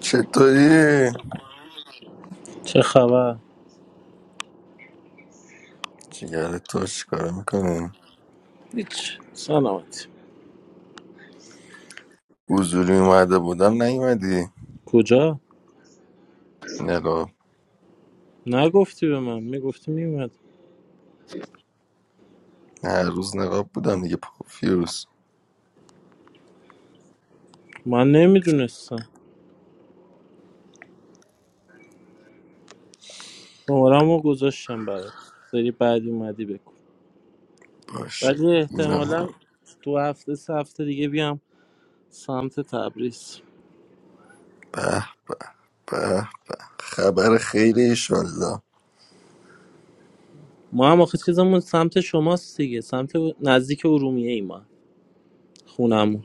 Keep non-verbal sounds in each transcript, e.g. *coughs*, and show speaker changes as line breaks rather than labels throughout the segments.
چطوری؟
چه خبر؟
جگر تو چیکاره میکنی؟
هیچ سلامتی
حضوری اومده بودم نیومدی
کجا؟
نقاب
نگفتی به من میگفتی میومد
هر روز نقاب بودم دیگه پافیوس
من نمیدونستم شمارم رو گذاشتم برات سری بعدی اومدی بکن
باشه
ولی
بودم
احتمالا دو هفته سه هفته دیگه بیام سمت تبریز
به به خبر خیره ایشالله
ما هم آخه چیزمون سمت شماست دیگه سمت نزدیک ارومیه ای ما خونمون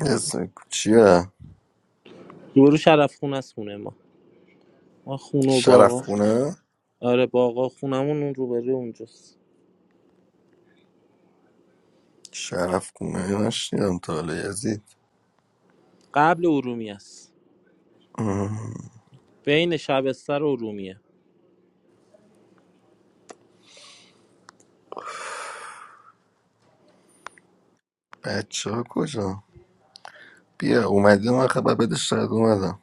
اسم چیه؟
روبرو شرف خونه است خونه ما ما خونه و
شرف
باغا
خونه؟
آره باغا خونمون اون روبرو اونجاست
شرف خونه نشنیدم تا حالا یزید
قبل ارومیه است بین شبستر و ارومیه
بچه ها کجا؟ بیا اومدی من خبر بده شاید اومدم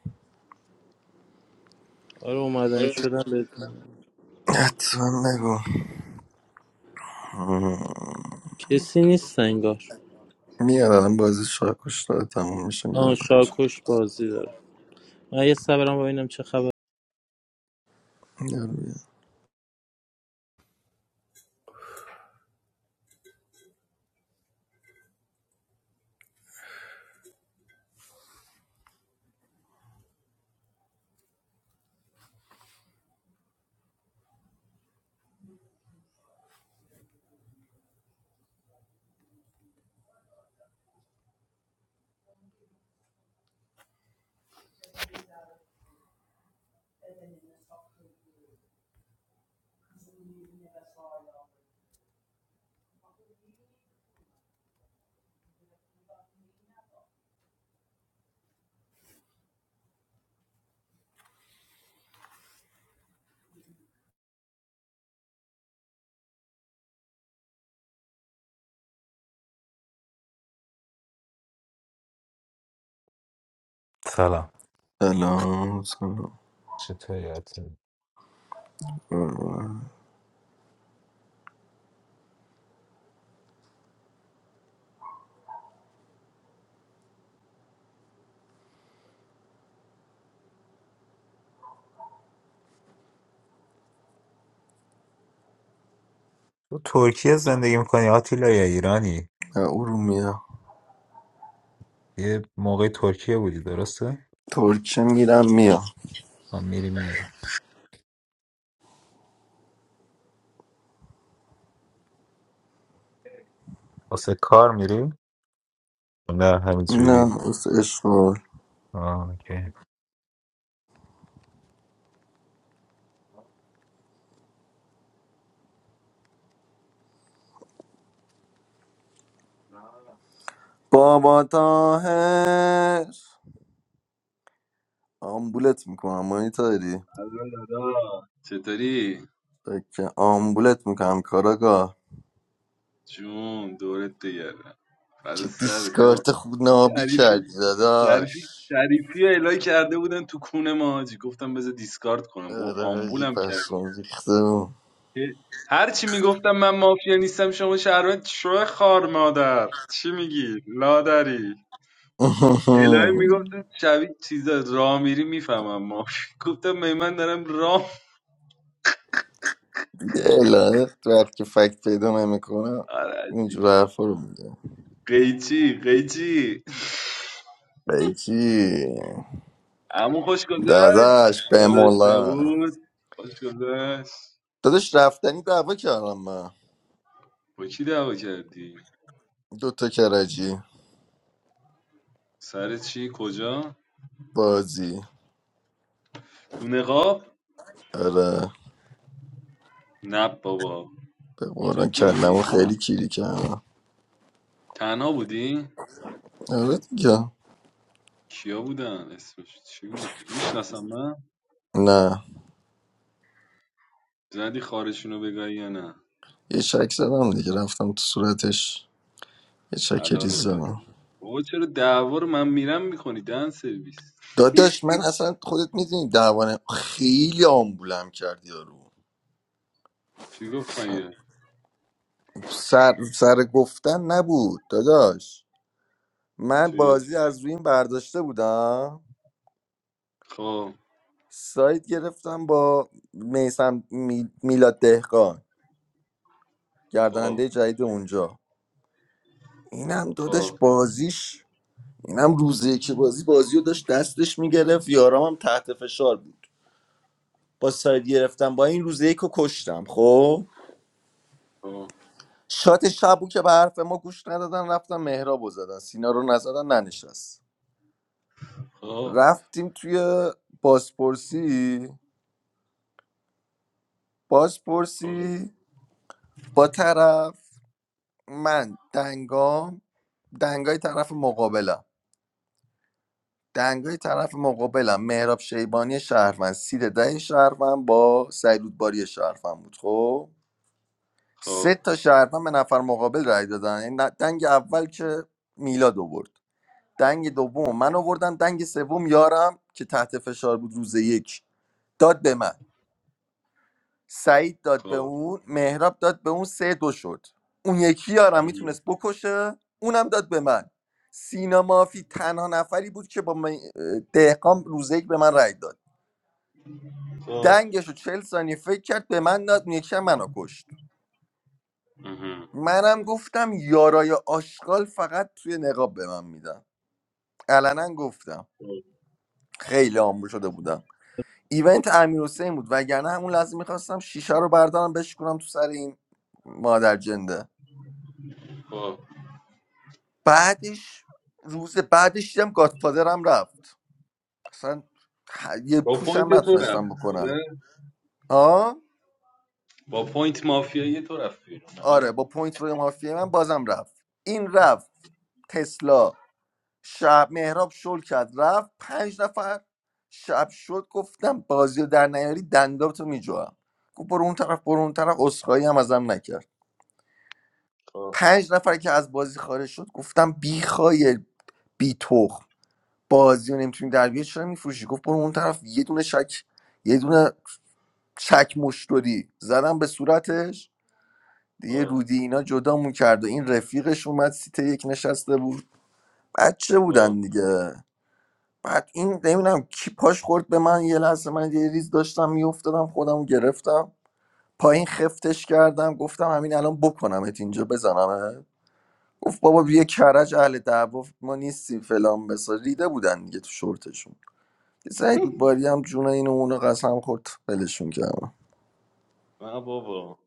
آره اومدنی شدم بدون
حتما نگو مم.
کسی نیست انگار
میارم بازی شاکوش داره تموم میشه
آه
میام بچه
شاکوش بازی داره من یه صبرم ببینم چه
سلام
سلام
سلام
چطوری آتیل؟
نه
تو ترکیه زندگی میکنی آتیلا یا ایرانی
ارومیا
یه موقع ترکیه بودی درسته
ترکیه میرم میام
آه، میری میاری واسه کار میری نه
نه
همینجوری
واسه اشغال
آه، اوکی
بابا تاهر آمبولت میکنم مانی تاری
الو دادا چطوری؟
که آمبولت میکنم کاراگاه
جون دورت بگردم فدا
چه
سر تو
دیسکارت خوب نابی کردی
شریفی
داداش
شریفی شریفی یه الهی کرده بودن تو کون ما حاجی. گفتم بذار دیسکارد کنم با
آره حاجی
آمبولم کردم
پشمام ریخته بود.
هی- هر چی میگفتم من مافیا نیستم شما شهروند شو خار مادر چی میگی لادری الهی
*laughs*
میگفتم شبیه چیزا را میری میفهمم ما گفتم می من دارم راه
دیگه الهه وقت که فکت پیدا نمیکنم
آره،
اینجور حرفا رو میگم
قیچی قیچی
بگی
اما خوش گذشت
داداش به
داداش
مولا
نبود خوش گذشت
داداش رفتنی دعوا کردم من
با کی دعوا کردی
دوتا کرجی
سر چی کجا
بازی
تو نقاب
آره
نه بابا
به قرآن
جدی
کلمو
میگی
خیلی کیری کردم
تنها بودی
آره دیگه
کیا بودن اسمش چی بود میشناسم من
نه
زدی خارشون بگایی یا نه
یه چک زدم دیگه رفتم تو صورتش یه چک ریز
حلالت
زدم
باشه بابا چرا دعوا رو من میرم میکنی دن سرویس
داداش من اصلا خودت میدونی دعوانه خیلی آمبولم کردی یارو
چی گفت مگه
سر, سر گفتن نبود داداش من
چی
بازی از روی این برداشته بودم
خب
سایت گرفتم با میسم میلاد دهقان
خب
گرداننده جدید اونجا اینم دادش
خب
بازیش اینم روز یکی بازی بازی رو داشت دستش میگرفت یارام هم تحت فشار بود با سایت گرفتم با این روز یک رو کشتم خب شات شبو که به حرف ما گوش ندادن رفتم مهراب رو زدن سینا رو نزدن ننشست
خب
رفتیم توی بازپرسی
خب
بازپرسی با طرف من دنگام دنگای طرف مقابلم دنگای طرف مقابلم مهراب شیبانی شهروند سید ده شهروند با سعید باری شهروند بود خب سه
خب
تا شهروند به نفر مقابل رای دادن یعنی نه- دنگ اول که میلاد آورد دنگ دوم من آوردم دنگ سوم یارم که تحت فشار بود روز یک داد به من سعید داد به اون مهراب داد به اون سه دو شد اون یکی یارم
خب
میتونست بکشه اونم داد به من سینا مافی تنها نفری بود که با من- دهقان روزه یک به من رأی داد
خب
دنگش رو چل ثانیه فکر کرد به من داد اون یکی هم منو کشت
اها.
منم گفتم یارای آشغال فقط توی نقاب به من میدم علنا گفتم
خب.
خیلی آمبول شده بودم ایونت امیر حسین بود وگرنه همون لحظه میخواستم شیشه رو بردارم بشکنم تو سر این مادر جنده
خب
بعدش روز بعدش دیدم گادفادر هم رفت اصلا ه- یه
با
پوش
پوینت
هم
تو رفت
نتونستم بکنم
آره؟
آه
با پوینت مافیایی تو رفت بیرون
آره
آره
با پوینت به مافیا من بازم رفت این رفت تسلا شب مهراب شل کرد رفت پنج نفر شب شد گفتم بازی رو در نیاری دندابتو میجوام گفت برو اون طرف برو اون طرف اسخایی هم ازم نکرد
خب.
پنج نفر که از بازی خارج شد گفتم بی بیخای بی تخم، بازی رو نمیتونی در بیاری چرا میفروشی گفت برو اون طرف یه دونه شک یه دونه چک مشتری زدم به صورتش دیگه
خب.
رودی اینا جدامون کرد و این رفیقش اومد سیت یک نشسته بود بچه
خب.
بودن دیگه بعد این نمیدونم کی پاش خورد به من یه لحظه من یه ریز داشتم میافتادم خودم گرفتم پایین خفتش کردم گفتم همین الان بکنمت اینجا بزنمت گفت بابا یه کرج اهل دعوا ما نیستیم فلان بسار ریده بودن دیگه تو شورتشون یه سعی بود باری هم جون این و اونو قسم خورد ولشون کردم
نه بابا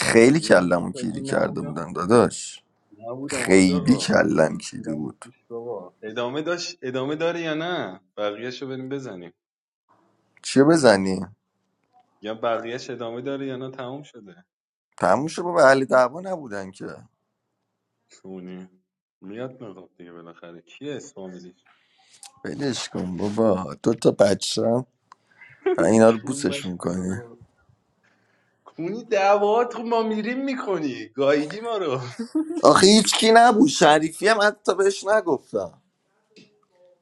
خیلی
ایران تو
کلمو
سازی
کیری کرده
نبودم
بودم داداش
نبودم حاج
خیلی
آقا
کلم کیری
ایران
بود
توش بابا ادامه داشت ادامه داره یا نه بقیهش بریم بزنیم
چیه بزنی؟
یا بقیهش ادامه داره یا نه تموم شده
تموم شد بابا اهل دعوا نبودن که
کونی میاد نقاب دیگه بالاخره کیه اسفامیلیش
ولش کن بابا دو تا بچه هم و اینا رو
کی اومد
بوسشون کنی
بابا؟ کونی دعوات رو ما میریم میکنی گایدی ما رو
آخه هیچ کی نبود شریفی هم حتی بهش نگفتم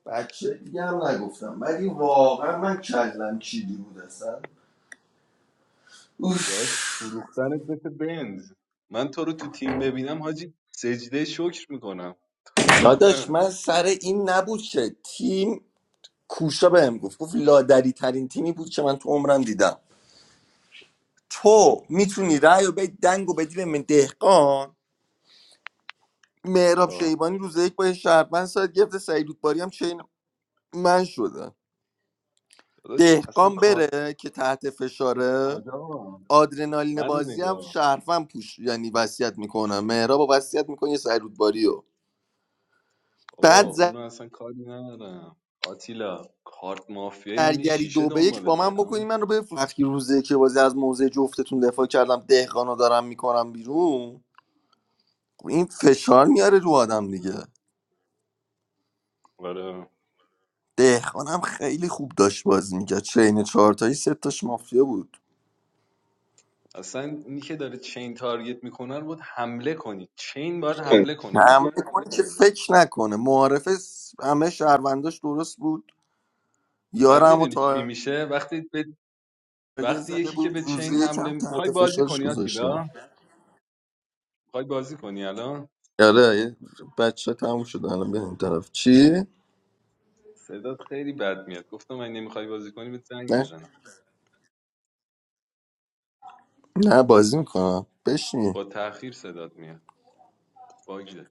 بچه دیگه هم نگفتم ولی واقعا من کلم کیری بود اصلا اوف.
داشت فروختنت مثل بنز من تو رو تو تیم ببینم حاجی سجده شکر میکنم تو رو
داداش
فروختن
من سر این نبود که تیم کوشا بهم گفت گفت لادری ترین تیمی بود که من تو عمرم دیدم تو میتونی رأی و بدی دنگ و بدی به من دهقان مهراب
خب
شیبانی روز یک با یه شهروند ساعت گرفته سعید رودباری هم چین من شده
داداش اصلا
دهقان
کار
بره که تحت فشاره
حاجی آقا
آدرنالین
منو
بازی هم
نگاه
شهروند پوش یعنی وصیت میکنه مهراب رو وصیت میکنه یه سعید رودباری رو
بابا
بعد
اونو اصلا کاری ندارم آتیلا کارت مافیایی مگه
زرگری
شیشه
دو به یک با
دنبالته
من بکنی
اما
من رو بفروش وقتی روزه که بازی از موزه جفتتون دفاع کردم دهقان دارم میکنم بیرون این فشار میاره رو آدم دیگه
آره
دهقان هم خیلی خوب داشت بازی میکرد چین چهارتایی سه تاش مافیا بود
اصلا اینی که داره چین تارگت میکنن بود حمله کنی چین باید حمله کنه به
حمله کنه که فکر نکنه معارفه س- همه شهرونداش درست بود
بعد
یارم و
میدونی چی
تارگه
میشه وقتی به وقتی
زده
یکی که
بود
به چین
روزی
حمله
یکم
میخوای
تحت
بازی
فشارش
کنی
گذاشتم
آتیلا میخوای بازی کنی الان
آره یه بچه تموم شد الان به این طرف چی؟
صدات خیلی بد میاد گفتم من نمیخوای بازی کنی به زنگ
نه
بزنم
نه بازی میکنم بشین
با تاخیر صدات میاد باگ داری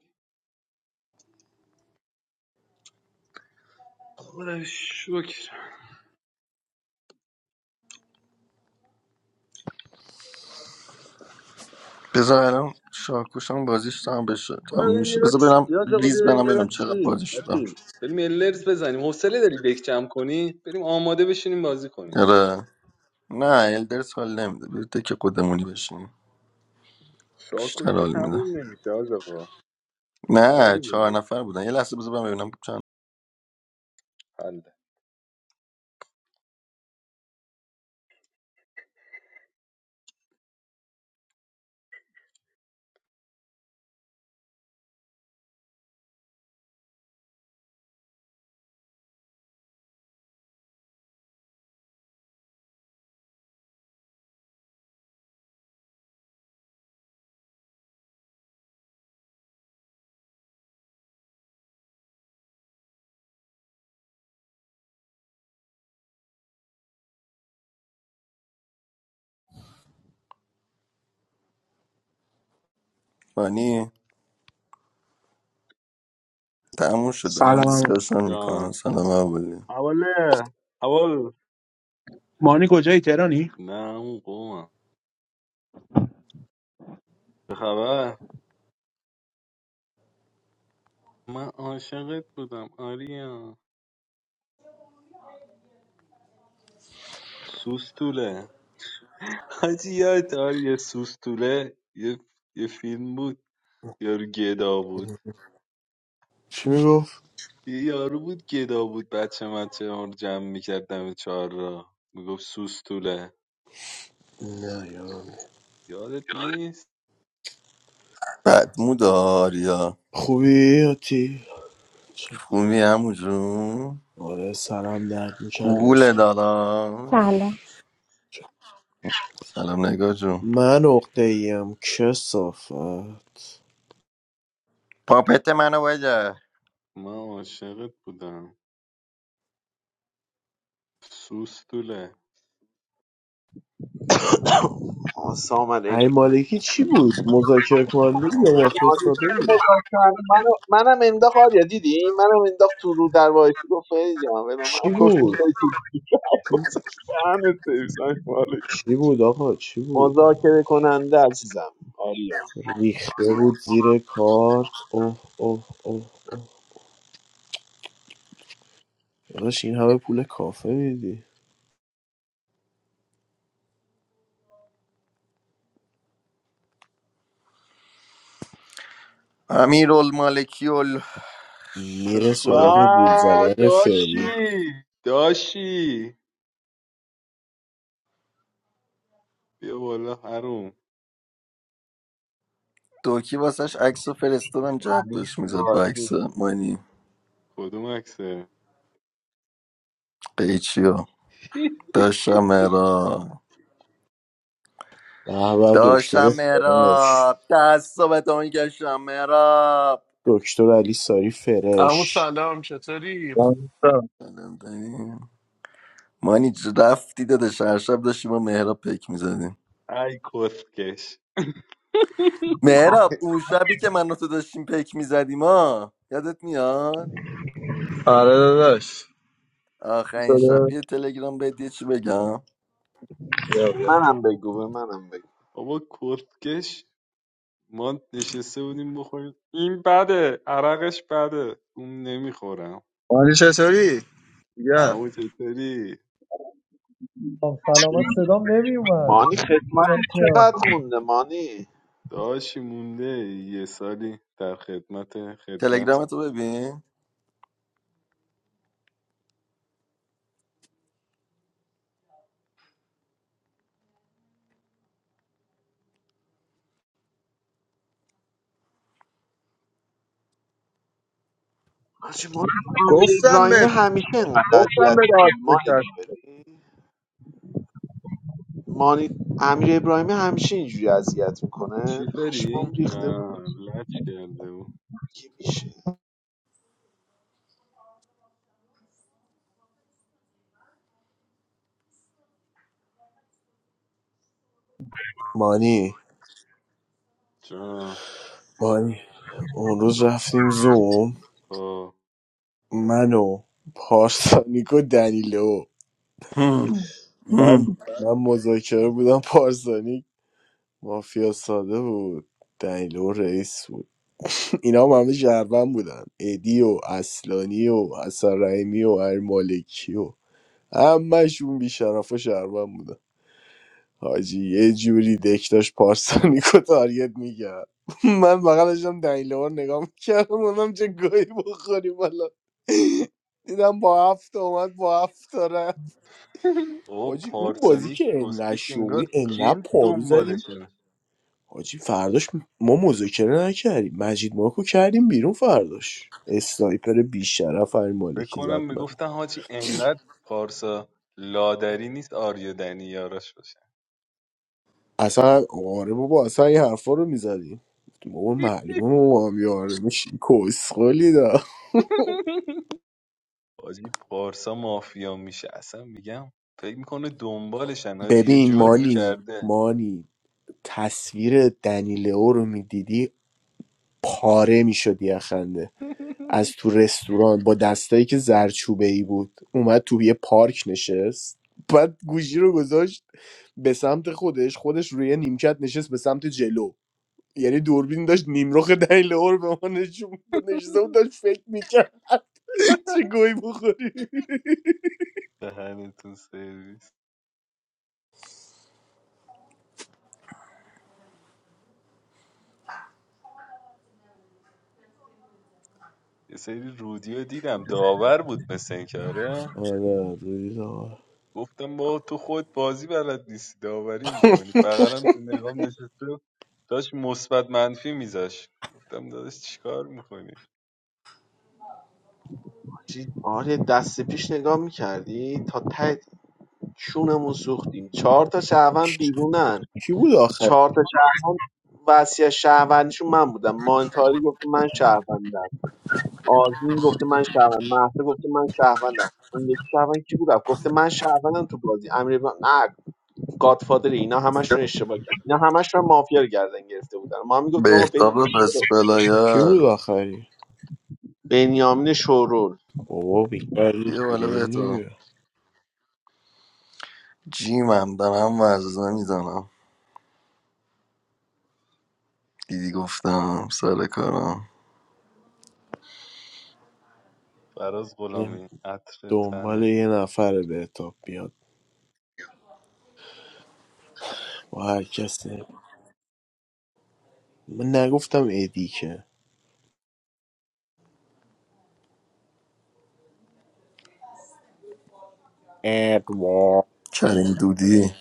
خدا شکر
بذار الان شاکوشم بازیش تمام بشه تموم
برو بریم یه
میشه بذار
راست
برم
بیا آقا
ریز
بیا بریم
برم
یه
ببینم
راست
چقدر
چیز
بازی شدم
آتیل بریم الرز بزنیم حوصله داری دک جمع کنی بریم آماده بشینیم بازی کنیم
آره نه الدرز حال نمیده بیرته که خودمونی بشیم بیشتر
شاکوش که
حال میده
تموم نمیشه حاج آقا خیلی
نه چهار
مونده
نفر بودن یه لحظه بذار من ببینم چند
حله
فانی تموم شد دارن
Salamu.
دیسکشن میکنن
جان
سلام اولی
اوله اول
Manikojai, Tera ni.
نه اون قومم چه خبر من عاشقت بودم آریا سوستوله حاجی یادتار یه سوستوله یه, یه فیلم بود یارو گدا بود
چی میگفت
یه یارو بود گدا بود بچه مچه ها رو جمع میکرد دم چهار را میگفت سوستوله
نه یادم نیست.
یادت نیست
بدمو داریا
خوبی آتی چه-
خوبی همو جون
آره سرم درد میشه قرص
گوگل
خورد
داداش
سلام
سلام نگاه جون
من عقده ایم کسافت
پاپت منو بده
من عاشقت بودم سوستوله
آسا آمد این
ای مالکی چی بود مذاکره کننده بود یا مافیا ساده
که
بود
مذاکره منو منم انداخت آریا دیدی منم انداخت تو رو در وایسی گفت فری جان ولی منم
چی
گفتم
بود
تو
چی,
دهنت سرویس های مالی.
چی بود آقا چی بود ای
مذاکره
مالکی
کننده عزیزم آریا
ریخته بود زیر کارت اوه اوه اوه داداش این همه پول کافه میدی
امیر المالکی ال
میره
ششگل
با
ال
سراغ گول زدن فری
داشی داشی بیا بالا هروم
دوکی واسش عکس رو فرستادم جد بهش میزد با
آریا.
عکس مانی
کدوم عکسه
قیچی
*laughs*
داشتم را
به به دکتر
داشتم
فرش
را دست و بتا میکشم را
دکتر علی ساری
عمو
فرش
سلام چطوری؟
Hello.
مانی ج- رفتی دادش هر شب داشتیم با مهراب پک میزدیم
ای کسکش
مهراب اون شبی که من و تو داشتیم پک میزدیم ها یادت میاد
Hello. Yes.
آخرین شب
Yes.
یه تلگرام بهت یه چی بگم
Yes.
منم بگو به منم بگو
بابا کسکش ما نشسته بودیم بخوریم این بده عرقش بده اون نمیخورم
Yes. Sorry. Yeah.
اما چطوری
Don't follow us. Don't name you
مانی خدمت
man.
چقدر مونده مانی
داشی مونده یه سالی در خدمت
تلگرام
خدمتی
تو ببین
آجی، ما امیر ابراهیمی همیشه اینقدر اذیت می‌کنه.
Yes.
مانی تو مانی... امیر ابراهیمی همیشه اینجوری اذیت میکنه
چی فری؟
پشمام ریخته
نه
بود
لچ کرده بود
که میشه
مانی
جان
مانی اون روز رفتیم زوم
خب
من و پارسانیک و دنیلو
*laughs* هم.
من
هم.
من مذاکره بودم پارسانیک مافیا ساده بود دنیلو رئیس بود اینا هم همه جربن بودن ادی و اصلانی و حسن رحیمی و هر مالکی و همشون بیشرف شهروند بودن حاجی یه جوری دک داشت پارسانیکو تارگت میکرد *laughs* من بغل داشتم دنیله رو نگاه میکردم اونم چه گویی بخوری بالا دیدم با هفت اومد با هفت داره
او *laughs*
حاجی اون بازی
پارسانی
که انقدر
کسکش انگار
شوی انقدر
جنس
پارو زدیم
دنبالشه
حاجی فرداش ما مذاکره نکردیم مجید ماکو کردیم بیرون فرداش اسنایپر بیشرف هر
فکر
مالکی
کنم
زد من
میگفتن حاجی انقدر پارسا لادری نیست آریادنی یاراش باشه
اصلا آره بابا اصلا این حرفا رو میزدیم بابا معلومه ما هم یاره میشیم کسخلی
*laughs* حاجی پارسا مافیا میشه اصلا میگم فکر میکنه دنبالشن حاجی یه
ببین
جرمی
مانی
کرده
مانی تصویر دنیلئو رو میدیدی پاره میشدی از خنده
*laughs*
از تو رستوران با دستایی که زرچوبه ای بود اومد تو یه پارک نشست بعد گوشی رو گذاشت به سمت خودش خودش روی یه نیمکت نشست به سمت جلو یعنی دوربین داشت نیمرخ دنیلئو رو به ما نشون می‌داد. نشسته بود داشت فکر میکرد *laughs* چه گوی بخوری
دهنتون سرویس یه سری رودیو دیدم داور بود مثل این کاره
آره آره.
گفتم با تو خود بازی بلد نیستی داوری میکنی بغرم تو نقام نشسته بود، داشت مثبت منفی میذاش گفتم داداش چیکار میکنی
حاجی، آره دست پیش نگاه میکردی تا ته شونمون سوختیم چهار تا شهروند بیرونن
کی بود آخر
چهار تا شهروند وصیت شهروندیشون من بودم مانتاری گفته من شهروندم آزمین گفته من شهروند مهسا گفته من شهروندم اون یکی شهروند کی بود رفت گفته من شهروندم تو بازی امیر ابراهیم نه گادفادر اینا همشون اشتباه کرد اینا همشون مافیا رو گردن گرفته بودن ما هم میگفتیم آقا
بهتاب رو
بدید
دست
کی
بلایا
بود آخری
بنیامین شورول
بابا بیشتر نیست
بیا بالا
بیرون
بهتاب
دیگه
جیمم دارم ورزنه میزنم دیدی گفتم سر کارم
فراز
این
غلامی عطر
دنبال
تنه
یه نفر به اتاب بیاد با هر کسی من نگفتم ادی که ادوار
چنین دودی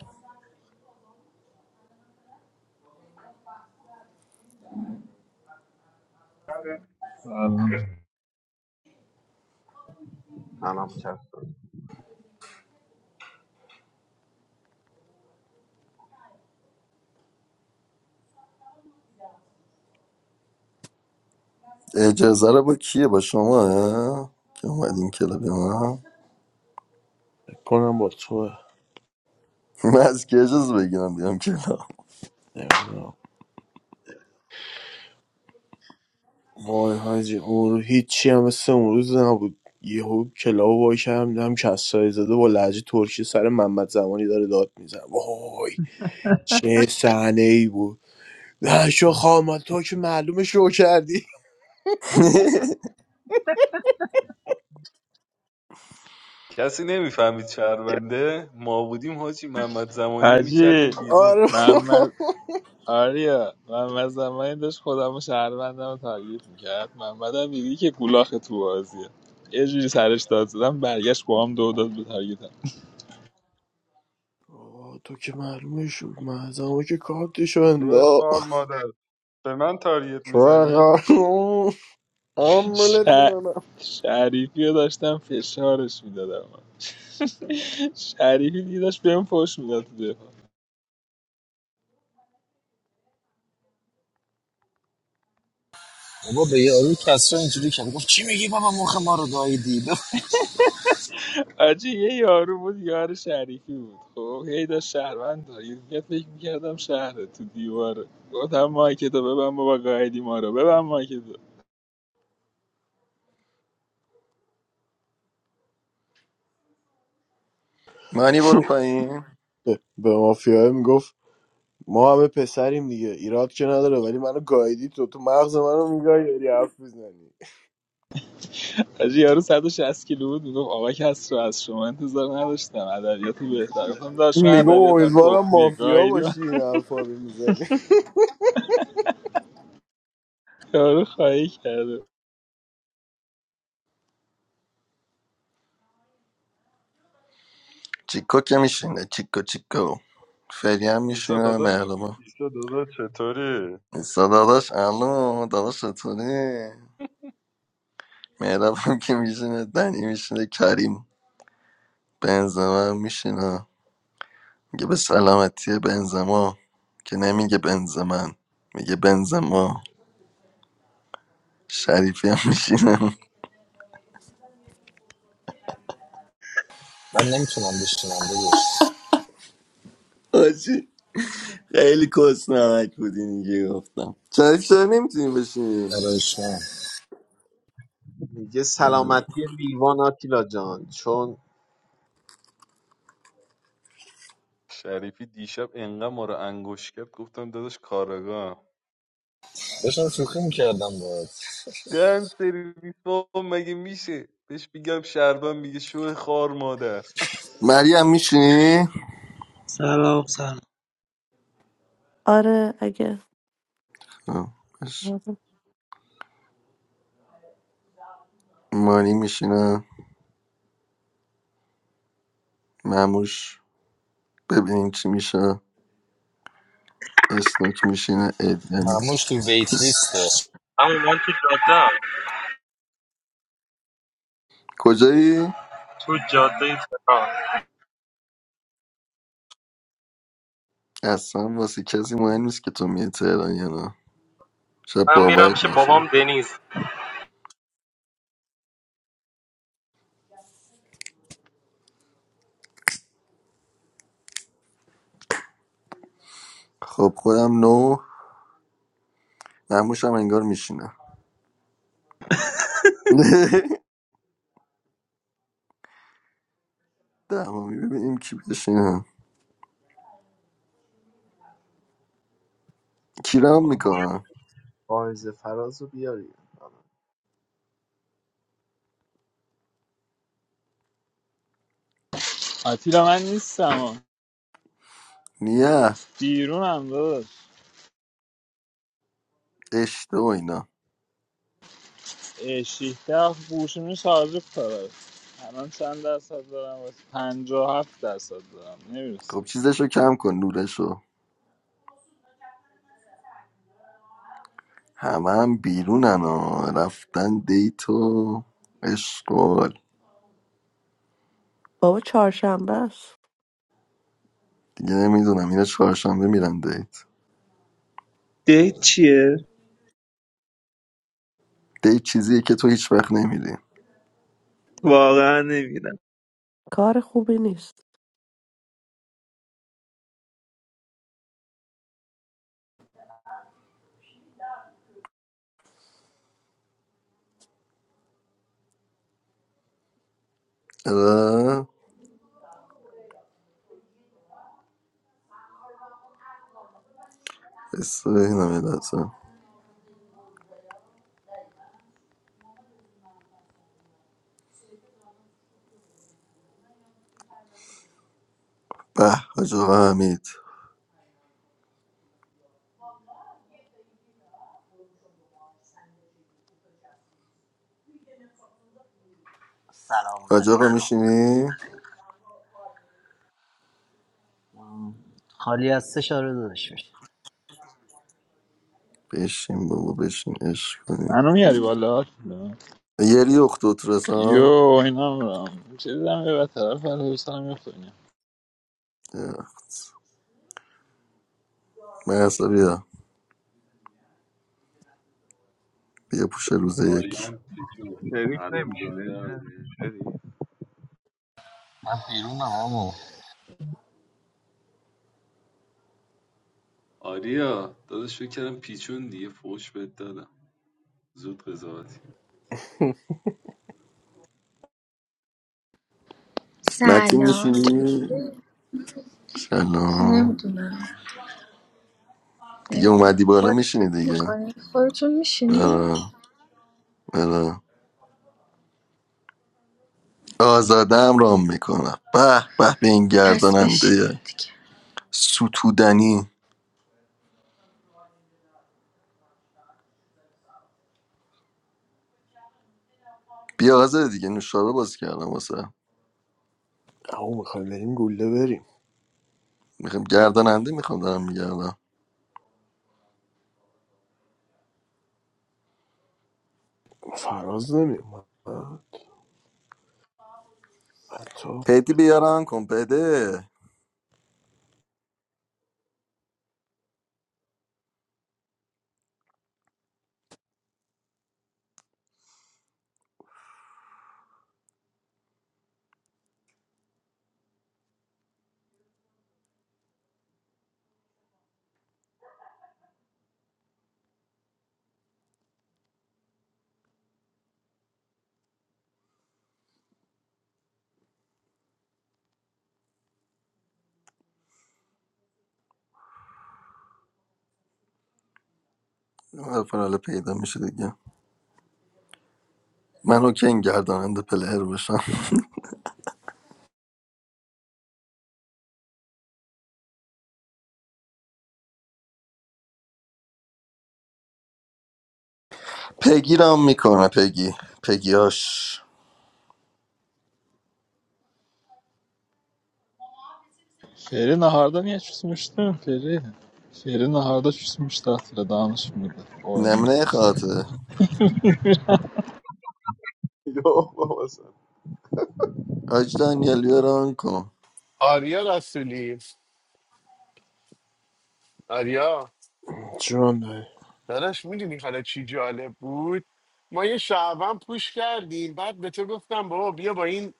سلام کرد
اجازه رو با کیه با شما اه؟ که اومدیم کلاب ما
فکر کنم با تو
من از کی اجازه بگیرم بیام کلاب
نمیدونم وای حاجی اون رو هیچی هم مثل اون روز نبود یهو کلاو وای کردم دیدم کسایی زده با لهجه ترکی سر محمد زمانی داره داد میزن وای چه صحنه ای بود نه شو خامال تو که معلومه شو کردی
*laughs*
کسی نمیفهمید شهرونده ما بودیم حاجی محمد زمانی رو
حاجی
میکردیم
*laughs*
بیرون
آره
محمد آریا محمد زمانی داشت خودم و شهروندم رو تارگیت میکرد محمد هم دیدی که گولاخ تو بازیه یه جوری سرش داد زدم برگشت با هم دو داد به تارگیتم
آه تو که معلومه شد معظمه که کارتشو
روی خار
انداخت
مادر به من تاریت
شوهر
میزنی؟
ش...
عملت میکنم
شریفی رو داشتم فشارش میدادم *laughs* شریفی دیگه داشت بهم فوش میداد
بابا به یارو کسرا اینجوری کرد گفت چی میگی بابا مخ ما رو گاییدی بف...
آجی یه یارو بود یار شریفی بود خب هی داشت شهروند دارید یه دفعه فکر میکردم شهره تو دیواره گفتم مایک تو ببن بابا گایدی ما رو ببن مایک
مانی برو پایین
به مافیای میگفت ما همه پسریم دیگه ایراد که نداره ولی منو گایدی تو تو مغز منو میگای داری حرف میزنی
آجی یارو 160 کیلو بود میگفت آقا کس رو از شما انتظار نداشتم ادبیات بهتر گفتم داشت من
میگم
ادبیاتم
امیدوارم
تخمیه
مافیا
گایدی من
باشی این حرفا رو میزنی
یارو خواهی کرده
چیکو که میشینه چیکو چیکو فری هم
ایسا
میشینه
دادا
مهربا
ایسا دادا چطوری؟
ایسا داداش الو داداش چطوری مهراب هم که میشینه دنی میشینه کریم بنزما هم میشینه میگه به سلامتی بنزما که نمیگه بنزمن میگه بنزما شریفی هم میشینه
من نمیتونم بشینم داداش
آجی خیلی کس نمک بودی دیگه گفتم شریف چرا نمیتونی بشینی
ارایش من
میگه سلامتی لیوان آتیلا جان چون
شریفی دیشب انقدر ما رو انگوش کرد گفتم داداش کارگاه
داشتم شوخی میکردم باید
دن سرویس بابا مگه میشه بهش میگم شربم میگه شو خار مادر
مریم میشینی
سلام سلام
آره اگه جوازه.
مانی میشینه مموش ببینیم چی میشه اسنوک میشینه ادن
مموش
میشینه
تو ویت لیسته
I want to
کجایی
jot down two I
اصلا واسه کسی مهم نیست که تو میای تهران یا نه شاید
am Amiram
باورت نشه
Sheboam Deniz
خب خودم نو مموشم انگار میشینه *laughs* تمامی ببینیم کی بشینه کیرم میکنم
فائز فراز رو بیاری
آتیلا من نیستم ها.
نیه
بیرونم داداش
اشته و اینا.
اه، شیفته بوشونی شارژ کنم الان چند درصد دارم؟ پنجاه و هفت درصد دارم نمیرسه
خب چیزشو کم کن نورشو همه هم بیرونن ها رفتن دیت و اشغال
بابا چهارشنبه است
دیگه نمیدونم اینا چهارشنبه میرن دیت
دک چیه؟
دیت چیزیه که تو هیچ وقت نمیری
واقعا نمیدونم
کار خوبی نیست
اره بس اینم یه لحظه. به حاج آقا حمید
سلام
حاج آقا
علیکم
میشینی؟
خالی از سه شاره دادش میشه
بشین بابا بشین عشق کنی
منو میاری بالا
یری اختوت
یو
رسا
اینم رام چه دیدم یه طرف ولی حسن میخونیم
مرسا بیا بیا پوش روز یک
آریام پیچون
شریف
حرومزاده
نمیشینه
آریا
شریف
من بیرونم اما
آریا داداش فکر کردم پیچون دیگه فوش بهت دادم زود قضاوتی
متین
سلام
میشینی؟
چطوری؟
سلام
نمیدونم
دیگه
نمیدونم
اومدی بالا
خودت
میشینی
بازی
دیگه
میکنی؟ خودتون میشینی؟
آره آره آزادم رام میکنم به به به این
پس بشینیم
گرداننده
دیگه
ستودنی بیا آزاده دیگه نوشابه باز کردم واسه
او میخوایم بریم گله بریم
میخوام گرداننده میخوام دارم میگردم
فراز نمیم حتی
پیدی بیارم کن پیده فرال پیدا میشه دیگه من که این گرداننده پلهر بشم پگی رام میکنه پگی پگیاش
فعلی نهاردا نیه چیز میشتم فعلی فعلی نهاردا چیز میشته اصلا دانش میده
نمونه خاطر آج دانیالیو رام کن
آریا رسولی آریا
جان داری.
داداش میدونی حالا چی جالب بود؟ ما یه شعبان پوش کردیم بعد به تو گفتم بابا بیا با این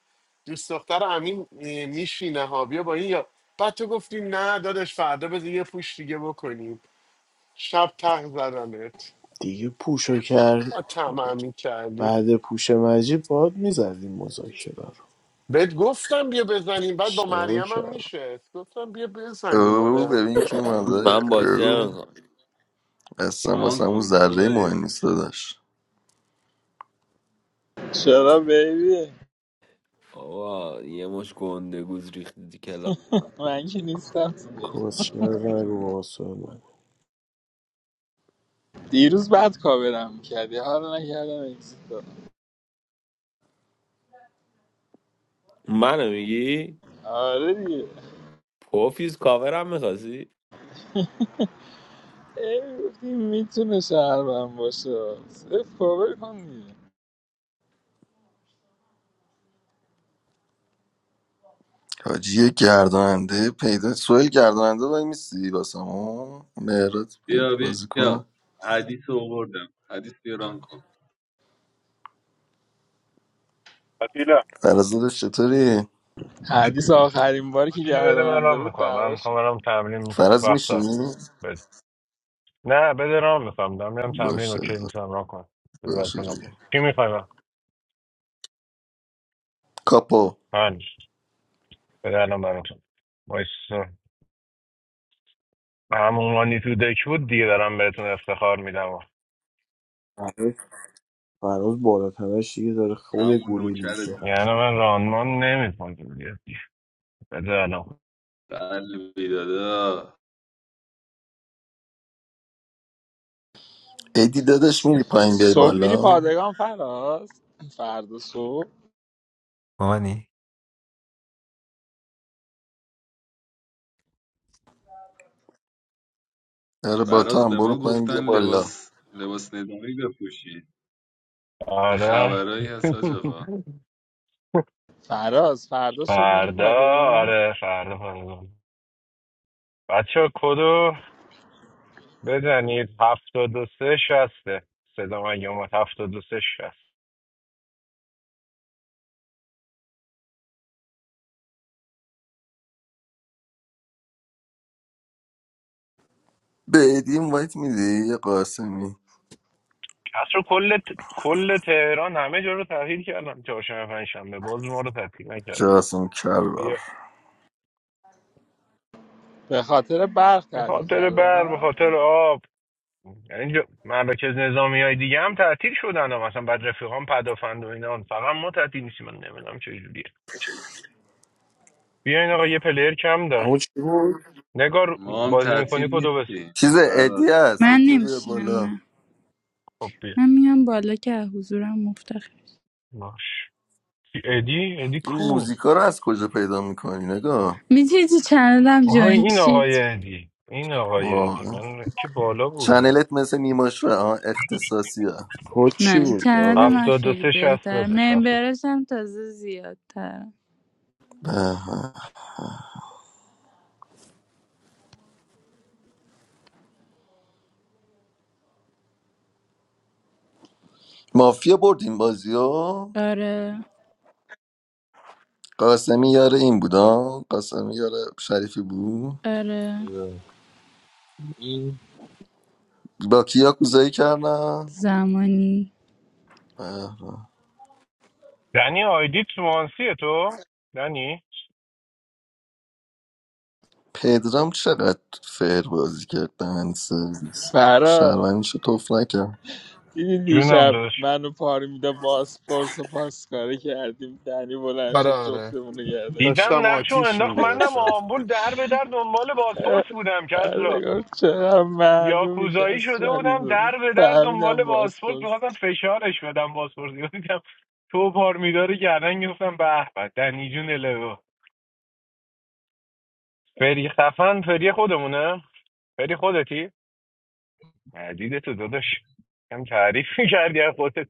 دوست دختر امین اه، میشینه ها بیا با این یا بعد تو گفتی نه داداش فردا بذار یه پوش دیگه بکنیم شب تق زدمت
دیگه پوشو
با
کرد
تمامی کردی
بعد پوش مجید باد میزدیم مذاکره
بهت گفتم بیا بزنیم بعد با
اشتباه
مریم هم
کرد
میشه گفتم بیا بزنیم
او
آره
ببین کی اومده
من بازی
او
نمیکنم
اصلا واسه
ران
اون
کن
ذره
سوه
مهم نیست داداش
چرا بیبی
آقا یه مش گنده گوز ریختی کلا
من که نیستم تو دیگه.
کسشر نگو با واسه من
دیروز بعد کاورم میکردی حالا نکردم اکسیت کنم.
منو میگی
آره دیگه
پوفیز کاورم میخواستی
ای گفتی میتونه شهرم باشه صرف کاور کن دیگه
حاجی گرداننده پیدا سویل گرداننده وای میسی واسم ها مهرات بیاد
بیا
بازی
بیا
کن
حدیث رو آوردم حدیث بیا ران کن
آتیلا
فرز داداش چطوری
حدیث آخرین باری که
آتیلا بده من
گرداننده
رام
بود
میکنم من
دعوا شد
میخوام برم تمرین
فرز
وقت دارم
میشینی
بده نه بده رام میکنم دارم میرم تمرین
باشه
اوکی میتونم رام کنم بده برات
باشه
کنم
دیگه
کی میخوای
کاپو
من بده الان براتون وایس همون مانی تو دک بود دیگه دارم بهتون افتخار میدم
فراز فراز بالاتنش دیگه داره خود
همون
گوریل میشه
نوکرتم
یعنی من رانمان نمیکنم دیگه بده الان
قلبی دادا
ادی داداش میری پایین بیای
صبح میری
بالا
پادگان فراز فردا صبح
مامانی
آره با تو
فراز
هم
به
برو
ما
پایین بیا
گفتن
بالا
لباس لباس نظامی بپوشی یه
آره
خبرایی هست حاج آقا
*laughs*
فراز فردا صبح میری
فردا
پادگان
آره فردا فردا بچه کدو بزنید هفتاد و سه شسته صدا من اومد هفتاد و سه شست
به ادی وایت میدی یه قاسمی
کسر کل ت- کل تهران همه جا رو تغییر کردم چهارشنبه پنجشنبه باز ما رو تعطیل نکردم
جاسم کرار
بیا
به خاطر برق
به
تعطیل
خاطر برق به
کردم
خاطر آب یعنی جو- مراکز نظامی های دیگه هم تعطیل شدن هم. مثلا بعد رفیقان پدافند و اینا فقط ما تعطیل نیستیم من نمیدونم چجوریه بیاین آقا یه پلیر کم داره
اما چی بود؟
نگار
ما هم
بازی
تعطیل
میکنی کدو بس
نیستیم
چیز ادی
فراز
هست
من
ادی رو بیار
نمیشینم
بالا
نه
خب بیا
من میام بالا که از حضورم مفتخر
باش ادی ادی
این
کو
موزیکا رو از کجا پیدا میکنی نگاه
میتونی تو چنلم
آهای
جوین
این آقای
شید
ادی این آقای ادی
واقعا
من که بالا بود
چنلت مثل نیماشوه ها اختصاصیه
کد چی
نه
بود
چنل من
فراز؟
هفتاد و
خیلی
سه شست
بهتر
داداش هفتاد و سه.
ممبرش هم تازه زیادتر
به به. مافیا برد این بازی ها
آره
قاسمی یاره این بودا قاسمی یاره شریفی بود
آره
این
با کیا کوزایی کردم
زمانی
به به.
دنی آیدی تو مانسیه تو دنی
پدرام چقدر فیر بازی کرد دهن سرویس
فراز
شهروندیشو توف نکرد
دیدی
جونم
دیشب
داداش
منو پاری میده باسپورس و پاسکاری کردیم دنی بلند
آره
شد
آره
جفتمونو گردن
دیدم
داشتم
گرفت
نقشو
آتیش
انداخت منم
میگرفتم
آمبول در به در دنبال بازپرس بودم کس را
آره، گفت چقدر معلومی که
یاکوزایی شده
اسرائیلی
بودم
داده
در به در دنبال
فهمیدم
بازپرس
باسپورس
میخواستم فشارش بدم بازپرس دیدم تو پار میداره گردن گفتم به به دنی جون الهو فری خفن فری خودمونه فری خودتی مدیده تو داداش کم تعریف *laughs* میکردی از خودت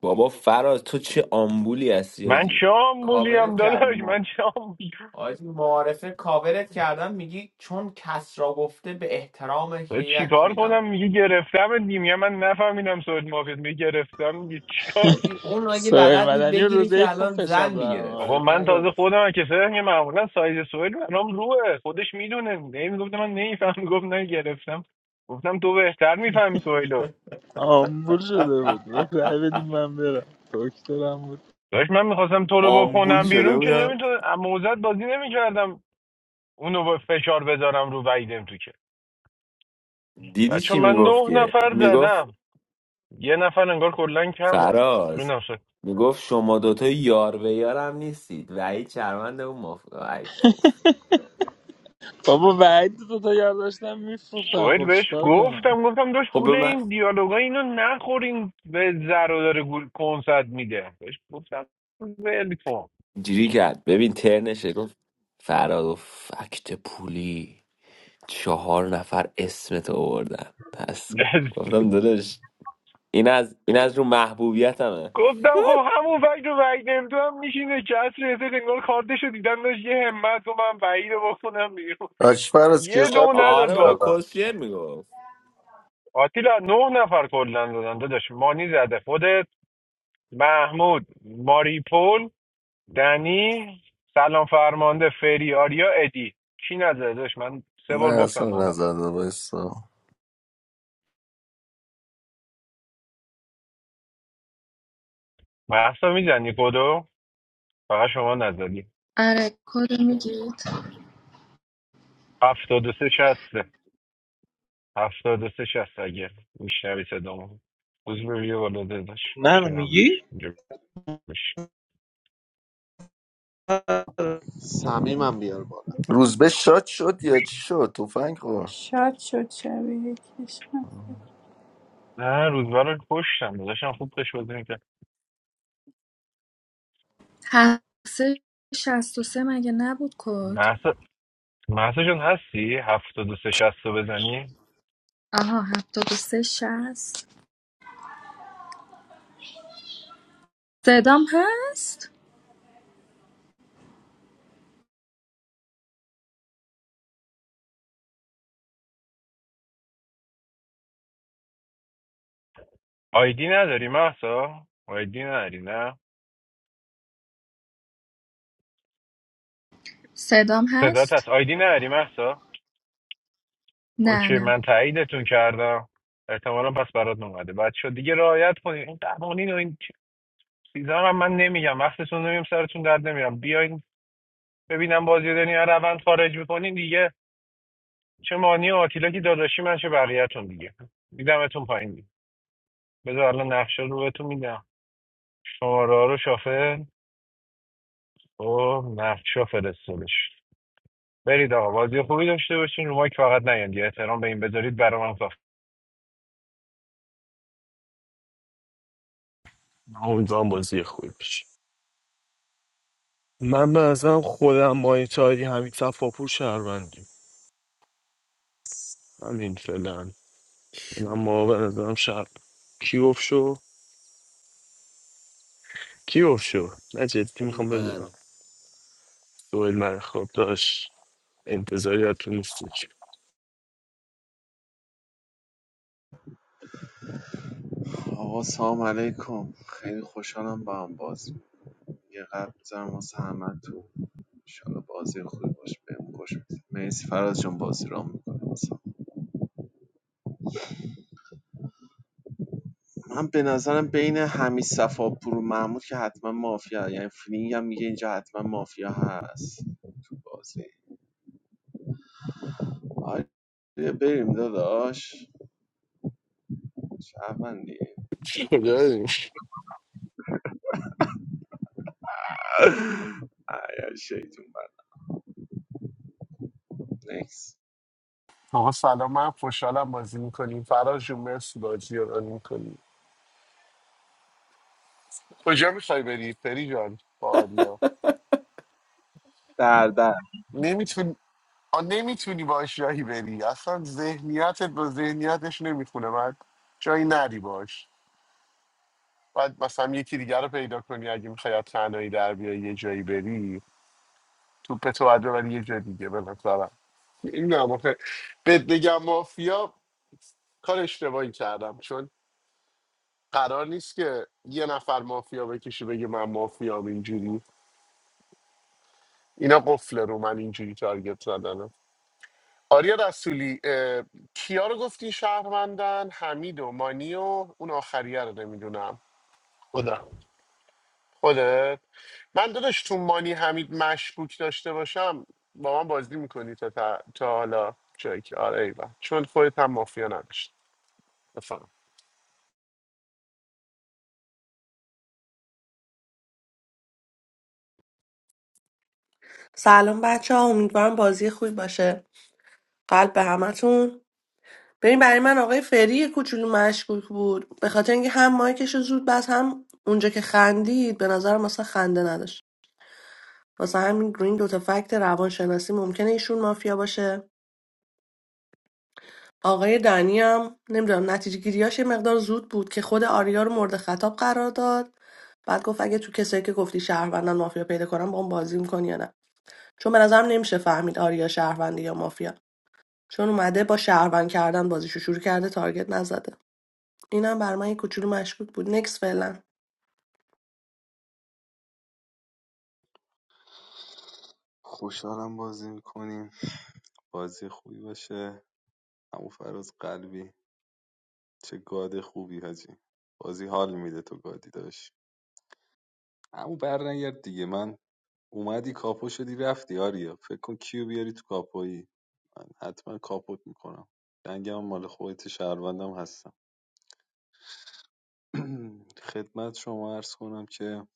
بابا فراز تو چه آمبولی هستی
من
آجی
شام بولیم
کاورت کردم
داداش
ما
من شام
آجی معارفه کاورت کردم میگی چون کس را گفته به احترام که
تو
یک
چیکار
میدم
کنم میگه گرفتم میگه من نفهمیدم سوئد مافیت میگه گرفتم میگه چیکار
آجی اون اگه
سوهر *laughs*
بلد بود
مدنی و
بگیره
روزه ای
که
خوب
الان
فشار
زن
دارم
میگرفت
بابا
ولی
من تازه
فراز
خودم کسایی که معمولا سایز سوئد منم روه خودش میدونه نمیگفت من نمیفهم گفت نه گرفتم گفتم تو بهتر میفهمی سوئیلو
آمبول شده بود گفت رای
*laughs*
بدیم من برم دکترم بود
داشت من میخواستم تو رو
آمبول
بکنم
شده
بیرون که
بودم
نمیتونه موزت بازی نمیکردم اونو با فشار بذارم رو وعیدم تو
دیدی
بچه
چی
من
میگفت
نه
که
نفر
میگفت
زدم یه نفر انگار کلا کمه
فراز
جونم سوئد
میگفت شما دوتا یار به یارم نیستید وحید چرمند اون مف... وحید پو.
*laughs* بابا بعید تو تا یار داشتم میفروختن
سوئد
خب
بهش
چیکار کنم
گفتم گفتم داشت
خب به
گوله
من
این دیالوگا اینو نخورین به زر و داره گول کنسرت میده بهش گفتم ول کن
جیری کرد ببین ترنشه گفت فراد و فکت پولی چهار نفر اسمت آوردن پس
*laughs*
گفت- گفتم داداش این از این از رو محبوبیتمه
گفتم خب همون فکر رو وحید تو هم میشینه کس رسه انگار کارتشو دیدم داشت یه همت و من وحید رو بکنم بیرون
آشفر از کیا
یه دو
ثبت نام
نداد
آره
با
بابا
کردم
کسیر میگفت
آتیلا نه نفر کلا دادن داداش مانی زده خودت محمود ماریپول دنی سلام فرمانده فری آریا ادی کی نزده داشت من سه
نه
بار گفتم
اصلا
نه نفر
نزده بایستا
محسا میزنی کدو فقط شما نزدی
آره کد رو میگید
هفتاد و سه شسته هفتاد و سه شست اگه میشنوی صدامو روزبه بیا بالا داداش
منو
میشنم
میگی؟
اینجا بش
سمیمم بیار بالا
روزبه شاد شد یا چی شد تفنگ خورد
شاد شد شبیه کشم
نه روزبه رو پشتم داداشم خوب قش بازی میکرد
هفت شست و سه مگه نبود کد
محسا محسا جان هستی هفتاد و سه شست رو بزنی
آها هفتاد و سه شست صدام هست؟
آیدی نداری محسا آیدی نداری نه
صدام
صدات
هست؟
هست آیدی نداری محسا
نه
اوکی
نه
من تاییدتون کردم احتمالا پس برات اومده بچه دیگه رعایت کنید این قوانین و این چیزا رو من نمیگم وقتتون نمیم سرتون درد نمیرم بیاین ببینم بازی رو دنیا روند خارج میکنین دیگه چه مانی و آتیلا که داداشی من چه بقیه‌تون دیگه میدمتون پایین دیگه بذار الان نقشه رو بهتون میدم شماره ها رو شافل او نقشه فرستادش برید آقا بازی خوبی داشته باشین رو مایک فقط نیاین یه احترام به این بذارید برام
امیدوارم بازی خوبی بشه من به نظرم خودم مایتاری همین صفاپور شهروندیم همین فعلا من ما
شورا.
به نظرم شهر کی گفت شو کی گفت شو نه جدی میخوام بدونم
من
دوئل من خواب داشت انتظاری از تو نیستش
آقا سلام علیکم خیلی خوشحالم با هم بازی می‌کنیم. یه قلب بزنم واسه همه تو انشالله بازی خوبی باشه بهم خوش بگذره مرسی فراز جان بازی رام میکنه من به نظرم بین حمید صفاپور و محمود که حتما مافیا یعنی فیلینگ هم میگه اینجا حتما مافیا هست تو بازی آره بریم داداش شهروندی
کجا داریم؟
آیا شیطون بد نکس
آقا سلام من خوشحالم بازی میکنیم فراز جون مرسی بازی رو ران میکنیم کجا میخوای بری پری جان با آریا
در در
نمیتونی نمیتونی باش جایی بری اصلا ذهنیتت با ذهنیتش نمیخونه من جایی نری باش باید مثلا یکی دیگر رو پیدا کنی اگه میخوای از تنهایی در بیای یه جایی بری توپ تو باید ببری یه جای دیگه به نظرم نمیدونم آخه بهت بگم مافیا کار اشتباهی کردم چون قرار نیست که یه نفر مافیا بکشه بگه من مافیام اینجوری اینا قفل رو من اینجوری تارگت زدنم آریا رسولی اه، کیا رو گفتی شهروندن حمید و مانی و اون آخریه رو نمیدونم
خدا
خودت من داداش تو مانی حمید مشکوک داشته باشم با من بازی میکنی تا, تا, تا حالا جایی که آره ایول چون خودت هم مافیا نداشت بفهم
سلام بچه ها امیدوارم بازی خوبی باشه قلب به همتون ببین برای من آقای فری یه کوچولو مشکوک بود به خاطر اینکه هم مایکش رو زود بس هم اونجا که خندید به نظر مثلا خنده نداشت واسه همین گرین دوتا فکت روانشناسی ممکنه ایشون مافیا باشه آقای دنی هم نمیدونم نتیجه گیریاش یه مقدار زود بود که خود آریا رو مورد خطاب قرار داد بعد گفت اگه تو کسایی که گفتی شهروندن مافیا پیدا کنم با اون بازی میکنی یا نه چون به نظرم نمیشه فهمید آریا شهرونده یا مافیا چون اومده با شهروند کردن بازیشو شروع کرده تارگت نزده اینم بر من یه کوچولو مشکوک بود نکس فعلا
خوشحالم بازی میکنیم بازی خوبی باشه همون فراز قلبی چه گاد خوبی حاجی بازی حال میده تو گادی داشت همون برنگرد دیگه من اومدی کاپو شدی رفتی آریا فکر کن کیو بیاری تو کاپویی من حتما کاپوت میکنم دنگم مال خودت شهروندم هستم *clears throat* خدمت شما عرض کنم که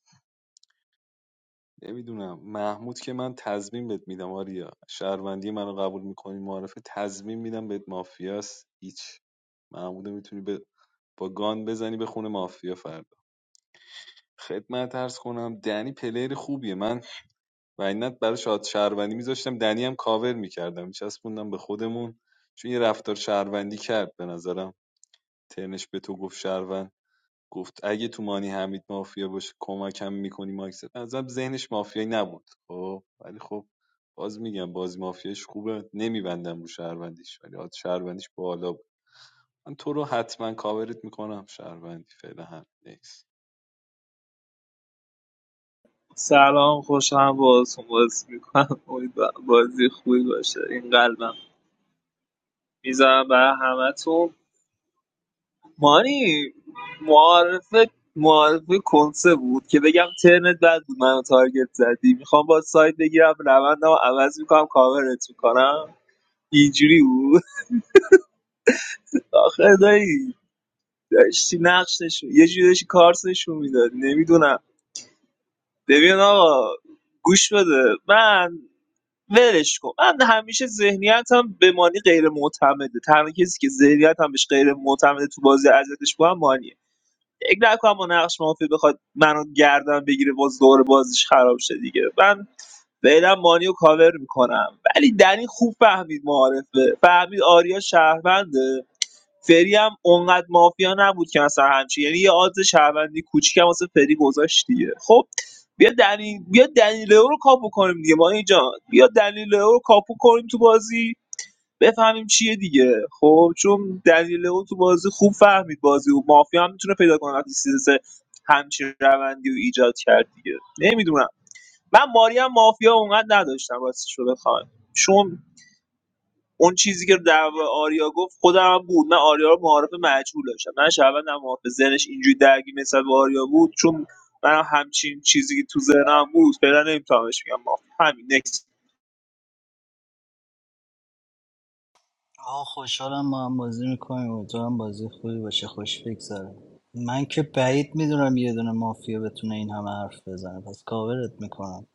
نمیدونم محمود که من تضمین بهت میدم آریا شهروندی منو قبول میکنی معرفه تضمین میدم بهت مافیاس هیچ محمودو میتونی به با گان بزنی به خونه مافیا فردا خدمت عرض کنم دنی پلیر خوبیه من و اینت برای شاد شهروندی میذاشتم دنی هم کاور میکردم میچسبوندم به خودمون چون یه رفتار شهروندی کرد به نظرم ترنش به تو گفت شهروند گفت اگه تو مانی حمید مافیا باشه کمکم میکنی ماکس ازم ذهنش مافیایی نبود خب ولی خب باز میگم بازی مافیاش خوبه نمیبندم رو شهروندیش ولی آد شهروندیش بالا بود من تو رو حتما کاورت میکنم شهروندی فعلا هم نیست
سلام خوشم باهاتون بازی میکنم امیدوارم بازی خوبی باشه این قلبم میذارم برای همتون مانی معارف معارف کنسه بود که بگم ترنت بد بود منو تارگت زدی میخوام با سایت بگیرم روندم عوض میکنم کاورت میکنم اینجوری بود آخه دایی داشتی نقشش یه جوری داشتی کارتشو میداد نمیدونم ببین آقا گوش بده من ولش کن من همیشه ذهنیتم به مانی غیر معتمده تنها کسی که ذهنیتم بهش غیر معتمده تو بازی ازتش با هم مانیه فکر نکنم با نقش مافی بخواد منو گردن بگیره باز دور بازیش خراب شه دیگه من فعلا مانی رو کاور میکنم ولی دنی خوب فهمید معارفه فهمید آریا شهرونده فری هم اونقدر مافیا نبود که مثلا همچین یعنی یه آدز شهروندی کوچیکم واسه فری گذاشت دیگه خب بیا دنی بیا دنیلو رو کاپو کنیم دیگه ما اینجا بیا دنیلو رو کاپو کنیم تو بازی بفهمیم چیه دیگه خب چون دنیلو تو بازی خوب فهمید بازی و مافیا هم میتونه پیدا کنه وقتی سیزس همچین روندی و ایجاد کرد دیگه نمیدونم من ماری هم مافیا اونقدر نداشتم واسه شده خان چون اون چیزی که در مورد آریا گفت خودم بود من آریا رو معارف مجهول داشتم من شهروندم معارف ذهنش اینجوری درگیر نسبت به آریا بود چون من همچین چیزی که تو ذهنم بود فعلا نمیتونمش میگم ما همین نکس
آه خوشحالم ما هم بازی میکنیم امیدوارم بازی خوبی باشه خوش بگذره من که بعید میدونم یه دونه مافیا بتونه این همه حرف بزنه پس کاورت میکنم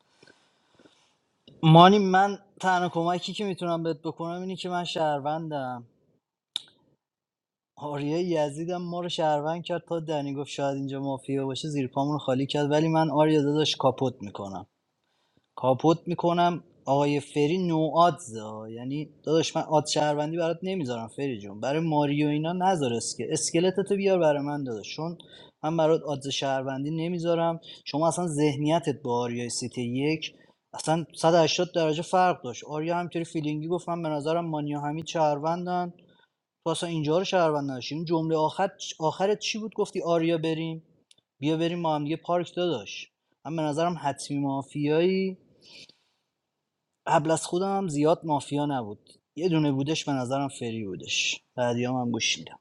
مانی من تنها کمکی که میتونم بهت بکنم اینه که من شهروندم آریا یزیدم ما رو شهروند کرد تا دنی گفت شاید اینجا مافیا باشه زیر پامون رو خالی کرد ولی من آریا داداش کاپوت میکنم کاپوت میکنم آقای فری نو آدزا یعنی داداش من آد شهروندی برات نمیذارم فری جون برای ماریو اینا نذار اسکل اسکلتتو بیار برای من داداش چون من برات آدز شهروندی نمیذارم شما اصلا ذهنیتت با آریای سیتی یک اصلا 180 درجه فرق داشت آریا همینطوری فیلینگی گفت من به نظرم مانیا همین شهروندن تو اصلا اینجا رو شهروند نداشتی این جمله آخر آخرت چی بود گفتی آریا بریم بیا بریم ما هم دیگه پارک داداش من به نظرم حتمی مافیایی قبل از خودم زیاد مافیا نبود یه دونه بودش به نظرم فری بودش بعدیام هم گوش میدم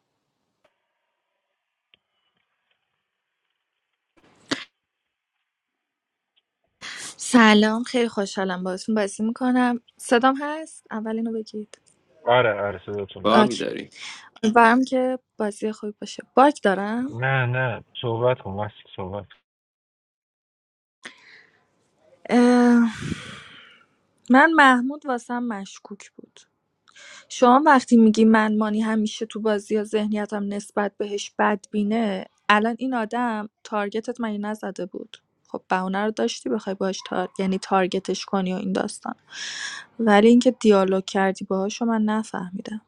سلام خیلی خوشحالم باهاتون بازی میکنم صدام هست؟ اول اینو بگید
آره آره صداتون
باگ
آکی
داری
برم که بازی خوبی باشه باگ دارم
نه نه صحبت کن واسه صحبت کن
من محمود واسم مشکوک بود شما وقتی میگی من مانی همیشه تو بازی یا ذهنیتم نسبت بهش بدبینه الان این آدم تارگتت مگه نزده بود خب بهونه رو داشتی بخوای باش تار... یعنی تارگتش کنی و این داستان ولی اینکه دیالوگ کردی باهاشو من نفهمیدم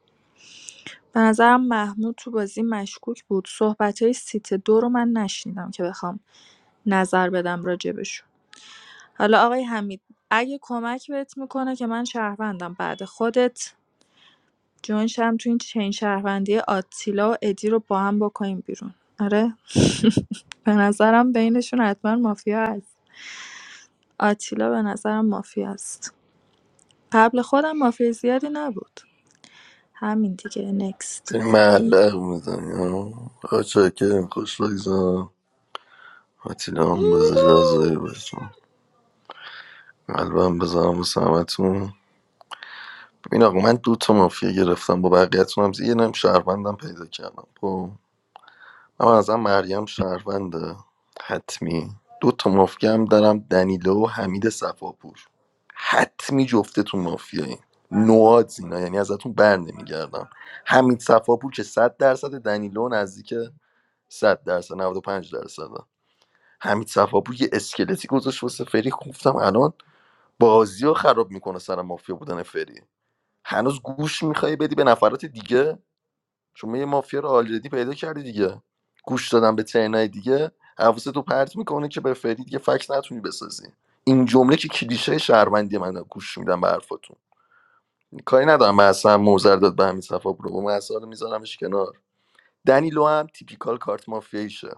به نظرم محمود تو بازی مشکوک بود صحبت های سیت دو رو من نشنیدم که بخوام نظر بدم راجبشون حالا آقای حمید اگه کمک بهت میکنه که من شهروندم بعد خودت جونشم تو این چین شهروندی آتیلا و ادی رو با هم بکنیم بیرون آره به نظرم بینشون حتما مافیا هست آتیلا به نظرم مافیا است قبل خودم مافیا زیادی نبود همین دیگه نکست
داری معلق میزنی ها آچه که خوش بگذار حتی هم بزرگ از باشه قلبم بذارم واسه همتون ببین آقا من دو تا مافیا گرفتم با بقیه‌تون هم یه نم شهروندم پیدا کردم خب اما از مریم شهرونده حتمی دو تا مافیا هم دارم دنیلو و حمید صفاپور حتمی جفتتون مافیایی نواد اینا یعنی ازتون بر نمیگردم حمید صفاپور که 100 درصد دنیلو نزدیک 100 درصد 95 درصد حمید صفاپور یه اسکلتی گذاشت واسه فری خب، گفتم الان بازی رو خراب میکنه سر مافیا بودن فری هنوز گوش میخوای بدی به نفرات دیگه شما یه مافیا رو آلردی پیدا کردی دیگه گوش دادن به ترنای دیگه حواست تو پرت میکنه که به فردی دیگه فکس نتونی بسازی این جمله که کلیشه شهروندی منه گوش میدم به حرفاتون کاری ندارم من اصلا موزر داد به همین صفا برو من اصلا میذارمش کنار دنیلو هم تیپیکال کارت مافیاییشه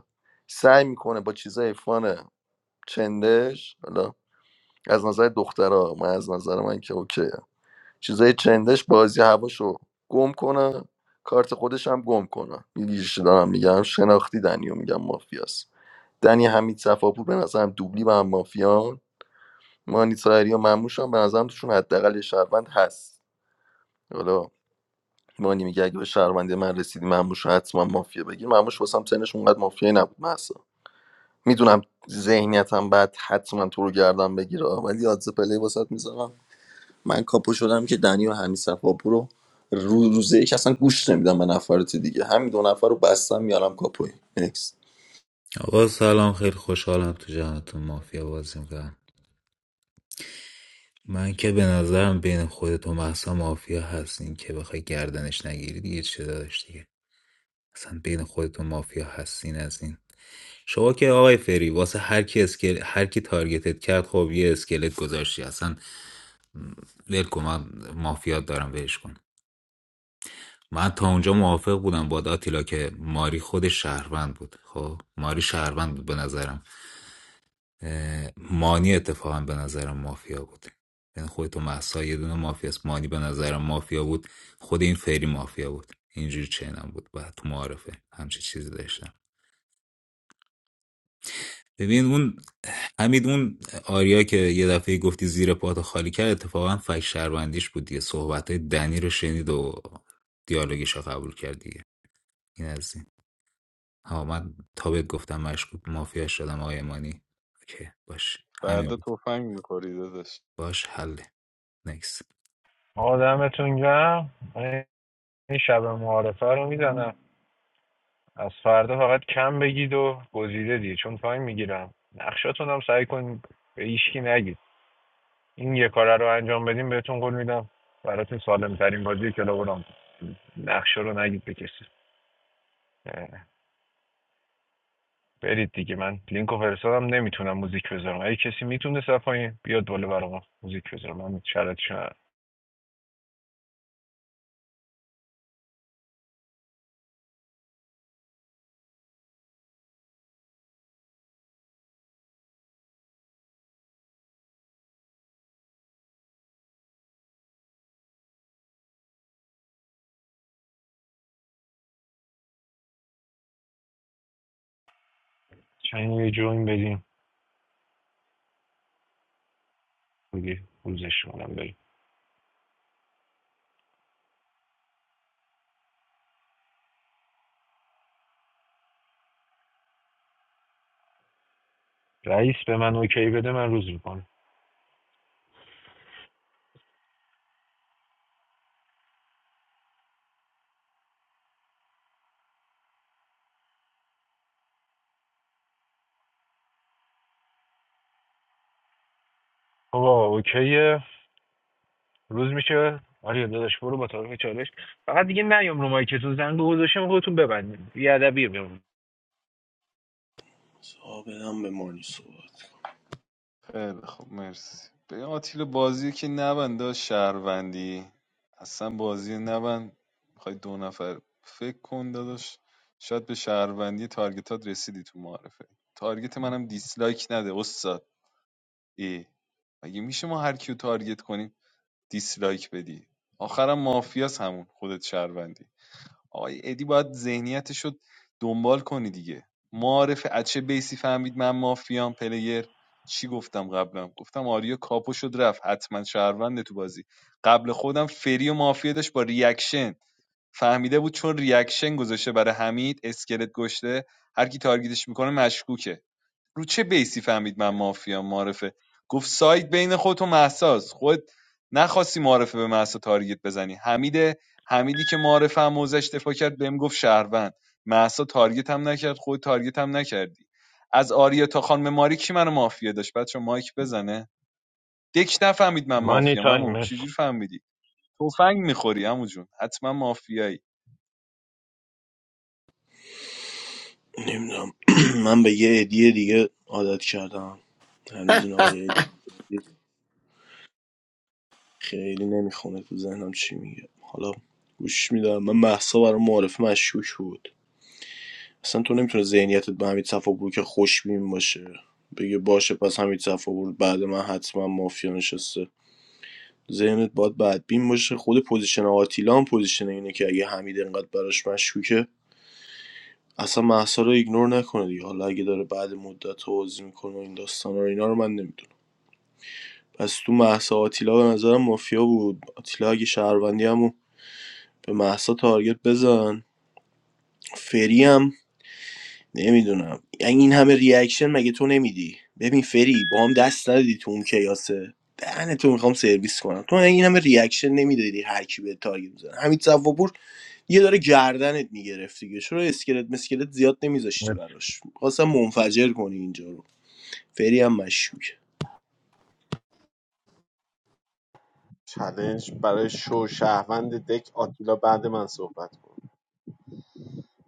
سعی میکنه با چیزای فان چندش حالا از نظر دخترها من از نظر من که اوکی چیزای چندش بازی هواشو گم کنه کارت خودش هم گم کنه میگیش دارم میگم شناختی دنیو میگم مافیاست دنی حمید صفاپور به نظرم دوبلی با هم مافیان مانی تاهری و مموش هم به نظرم توشون حداقل یه شهروند هست حالا مانی میگه اگه به شهروندی من رسیدی مموش رو حتما مافیا بگیر مموش واسم سنش اونقدر مافیایی نبود مثلا میدونم ذهنیتم بعد حتما تو رو گردم بگیره ولی آدز پلی واسط میذارم من کاپو شدم که دنی و همین صفاپور رو رو روزه یک اصلا گوش نمیدم به نفرات دیگه همین دو نفر رو بستم میارم کاپوی نکس
آقا سلام خیلی خوشحالم تو جمعتون مافیا بازی میکنم من که به نظرم بین خودت و محسا مافیا هست که بخوای گردنش نگیری دیگه چه داداش دیگه اصلا بین خودتون مافیا هستین از این شما که آقای فری واسه هر کی اسکل هر کی تارگتت کرد خب یه اسکلت گذاشتی اصلا ول کن من مافیات دارم ولش کن من تا اونجا موافق بودم با آتیلا که ماری خود شهروند بود خب ماری شهروند بود به نظرم اه، مانی اتفاقا به نظرم مافیا بود یعنی خودتو محسا یه دونه مافیاست مانی به نظرم مافیا بود خود این فری مافیا بود اینجوری چنم بود بعد تو معارفه همچی چیزی داشتم ببین اون همین اون آریا که یه دفعه گفتی زیر پات خالی کرد اتفاقا فک شهروندیش بود دیگه صحبت های دنی رو شنید و دیالوگش رو قبول کرد دیگه این از این ها من تا بهت گفتم مشکوک مافیا شدم آقای مانی اوکی باش همین
فردا
بود
تفنگ میخوری داداش.
باش حله نکس
آدمتون گرم من این شب معارفه رو میزنم از فردا فقط کم بگید و گزیده دیگه چون تایم میگیرم نقشاتون هم سعی کن به هیچکی نگید این یه کار رو انجام بدیم بهتون قول میدم براتون سالم ترین بازی کلاب رو نقشه رو نگید به کسی اه، برید دیگه من لینک و فرستادم نمیتونم موزیک بذارم اگه کسی میتونه صفایی بیاد بالا برام موزیک بذارم من شرط چند یه جوین بدیم میگی روزش کنم بریم رئیس به من اوکی بده من روز میکنم آقا اوکیه روز میشه آره داداش برو با تعارف چالش فقط دیگه نیام رو مایکتون زنگ گذاشتم خودتون ببندید بی ادبی بمون
صاحب هم به مانی صبح
خیلی خب مرسی به آتیل بازی که نبند داشت شهروندی اصلا بازی نبند میخوای دو نفر فکر کن داداش شاید به شهروندی تارگتات رسیدی تو معرفه تارگت منم دیسلایک نده استاد ای مگه میشه ما هر کیو تارگت کنیم دیسلایک بدی آخرم مافیاس همون خودت شهروندی آقای ادی باید ذهنیتش رو دنبال کنی دیگه معارف اچه چه بیسی فهمید من مافیام پلیر چی گفتم قبلم گفتم آریا کاپو شد رفت حتما شهرونده تو بازی قبل خودم فری و مافیا داشت با ریاکشن فهمیده بود چون ریاکشن گذاشته برای حمید اسکلت گشته هر کی تارگیتش میکنه مشکوکه رو چه بیسی فهمید من مافیا معرفه گفت سایت بین خودت و مهساست خود نخواستی معرفه به مهسا تارگت بزنی حمید حمیدی که معرفه هم موزش دفاع کرد بهم گفت شهروند مهسا تارگت هم نکرد خود تارگت هم نکردی از آریا تا خانم ماری کی منو مافیا داشت بچه مایک بزنه دک نفهمید من
مانی
مافیا
تایم
ممو
مرسی
چجور فهمیدی تفنگ میخوری عمو جون حتما مافیایی
نمیدونم *clears throat* من به یه ادیه دیگه عادت کردم هنوز این آیه ادیه خیلی نمیخونه تو ذهنم چی میگه حالا گوش میدم من محصا برای معارف مشکوک بود اصلا تو نمیتونه ذهنیتت به همین صفابور که خوشبین باشه بگه باشه پس همین صفابور بعد من حتما مافیا نشسته ذهنت باید بدبین باشه خود پوزیشن آتیلا هم پوزیشن اینه که اگه حمید انقدر براش مشکوکه اصلا مهسا رو ایگنور نکنه دیگه حالا اگه داره بعد مدت توضیح میکنه و این داستانا رو اینا رو من نمیدونم پس تو مهسا آتیلا به نظرم مافیا بود آتیلا اگه شهروندی همو به مهسا تارگت بزن فری هم نمیدونم یعنی این همه ریاکشن مگه تو نمیدی ببین فری با هم دست ندادی تو اون کیاسه دهن تو میخوام سرویس کنم تو این همه ریاکشن نمیدادی هر کی به تارگت میزنه همین صفاپور یه داره گردنت میگرفت دیگه چرا اسکلت مسکلت زیاد نمیذاشتی
مرسی
براش خواستم منفجر کنی اینجا رو فری هم مشکوک
چلنج برای شو شهروند دک آتیلا بعد من صحبت کن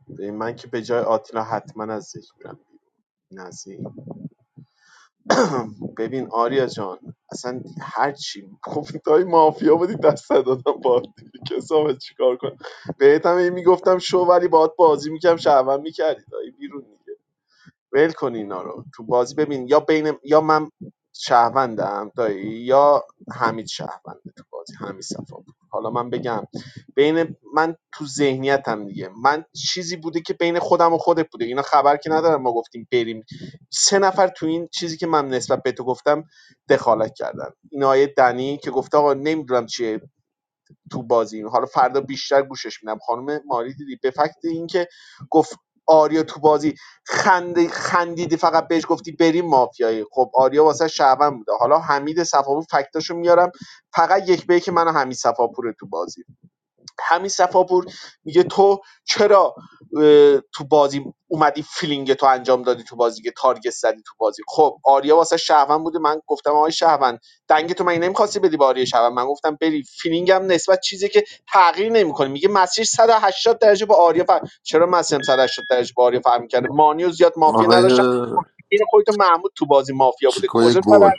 به من که به جای آتیلا حتما از ذکر میرم این از این. *coughs* *clears throat* ببین آریا جان اصلا هر چی گفت های مافیا بودی دست دادم با کسافت چیکار کنم بهت هم هی میگفتم شو ولی باهات بازی میکردم شهروند میکردی دایی بیرون دیگه. ول کن اینا رو تو بازی ببین یا بین یا من شهروندم دایی یا حمید شهرونده تو بازی حمید صفاپور حالا من بگم بین من تو ذهنیتم دیگه من چیزی بوده که بین خودم و خودت بوده اینا خبر که ندارم ما گفتیم بریم سه نفر تو این چیزی که من نسبت به تو گفتم دخالت کردن این آیه دنی که گفته آقا نمیدونم چیه تو بازی حالا فردا بیشتر گوشش میدم خانم ماری دیدی به فکت اینکه گفت آریا تو بازی خند خندیدی فقط بهش گفتی بریم مافیایی خب آریا واسه شعبان بوده حالا حمید صفاپور فکتاشو میارم فقط یک به که من و حمید صفاپور تو بازی همین صفاپور میگه تو چرا تو بازی اومدی فیلینگ تو انجام دادی تو بازی که تارگت زدی تو بازی خب آریا واسه شهروند بوده من گفتم آقای شهروند دنگ تو من نمیخواستی بدی به آریا شهروند من گفتم بری فیلینگم نسبت چیزی که تغییر نمیکنه میگه مسیر 180 درجه با آریا فر... چرا مسیرم 180 درجه با آریا فرق کرده مانیو زیاد مافیا
آقای
نداشتم این خودت محمود تو بازی مافیا بوده
چیکوی
کجا
گل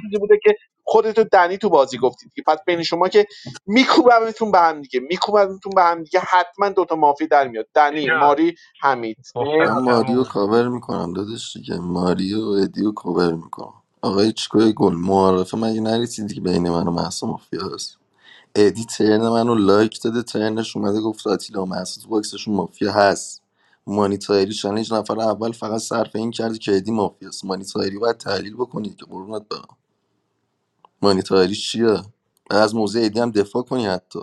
چیزی بوده که خودت و دنی تو بازی گفتید که پس بین شما که میکوبمتون به هم دیگه میکوبمتون به هم دیگه حتما دوتا مافی در میاد دنی
اینجا
ماری حمید نه
من
گفتم
ماریو
کمو گزیدی
کاور میکنم دادش دیگه ماریو و ادیو کاور میکنم آقای چیکوی گل معارفه مگه نرسیدی که بین من و محسا مافیا هست ادی ترن منو لایک داده ترنش اومده گفت آتیلا و محسا تو باکسشون مافیا هست مانیتاری چالش نفر اول فقط صرف این کرد که ادی مافیاست مانیتاری باید تحلیل بکنید که قرونت برم مانیتاری چیه از موزه ادی هم دفاع کنی حتی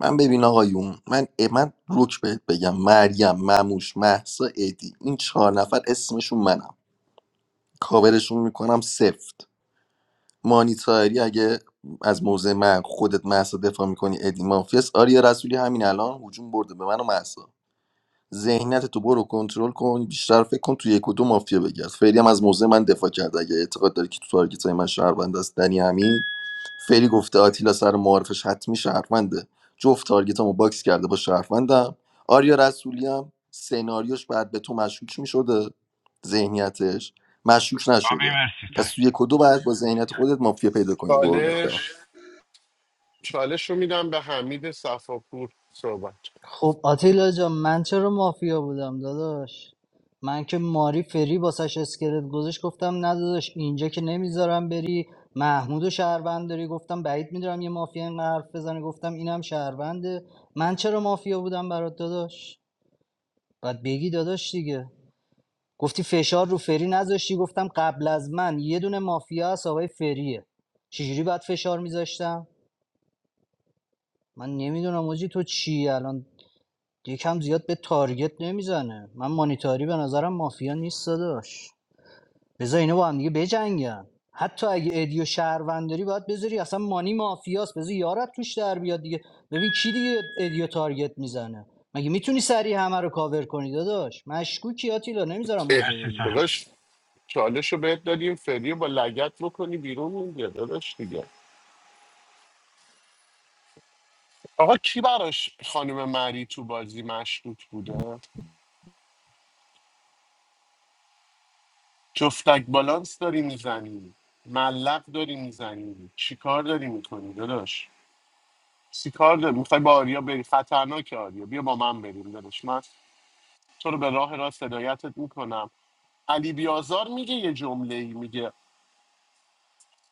من ببین آقایون من من روک بهت بگم مریم مموش محسا ادی این چهار نفر اسمشون منم کاورشون میکنم سفت مانیتاری اگه از موضع من خودت محسا دفاع میکنی ادی مافیاس آریا رسولی همین الان هجوم برده به من و مهسا. ذهنیت تو برو کنترل کن بیشتر فکر کن تو یک و دو مافیا بگرد فعلی هم از موضع من دفاع کرد اگه اعتقاد داری که تو تارگت های من شهروند است دنی امین فعلی گفته آتیلا سر معارفش حتمی شهرونده جفت تارگت باکس کرده با شهروندم آریا رسولی هم سناریوش بعد به تو مشکوک میشده ذهنیتش مشکوک
آبی
نشده
مرسی تا
پس تو یک و دو باید با ذهنیت خودت مافیا پیدا کنی قربونت برم.
چالش چالش رو میدم به حمید صفاپور صحبت کن.
خب آتیلا جان من چرا مافیا بودم داداش من که ماری فری باسش اسکلت گذاشت گفتم نه داداش اینجا که نمیذارم بری محمود و شهروند داری گفتم بعید میدارم یه مافیا این حرف بزنه گفتم اینم شهرونده من چرا مافیا بودم برات داداش باید بگی داداش دیگه گفتی فشار رو فری نذاشتی گفتم قبل از من یه دونه مافیا هست آقای فریه چجوری باید فشار میذاشتم من نمیدونم موجی تو چی الان یکم زیاد به تارگت نمیزنه من مانیتاری به نظرم مافیا نیست داداش بذار اینو با هم دیگه بجنگن حتی اگه ادیو شهرونداری باید بذاری اصلا مانی مافیاست بذار یارت توش در بیاد دیگه ببین کی دیگه ادیو تارگت میزنه مگه میتونی سریع همه رو کاور کنی داداش مشکوکی آتیلا نمیذارم
اه،
موضوع
مرسی تا
بگیری
داداش چالش رو بهت دادیم فری رو با لگت بکنی بیرون میگه داداش دیگه آقا کی براش خانم مری تو بازی مشروط بوده جفتک بالانس داری میزنی ملق داری میزنی چی کار داری میکنی داداش چی کار داری میخوای با آریا بری خطرناک آریا بیا با من بریم داداش من تو رو به راه راست هدایتت میکنم علی بیازار میگه یه جمله ای میگه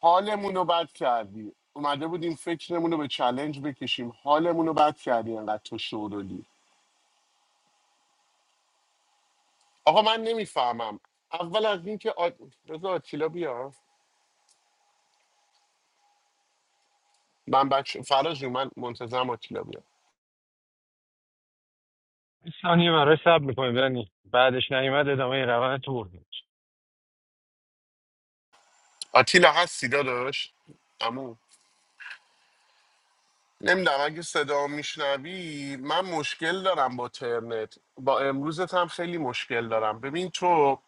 حالمون رو بد کردی اومده بودیم فکرمون رو به چلنج بکشیم حالمون رو بد کردی انقدر تو شورولی آقا من نمیفهمم اول از اینکه آ... رضا آتیلا بیا من بچه فراز جون من منتظرم آتیلا بیاد
یه ثانیه برای سب میکنیم دنی بعدش نیومد ادامه این روند تو برد
آتیلا هستی داداش امو نمیدونم اگه صدا میشنوی من مشکل دارم با ترنت با امروزت هم خیلی مشکل دارم ببین تو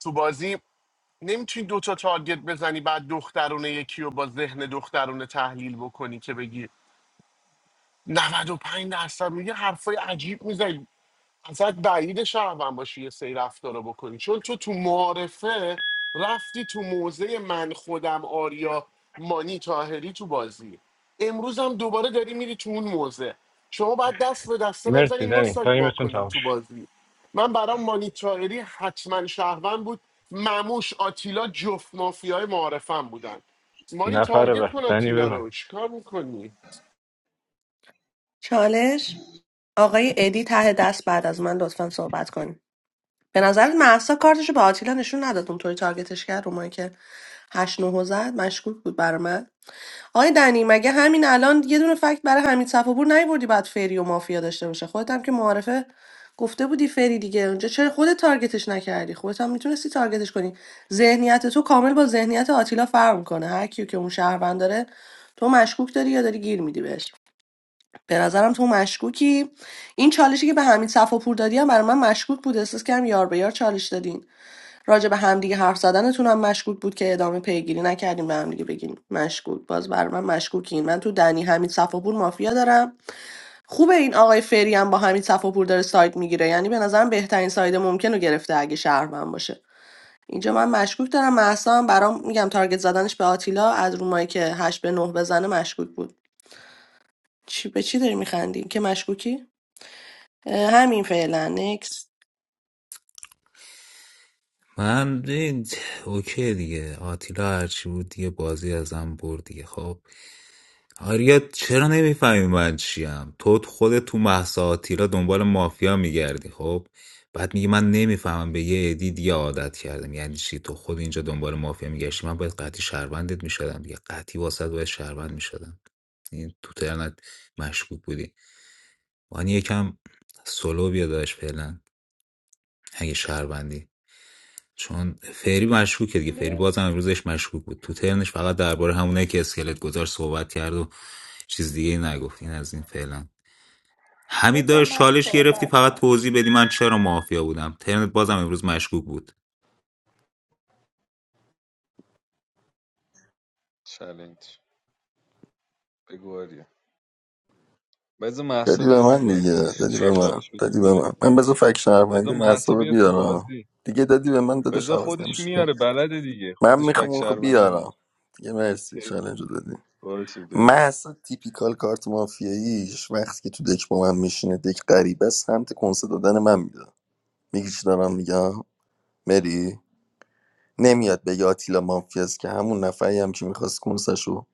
تو بازی نمیتونی دوتا تارگت بزنی بعد دخترونه یکی رو با ذهن دخترونه تحلیل بکنی که بگی 95 درصد میگه حرفای عجیب میزنی ازت بعید شهروند باشی یه سری رفتار رو بکنی چون تو تو معارفه رفتی تو موزه من خودم آریا مانی تاهری تو بازی امروز هم دوباره داری میری تو اون موزه شما باید دست به دسته
مرسی
نزنیم ما
دنی
سایت وا
تایمتون
کنیم
تموم
تو
شد
بازی من برام مانی تاهری حتما شهروند بود مموش آتیلا جفت مافیای معارفم بودن مانی
نفر
تارگت
بعد
کن
دنی
آتیلا
ببند
رو چیکار میکنی؟
چالش آقای ادی ته دست بعد از من لطفا صحبت کنیم به نظرت محسا کارتشو به آتیلا نشون نداد اونطوری تارگتش کرد رو که هشت نه زد مشکوک بود برا من آقای دنی مگه همین الان یه دونه فکت برای حمید صفابور نیوردی بعد فری و مافیا داشته باشه خودت هم که معارفه گفته بودی فری دیگه اونجا چرا خودت تارگتش نکردی خودت هم میتونستی تارگتش کنی ذهنیت تو کامل با ذهنیت آتیلا فرق کنه هر کیو که اون شهروند داره تو مشکوک داری یا داری گیر میدی بهش به نظرم تو مشکوکی این چالشی که به حمید صفاپور دادی هم برای من مشکوک بود احساس کردم یار به یار چالش دادین راجع به همدیگه حرف زدنتون هم مشکوک بود که ادامه پیگیری نکردیم به همدیگه بگین مشکوک باز برای من مشکوکین من تو دنی حمید صفاپور مافیا دارم خوبه این آقای فری هم با حمید صفاپور داره سایت میگیره یعنی به نظرم بهترین ساید ممکن رو گرفته اگه شهروند باشه اینجا من مشکوک دارم محسا هم برام میگم تارگت زدنش به آتیلا از رومایی که هشت به نه بزنه مشکوک بود چی به چی داری میخندی که مشکوکی اه، همین فعلا نکس
من دید. اوکی دیگه آتیلا هرچی بود دیگه بازی ازم برد دیگه خب آریا چرا نمیفهمی من چیم تو خودت تو مهسا آتیلا دنبال مافیا میگردی خب بعد میگی من نمیفهمم به یه عدی دیگه عادت کردم یعنی چی تو خود اینجا دنبال مافیا میگشتی من باید قطعی شهروندت میشدم دیگه قطعی واسط باید شهروند میشدم این تو ترنت مشکوک بودی وانی یکم سلو بیا داشت فعلا اگه شهروندی چون فری مشکوکه دیگه فری بازم امروزش مشکوک بود تو ترنش فقط درباره همونه که اسکلت گذار صحبت کرد و چیز دیگه نگفت این از این فعلا حمید
بذار
داشت
من
چالش گرفتی
صحبت
فقط
کنم
توضیح بدی من چرا مافیا بودم ترنت بازم امروز مشکوک بود
چالش بگو آریا بذار مهسا
دادی به
بیاد تو
من دیگه
بازی
دادی
ولش-
به من
چالش بهتون
دادی به من
میرسه
من بذار فک شهروندی
بذار
محصا
محسا
رو
بیاد تو
بیارم
بازی
دیگه دادی به من دادش
بذار
عوض
خودش
نمیشه
میاره بلده دیگه
من
خودش فک
میخوام خب
شهروندی میاره
بیارم دیگه مرسی
*laughs*
چالنج رو دادی
باشه بگو
محصا تیپیکال کارت مافیاییش وقتی که تو دک با من میشینه دک غریبه است سمت کنسه دادن من میده میگی چی دارم میگم مری نمیاد بگه آتیلا مافیاست که همون نفری هم که میخواست کنسشو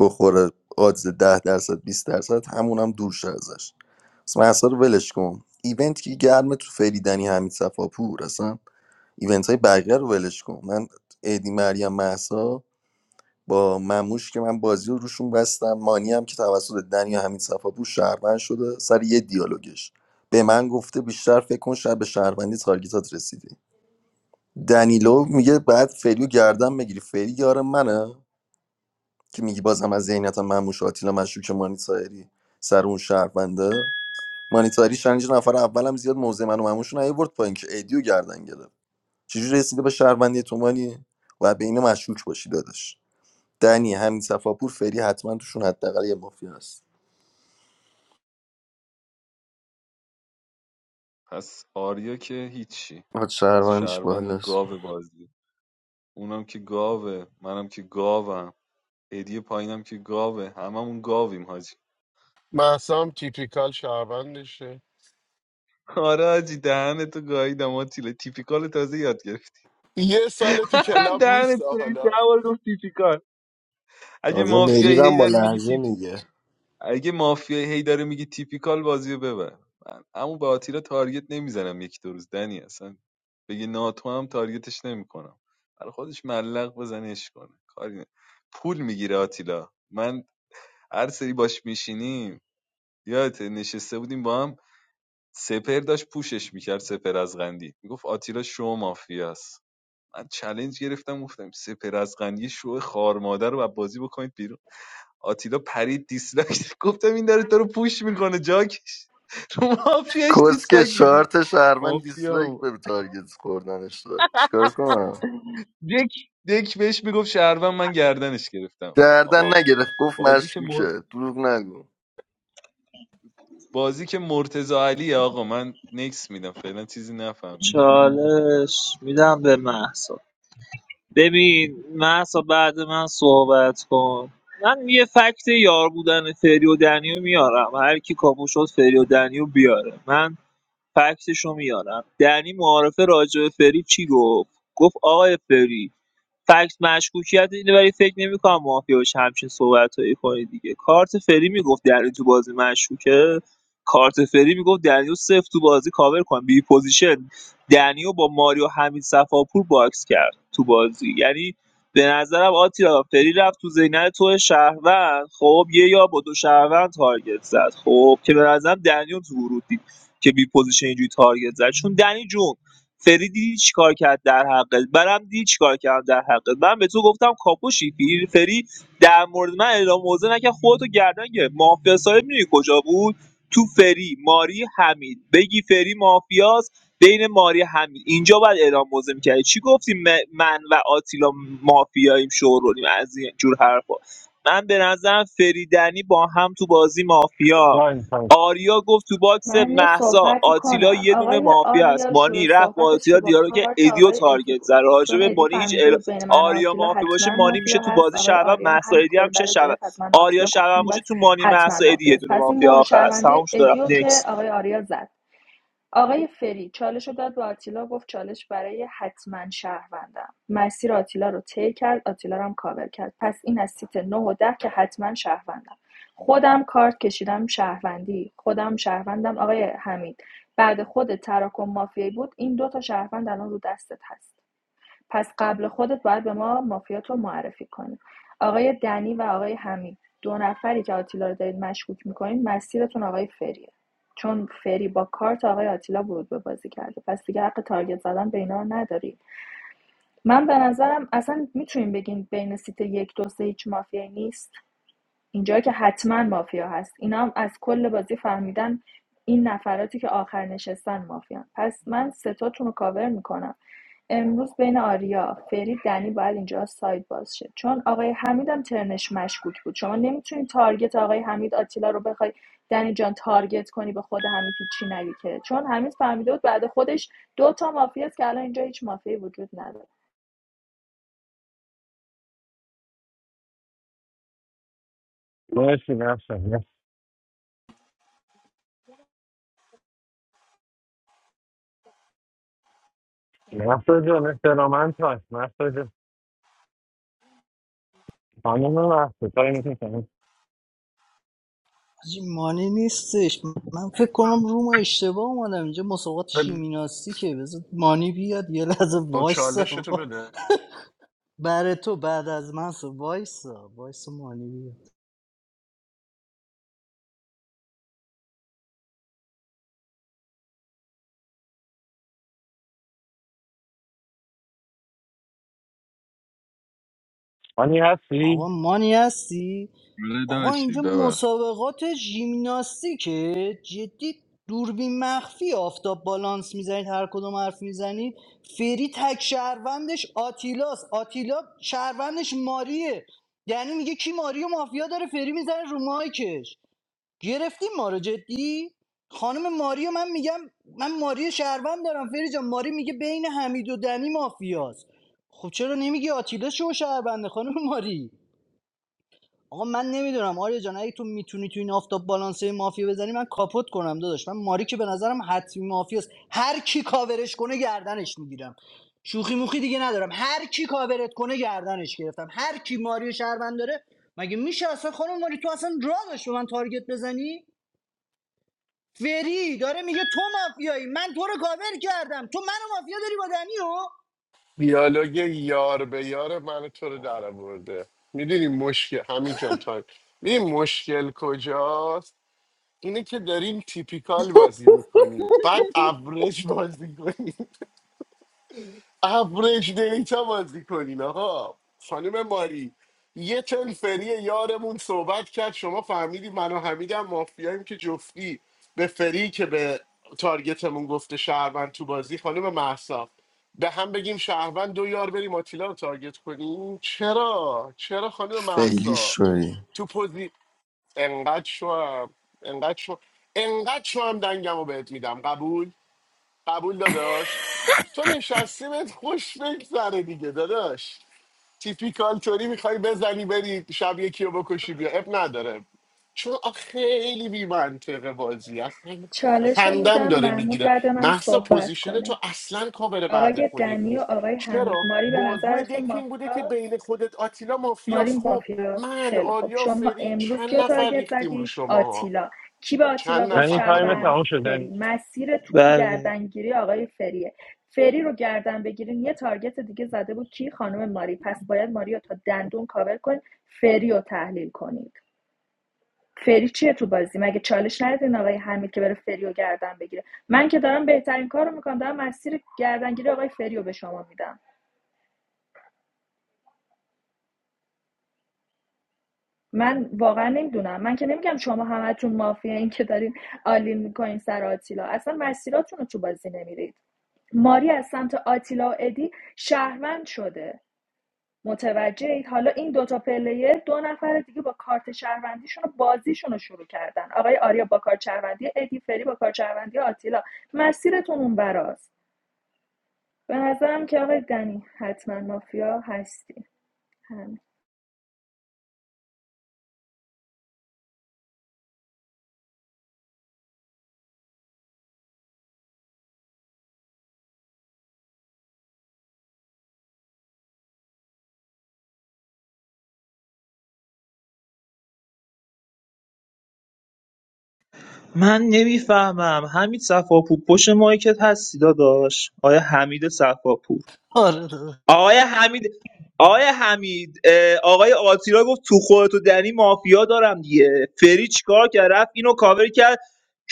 بخوره odds ده درصد بیست درصد همون هم دور شه ازش اصلا اصلا رو ولش کن ایونت که گرمه تو فریدنی حمید صفاپور اصلا ایونت های بقیه رو ولش کن من ادی مریم محسا با مموش که من بازی رو روشون بستم مانی هم که توسط دنیا و حمید صفاپور شهروند شده سر یه دیالوگش به من گفته بیشتر فکر کن شب به شهروندی تارگتات رسیدی دنیلو میگه بعد فریو گردن بگیری فری یار منه که میگی بازم از ذهنیتم مهموش آتیلا مشکوک مانی تایری سر اون شهرونده مانی تایری شنیج نفر اولم زیاد موضع منو و مهموش رو نیورد پایین که ایدیو گردن گرفت چجوری رسیده به شهروندی تو مانی و به اینو مشکوک باشی داداش دنی همین صفاپور فری حتما توشون حداقل یه مافیا هست
پس آریا که هیچی
آت شهروندش
شهروند
بالاست
گاو بازی اونم که گاوه منم که گاوم هدیه پایینم که گاوه هممون گاویم حاجی
محسام تیپیکال شهروندشه
*laughs* آره حاجی دهن تو گاییدم آتیله تیپیکال تازه یاد گرفتی
یه سال تو
*laughs*
کلاب نیست
دهن سرویس ده
حالا
بار گفت تیپیکال اگه
تازه
مافیایی هی
ملیرم با
داری میگی
لحجه میگه
اگه مافیای هی داره میگه تیپیکال بازی رو ببر من اما به آتیلا تارگت نمیزنم یکی دو روز دنی اصلا بگه ناتو هم تارگتش نمیکنم برای خودش ملق بزنه اش کنه کاری نه پول میگیره آتیلا من هر سری باش میشینیم یادت نشسته بودیم با هم سپر داشت پوشش میکرد سپر از غندی میگفت آتیلا شو مافیاست من چلنج گرفتم گفتم سپر از غندی شو خار مادر رو از بازی بکنید بیرون آتیلا پرید دیسلایک داد. گفتم این داره تو رو پوش میکنه جاکش رو مافیاش
کسکه
دیسلایک
چهار
میدی
تا شهروند دیسلایک
مافیا
به تارگت خوردنش داد چیکار کنم
دک دک بهش میگفت شهروند من گردنش گرفتم
گردن
آقا
نگرفت گفت
بازی که مر...
مشکوکه دروغ نگو
بازی که مرتضی علیه آقا من نکس میدم فعلا چیزی نفهمیدم
چالش میدم به محسا ببین محسا بعد من صحبت کن من یه فکت یار بودن فری و دنیو میارم هر کی کابو شد فری و دنیو بیاره من فکتشو میارم دنی معارفه راجع به فری چی گفت گفت آقای فری فکت مشکوکیت اینه ولی فکر نمی‌کنم مافیا بشه همچین صحبتایی کنه دیگه کارت فری میگفت دنی تو بازی مشکوکه کارت فری میگفت دنیو صفر تو بازی کاور کن بی پوزیشن دنیو با ماریو حمید صفاپور باکس کرد تو بازی یعنی به نظرم آتیلا فری رفت تو زینه تو شهروند خب یه یا با دو شهروند تارگت زد خب که به نظرم دنیو تو ورود دید که بی پوزیشن اینجوری تارگت زد چون دنی جون فری دیدی چیکار کرد در حقت منم دیدی چیکار کردم در حقت من به تو گفتم کاپوشی فری فری در مورد من اعلام موضع نکرد خودتو گردن گرفت مافیا صاحب میدونی کجا بود تو فری ماری حمید بگی فری مافیاست بین ماری حمید اینجا باید اعلام موضع میکردی چی گفتی م- من و آتیلا مافیاییم شورولیم از این جور حرفا من به نظرم فریدنی با هم تو بازی مافیا
تایم تایم
آریا گفت تو باکس
من یه
مهسا
صحبتی
آتیلا
کنم
یه دونه
آقای
مافیا است
آریا شروع
مانی رفت با
صحبتش
آتیلا
که با
دیالوگ که
کارت
ادیو
آقای ادی
تارگت
بود
زد راجع
چون
به
ادی
مانی هیچ
فهمیده
ال...
بود بین من و
آریا
آتیلا
مافیا باشه
حتما
مانی میشه
مافیا
تو
هست
بازی
آقای
شعبان
آریا هم
مهسا
همین
ادی هم
خورده
میشه
رو
شعبان
گرفت از من و
آریا
آتیلا گفت تو
شعبان
این
باشه
باکس
تو مانی
حتما
مهسا ادی
مافیا
یه
هست
دونه
پس این
مافیا
مهر
آخر است تموم
شهروندی
شد و رفت
ادیو که
نکس
آقای آریا زد آقای فری چالش رو داد به آتیلا گفت چالش برای حتما شهروندم مسیر آتیلا رو طی کرد آتیلا رو هم کاور کرد پس این از سیت 9 و 10 که حتما شهروندم خودم کارت کشیدم شهروندی خودم شهروندم آقای حمید بعد خود تراکم مافیایی بود این دو تا شهروند الان رو دستت هست پس قبل خودت باید به ما مافیات رو معرفی کنی آقای دنی و آقای حمید دو نفری که آتیلا رو دارید مشکوک میکنید مسیرتون آقای فریه چون فری با کارت آقای آتیلا ورود به بازی کرده پس دیگه حق تارگت زدن به اینا رو نداری من به نظرم اصلا میتونیم بگین بین سیت یک دو سه هیچ مافیایی نیست اینجا که حتما مافیا هست اینا هم از کل بازی فهمیدن این نفراتی که آخر نشستن مافیان پس من ستاتون رو کاور میکنم امروز بین آریا فرید دنی باید اینجا ساید باز شه چون آقای حمیدم ترنش مشکوک بود شما نمیتونی تارگت آقای حمید آتیلا رو بخوای دنی جان تارگت کنی به خود حمید هیچی نگی که چون حمید فهمیده بود بعد خودش دو تا مافیاست که الان اینجا هیچ مافیایی وجود نداره
مرسی نفسم محسا جان احترامند هست محسا جان خانم محسا تایم تو تموم.
حاجی، مانی نیستش من فکر کنم روم اشتباه اومدم اینجا مسابقات
خب
شیمیناستیکه بذار مانی بیاد یه لحظه وایسا
چالشتو
آقا
بده
برای تو بعد از من سو وایسا وایسا مانی بیاد
آنی
آقا
هستی؟
مانی هستی
آره
آقا
داشتی
اینجا
ببخش
مسابقات ژیمناستیکه جدی دوربین مخفی آفتاب بالانس میزنید هر کدوم حرف میزنید فری تک شهروندش آتیلاس آتیلا شهروندش ماریه یعنی میگه کی ماری و مافیا داره فری میزنه رو مایکش گرفتیم ما رو جدی خانم ماریو من میگم من ماری شهروند دارم فری جان ماری میگه بین حمید و دنی مافیاست خب چرا نمیگی آتیلا شو شهرونده خانم ماری آقا من نمیدونم آریا جان اگه تو میتونی تو این آفتاب بالانسه مافیا بزنی من کاپوت کنم داداش من ماری که به نظرم حتمی مافیاست هر کی کاورش کنه گردنش میگیرم شوخی موخی دیگه ندارم هر کی کاورت کنه گردنش گرفتم هر کی ماری و شهروند داره مگه میشه اصلا خانم ماری تو اصلا راه به من تارگت بزنی فری داره میگه تو مافیایی من تو رو کاور کردم تو منو مافیا داری با دنیو
دیالوگ یار به یار من تو رو در آورده میدونی مشکل همین جان تایم میدونی مشکل کجاست اینه که داریم تیپیکال بازی میکنیم بعد ابرج بازی کنیم ابرج دیتا بازی کنین آقا خانم ماری یه تلفری یارمون صحبت کرد شما فهمیدی من و حمید هم مافیاییم که جفتی به فری که به تارگتمون گفته شهروند تو بازی خانم محسا به هم بگیم شهروند دو یار بریم آتیلا رو تارگت کنیم چرا چرا خانم
خیلی
محسا
شوی
تو پوزی انقدر شوم انقدر شو انقدر شوم دنگم رو بهت میدم قبول قبول داداش تو نشستی بهت خوش بگذره دیگه داداش تیپیکال توری میخوای بزنی بری شب یکی رو بکشی بیا اب نداره چون آخ خیلی بی منطقه بازی اصلا
چالش رو
خندم
میدم
داره
محمود
میگیره
بعد من
محصا
صحبت
پوزیشن تو
کنه
اصلا کاور بعد
آقای
خودت
دنی و
نیست
آقای حمید
چرا
ماری به
بازو
نظرتون
دکین بوده که
مافیاست
بین خودت آتیلا
ماری
مافیاس خب
مافیاست
من
خیلی خب
آریا
شما
فری
امروز
چند
کیو
نفر
تارگت
ریختیم رو
زدید
شماها
آتیلا کی به آتیلا
چند
گفت
یعنی
نفر
تایم
خانم
شهروند
تمام
محصا
فری
شده
مسیرتون
بله
گردنگیری آقای فریه فری رو گردن بگیرین یه تارگت دیگه زده بود کی خانم ماری پس باید ماری رو تا دندون کاور کنید فری رو تحلیل کنید فری چیه تو بازی مگه چالش ندیدین آقای حمید که بره فری رو گردن بگیره من که دارم بهترین کارو میکنم دارم مسیر گردنگیری آقای فری رو به شما میدم من واقعا نمیدونم من که نمیگم شما همتون مافیا این که دارین آلین میکنین سر آتیلا اصلا مسیراتون رو تو بازی نمیرید ماری از سمت آتیلا و ادی شهروند شده متوجه حالا این دوتا پلیر دو نفر دیگه با کارت شهروندیشون رو بازیشون رو شروع کردن آقای آریا با کارت شهروندی ادی فری با کارت شهروندی آتیلا مسیرتون اون براست به نظرم که آقای دنی حتما مافیا هستی هم
من نمیفهمم حمید صفاپور پشت مایکت هستی داداش آیا حمید صفاپور
آره داداش.
آقای حمید آقای حمید اه، آقای آتیلا گفت تو خودت و دنی مافیا دارم دیگه فری چیکار کرد رفت اینو کاور کرد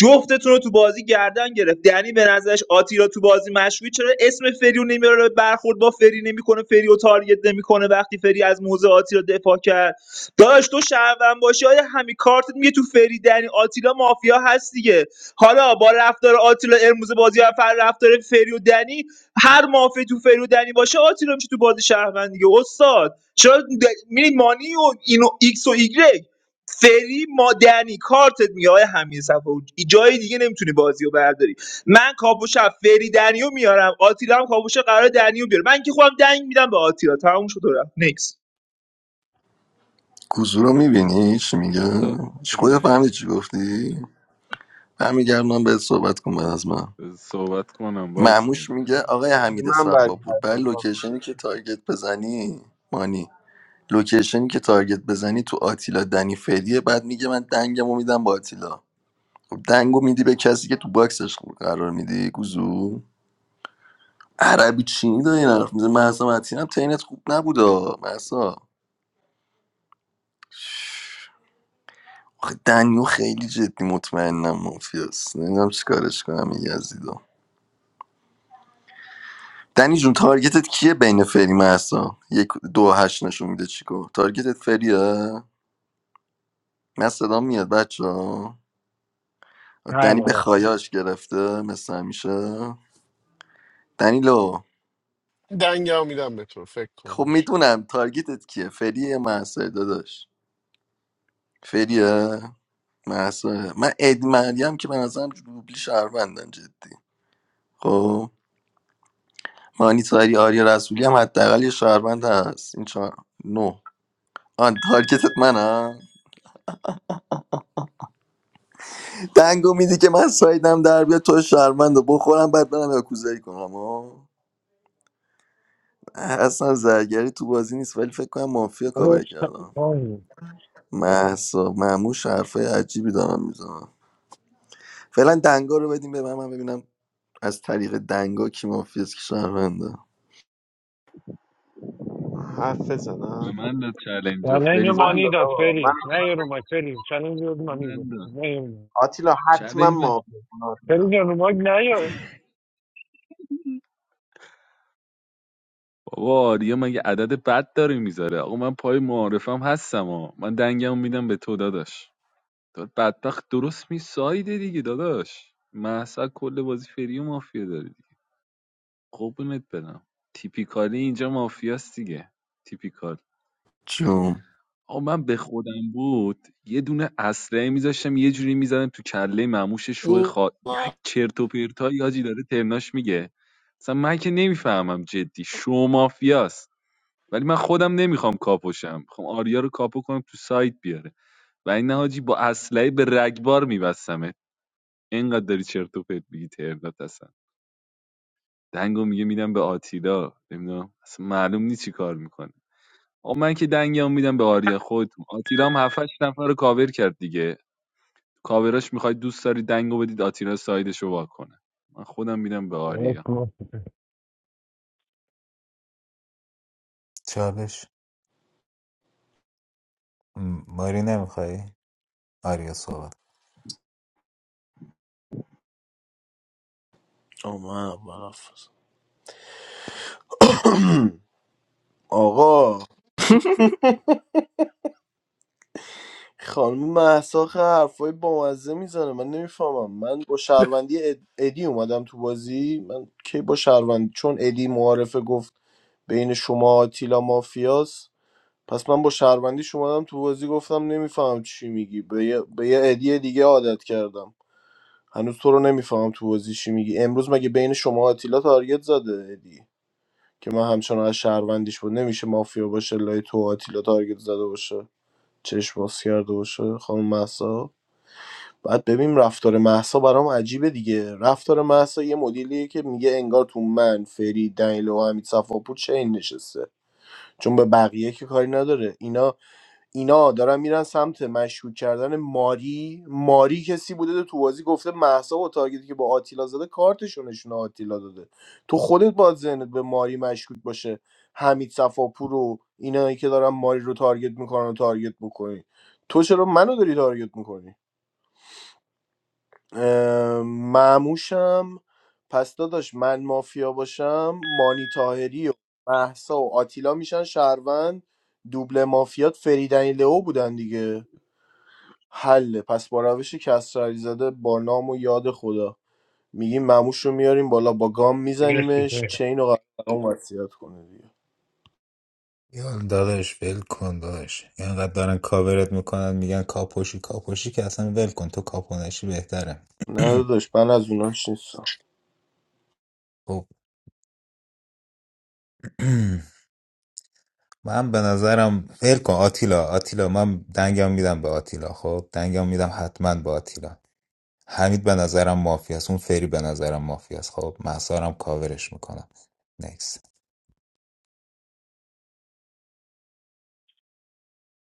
جفتتون رو تو بازی گردن گرفت دنی به نظرش آتیلا تو بازی مشروعی چرا اسم فری رو نمیاره برخورد با فری نمیکنه فری و تارگت نمیکنه وقتی فری از موزه آتیلا دفاع کرد داداش تو شهروند باشی آیا همین کارتت میگه تو فری دنی آتیلا مافیا هست دیگه حالا با رفتار آتیلا ارموز بازی و فر رفتار فری و دنی هر مافی تو فریودنی باشه آتیلا میشه تو بازی شهروند دیگه استاد چرا د- میری مانی و اینو ایکس و ایگرگ فری مادنی دنی کارتت میگه آقای همین صفحه جای دیگه نمیتونی بازی رو برداری من کاپوشم فری دنیو میارم آتیلا هم کاپوشه قرار دنیو بیاره من که خودم دنگ میدم به آتیلا تموم شد و رفت نکس
گوزو رو میبینی چی میگه هیچ خودت
استوریه.
فهمیدی چی گفتی برمیگردونم بهت صحبت کن بعد از من
صحبت کنم
معموش
وایسی
میگه آقای حمید
من برگردم
صفاپور بر لوکیشنی که تارگت بزنی مانی لوکیشنی که تارگت بزنی تو آتیلا دنی فعلیه بعد میگه من دنگمو میدم با آتیلا خب دنگو میدی به کسی که تو باکسش قرار میدی گوزو عربی چینی داری این حرف میزه من اصلا تینت خوب نبودا محسا آخه دنیو خیلی جدی مطمئنم مافیاست نمیدونم چیکارش کنم این یزیدو دنی جون تارگتت کیه بین فری محسا یک دو هشت نشون میده چیکو تارگتت فریه من صدام میاد بچه ها؟
هر
دنی به
بار
خایاش گرفته مثل همیشه دنیلو
دنگه میدم به تو فکر
خب
کن
میدونم تارگتت کیه فریه یا محسا داداش فریه محسا من ادی مریم که به نظرم دوبلی شهروندن جدی خب مانیتاری آریا رسولی هم حداقل یه شهروند هست این چهار نو آن تارگتت منم دنگو میدی که من سایدم در بیاد تو شهروند رو بخورم بعد برم یاکوزایی کنم آه. اصلا زرگری تو بازی نیست ولی فکر کنم مافیا کاور
خودش
کردم
تایم.
محسا مموش حرفای عجیبی دارم میزنم فعلا دنگا رو بدیم به من من ببینم از طریق دنگا کی مافیاست کی شهرونده
حرف
به
بزنم
من داد چلنج و
و نه اینو
فری
من
جان
مانی داد
دادا من
فری نه یه رو مایک فری چنین یه
به
مانی داد
من داد
نه یه رو مایک.
آتیلا
چلنج
حتما
من
مافی
فری
آتیلا،
جان رو مایک نه یاد
بابا آریا مگه عدد بد داره میذاره آقا من پای معارفم هستم آ. من دنگم میدم به تو داداش تو بدبخت درست می سایده دیگه داداش محسا کل بازی فری و مافیا داری دیگه قربونت برم تیپیکالی اینجا مافیاست دیگه تیپیکال
جون
آقا من به خودم بود یه دونه اسلحه میذاشتم یه جوری میزدم تو کله مموش شوی خوا یک
اوه،
چرت و پرتایی حاجی داره ترناش میگه مثلا من که نمیفهمم جدی شو مافیاست ولی من خودم نمیخوام کاپوشم میخوام آریا رو کاپو کنم تو سایت بیاره و این حاجی با اسلحه به رگبار میبستمه اینقدر داری چرت و پرت میگی تردات هستن دنگو میگه میدم به آتیلا نمیدونم اصلا معلوم نیست چی کار میکنه آقا من که دنگم میدم به آریا خودتون آتیلا هم 7 نفر رو کاور کرد دیگه کاوراش میخواید دوست داری دنگو بدید آتیلا سایدش رو وا کنه من خودم میدم به
یه
آریا
چالش م، ماری نمیخوای آریا صحبت
آمد *clears throat* آقا خانم مهسا خه حرفای بامزه میزنه من نمیفهمم من با شهروندی اد- ادی اومدم تو بازی من کی با شهروندی چون ادی معارفه گفت بین شما آتیلا مافیاس پس من با شهروندی اومدم تو بازی گفتم نمیفهمم چی میگی به یه, به یه ادی دیگه عادت کردم هنوز تو رو نمیفهمم تو بازی چی میگی امروز مگه بین شما آتیلا تارگت زده ادی که من همچنان از شهروندیش بود نمیشه مافیا باشه لای تو آتیلا تارگت زده باشه چشم باز کرده باشه خانم محسا بعد ببین رفتار محسا برام عجیبه دیگه رفتار محسا یه مدلیه که میگه انگار تو من فرید دنیلو و حمید صفاپور چین نشسته چون به بقیه که کاری نداره اینا اینا دارن میرن سمت مشکوک کردن ماری ماری کسی بوده که تو بازی گفته محسا و تارگتی که با آتیلا زده کارتشو نشونه آتیلا داده تو خودت باید ذهنت به ماری مشکوک باشه حمید صفاپور و اینایی که دارن ماری رو تارگت میکنن و تارگت میکنی تو چرا منو داری تارگت میکنی معموشم پس داداش من مافیا باشم مانی تاهری و محسا و آتیلا میشن شهروند دوبله مافیات فریدنی لئو بودن دیگه حله پس با روش کسرعلی زده با نام و یاد خدا میگیم مموش رو میاریم بالا با گام
مرسی
میزنیمش
فری
چین و قرارمون وصیت کنه دیگه
یا داداش ول کن داداش اینقدر دارن کاورت میکنن میگن کاپوشی کاپوشی که اصلا ول کن تو کاپونشی بهتره
نه
*clears throat*
داداش من از اوناش نیستم
خب *clears throat* من به نظرم ول کن آتیلا آتیلا من دنگم میدم به آتیلا خب دنگم میدم حتما به آتیلا حمید به نظرم مافیاست اون فری به نظرم مافیاست خب محسارم کاورش میکنم نیکس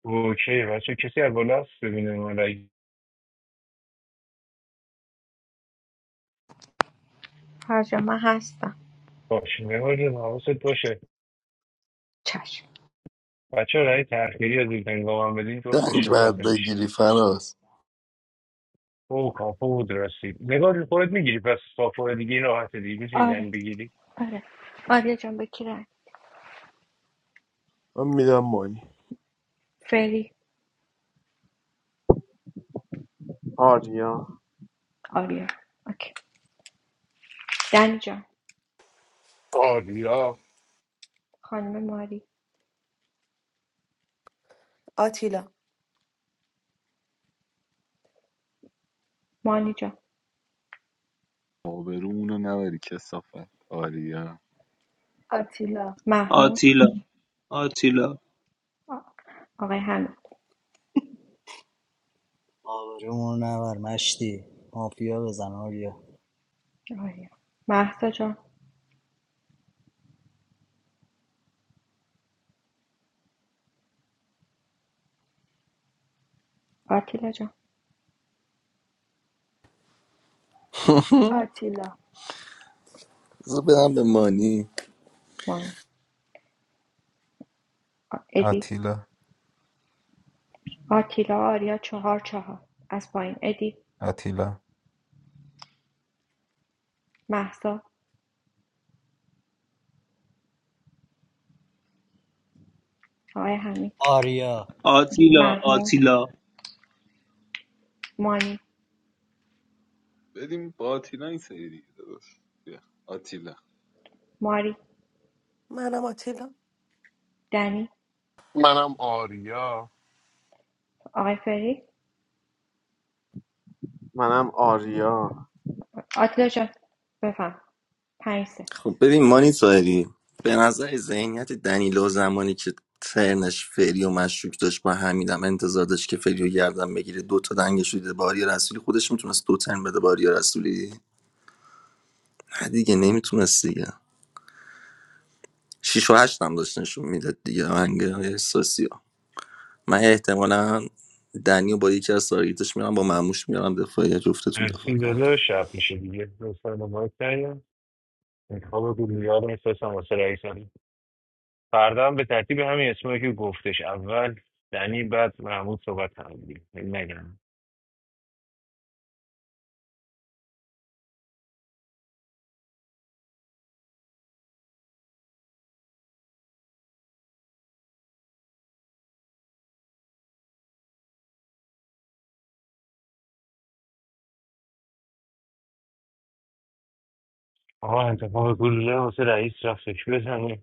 اوکی بچه کسی از بالا هست ببینه ما رای
هر جا من هستم
باش مهاجم حواست باشه
چشم
بچه رای تأخیری از این هنگام هم بدین جفتش
دنگ بعد
حساب نمیشه
بگیری فراز
او کافو بود رسید نگار خودت میگیری پس کافو دیگه این راحت دیگه میتونی
آره
زنگ بگیری
آره آریا جان به کی رای
من میدم مانی
فری
آریا
آریا اوکی دنی جان
آریا
خانم ماری
آتیلا
مانی جان
آبرومونو نبری کسافت آریا
آتیلا
محمود
آتیلا آتیلا
آ- آقای حمید
آبرومون نبر مشتی مافیا بزن آریا
آریا مهسا جان آتیلا جان
*laughs*
آتیلا
بذار بدم به مانی
مانی آ- ادی
آتیلا
آتیلا آریا چهار چهار از پایین ادی
آتیلا
مهسا آقای حمید
آریا
آتیلا
محمود
آتیلا
مانی
بدیم با آتیلا این سری دیگه داداش. آتیلا
ماری
منم آتیلا
دنی
منم آریا
آقای فری
منم آریا
آتیلا جان بفهم پنج سه.
خب ببین مانی تاهری به نظر ذهنیت دنیلو زمانی که ترنش فری و مشکوک داشت با حمیدم انتظار داشت که فری و گردن بگیره دو تا دنگش رو دیده به آریا رسولی خودش میتونست دو ترن بده به آریا رسولی نه دیگه نمیتونست دیگه شیش و هشت هم داشت نشون میداد دیگه آهنگ احساسی ها من احتمالا دنی با یکی از تارگیتش میرم با مموش میرم دفاعی جفتتون دفاع
مرسی
کنم
داده شب میشه دیگه لطفا به مایک نیا. انتخاب گلوله رو میفرستم واسه رئیس هم. فردا هم به ترتیب همین اسمایی که گفتش اول دنی بعد محمود صحبت هم دیگه نگم آقا انتخاب گلوله واسه رئیس رفتش بزنیم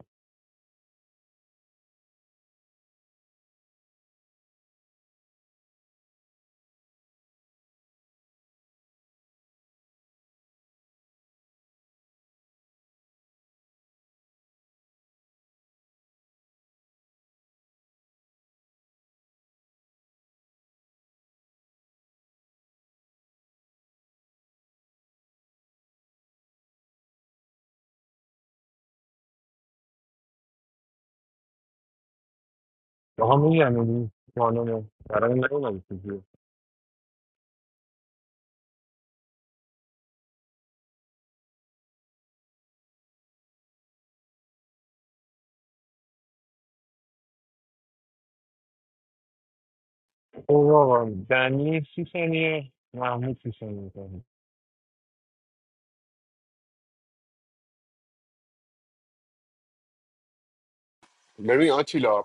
آقا میگم اون خانم برای نمیدونم چیزی او آقا دنی سی ثانیه محمود سی ثانیه
ببین آتیلا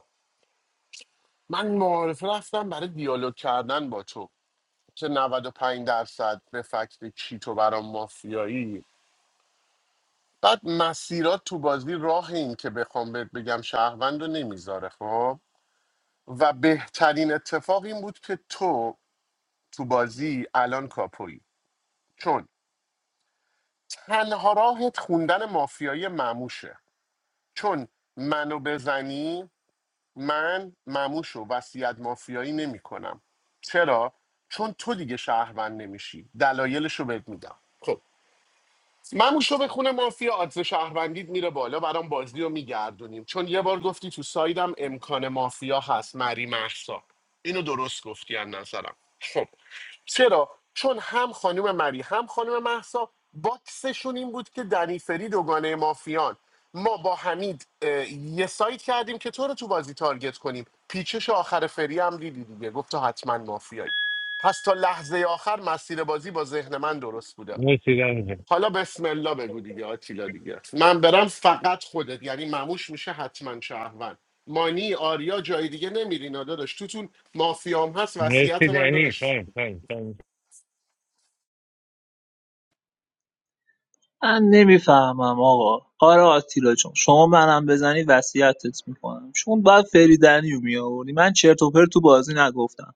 من معارف رفتم برای دیالوگ کردن با تو که 95 درصد به فکت چیتو برام مافیایی بعد مسیرات تو بازی راه این که بخوام بهت بگم شهروند رو نمیذاره خب و بهترین اتفاق این بود که تو تو بازی الان کاپویی چون تنها راهت خوندن مافیایی مموشه چون منو بزنی من مموشو وصیت مافیایی نمی کنم. چرا؟ چون تو دیگه شهروند نمیشی دلایلشو رو بهت میدم خب مموشو به خونه مافیا آدز شهروندید میره بالا برام بازی رو میگردونیم چون یه بار گفتی تو سایدم امکان مافیا هست مری محسا اینو درست گفتی از نظرم خب چرا چون هم خانم مری هم خانم محسا باکسشون این بود که دنی فری دوگانه مافیان ما با حمید اه، یه سایت کردیم که تو رو تو بازی تارگت کنیم پیچش آخر فری هم دیدی دیگه گفت تو حتما مافیایی پس تا لحظه آخر مسیر بازی با ذهن من درست بوده
میتونی
حالا بسم الله بگو دیگه آتیلا دیگه من برم فقط خودت یعنی مموش میشه حتما شهروند مانی آریا جای دیگه نمیرین داداش توتون مافیام هست وصیت
مرسی
من
دنی
داداش
خیلی خیلی خیلی
من نمیفهمم آقا آره آتیلا جون شما منم بزنی وصیتت میکنم چون بعد فریدنیو میآوردی من چرت و پرت تو بازی نگفتم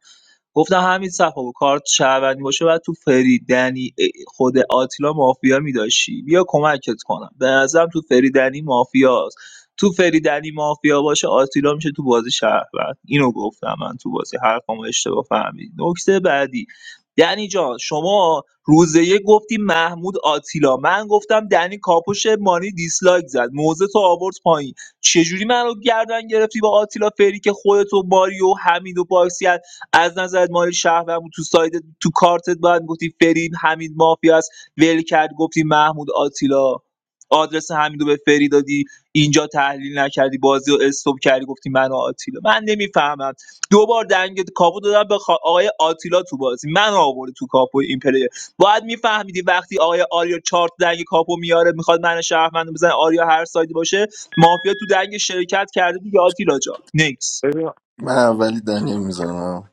گفتم همین صفا کارت شهروندی باشه بعد تو فری دنی خود آتیلا مافیا میداشی بیا کمکت کنم به نظرم تو فری دنی مافیاست تو فری دنی مافیا باشه آتیلا میشه تو بازی شهروند اینو گفتم من تو بازی حرفمو اشتباه فهمید نکته بعدی دنی جان شما روزه یک گفتی محمود آتیلا من گفتم دنی کاپوش مانی دیسلایک زد موزه تو آورد پایین چجوری منو گردن گرفتی با آتیلا فری که خودتو ماریو حمید و باکسی از نظر مایل شهروند تو ساید تو کارتت باید گفتی فرید حمید مافیا است ول کرد گفتی محمود آتیلا آدرس حمیدو به فری دادی اینجا تحلیل نکردی بازی رو استوب کردی گفتی من و آتیلا من نمیفهمم دو بار دنگ کاپو دادم به خا- آقای آتیلا تو بازی من آورده تو کاپو این پلیر باید میفهمیدی وقتی آقای آریا چارت دنگ کاپو میاره میخواد من شهرمندو بزنه آریا هر سایدی باشه مافیا تو دنگ شرکت کرده دیگه آتیلا جا نیکس
ببین
من اولی دنی میزنم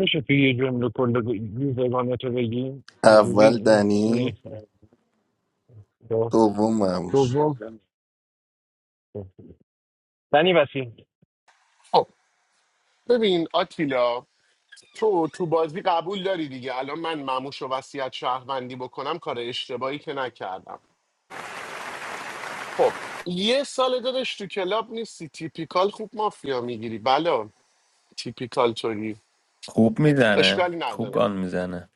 میشه توی یه جمله کل بگو- این زبانه تو بگی اینجوری
اول
این- این
دنی
است. دو-
دوم مموش
دوم دنی وسیم
خب ببین آتیلا تو تو بازی قبول داری دیگه الان من مموش و وصیت شهروندی بکنم کار اشتباهی که نکردم خب یه سال داداش تو کلاب نیستی تیپیکال خوب مافیا میگیری بله تیپیکال توری
خوب میزنه
اشکالی
خوب
نداره
گان میزنه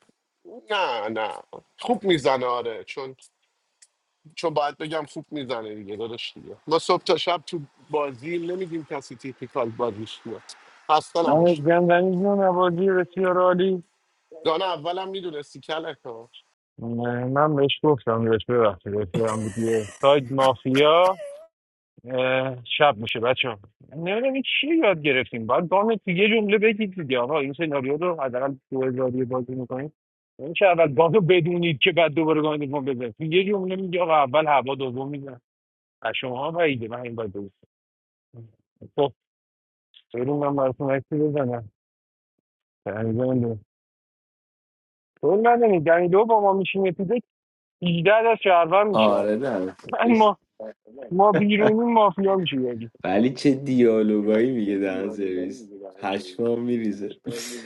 نه نه خوب میزنه آره چون چون باید بگم خوب میزنه دیگه داداش دیگه ما صبح تا شب تو بازی نمیدیم کسی تیپیکال بازیش بیاد خسته
من
نباش
گم دنی جون نوازی بسیار عالی
دانه اولم میدونستی کلک ها
من من بهش گفتم بهش ببخشید بهش بگم دیگه ساید مافیا اه، شب میشه بچه نمیدونم این چی یاد گرفتیم باید گام تو یه جمله بگید دیگه آقا این سناریو رو حداقل دو هزاری بازی میکنیم این که اول گام رو بدونید که بعد دوباره گام دوم بزنید تو یه جمله میگه آقا اول هوا دوم میزن از شما هم بعیده من این باید دوست خب بریم من براتون عکسی بزنم تنظیم طول ندنید دنیلو با ما میشیم یه پیده 18 از شهرون میشه
آره
من
نه
ما ما بیرونی مافیا میشه یکی.
ولی چه دیالوگایی میگه دهن سرویس هشمام میریزه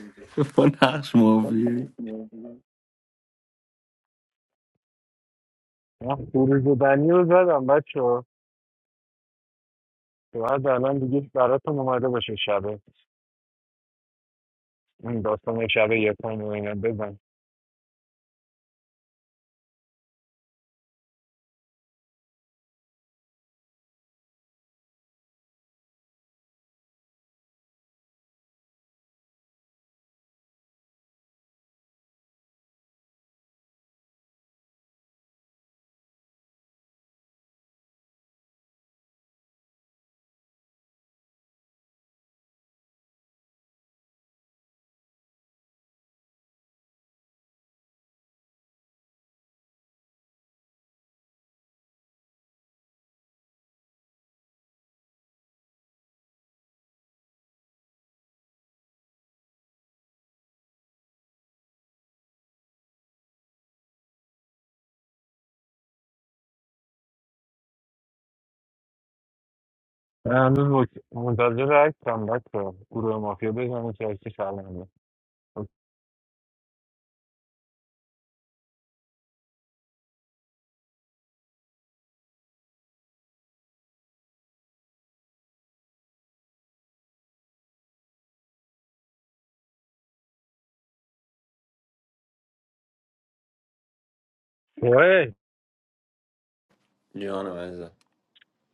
*laughs* با نقش مافیایی
من خروج بنی رو زدم بچه ها باید الان دیگه براتون اومده باشه شبه این داستان شبه یکان و اینا بزن من هنوز وک- منتظر عکسم بچه ها گروه مافیا بزنه که عکس سلامه اوه
جانم عزیزم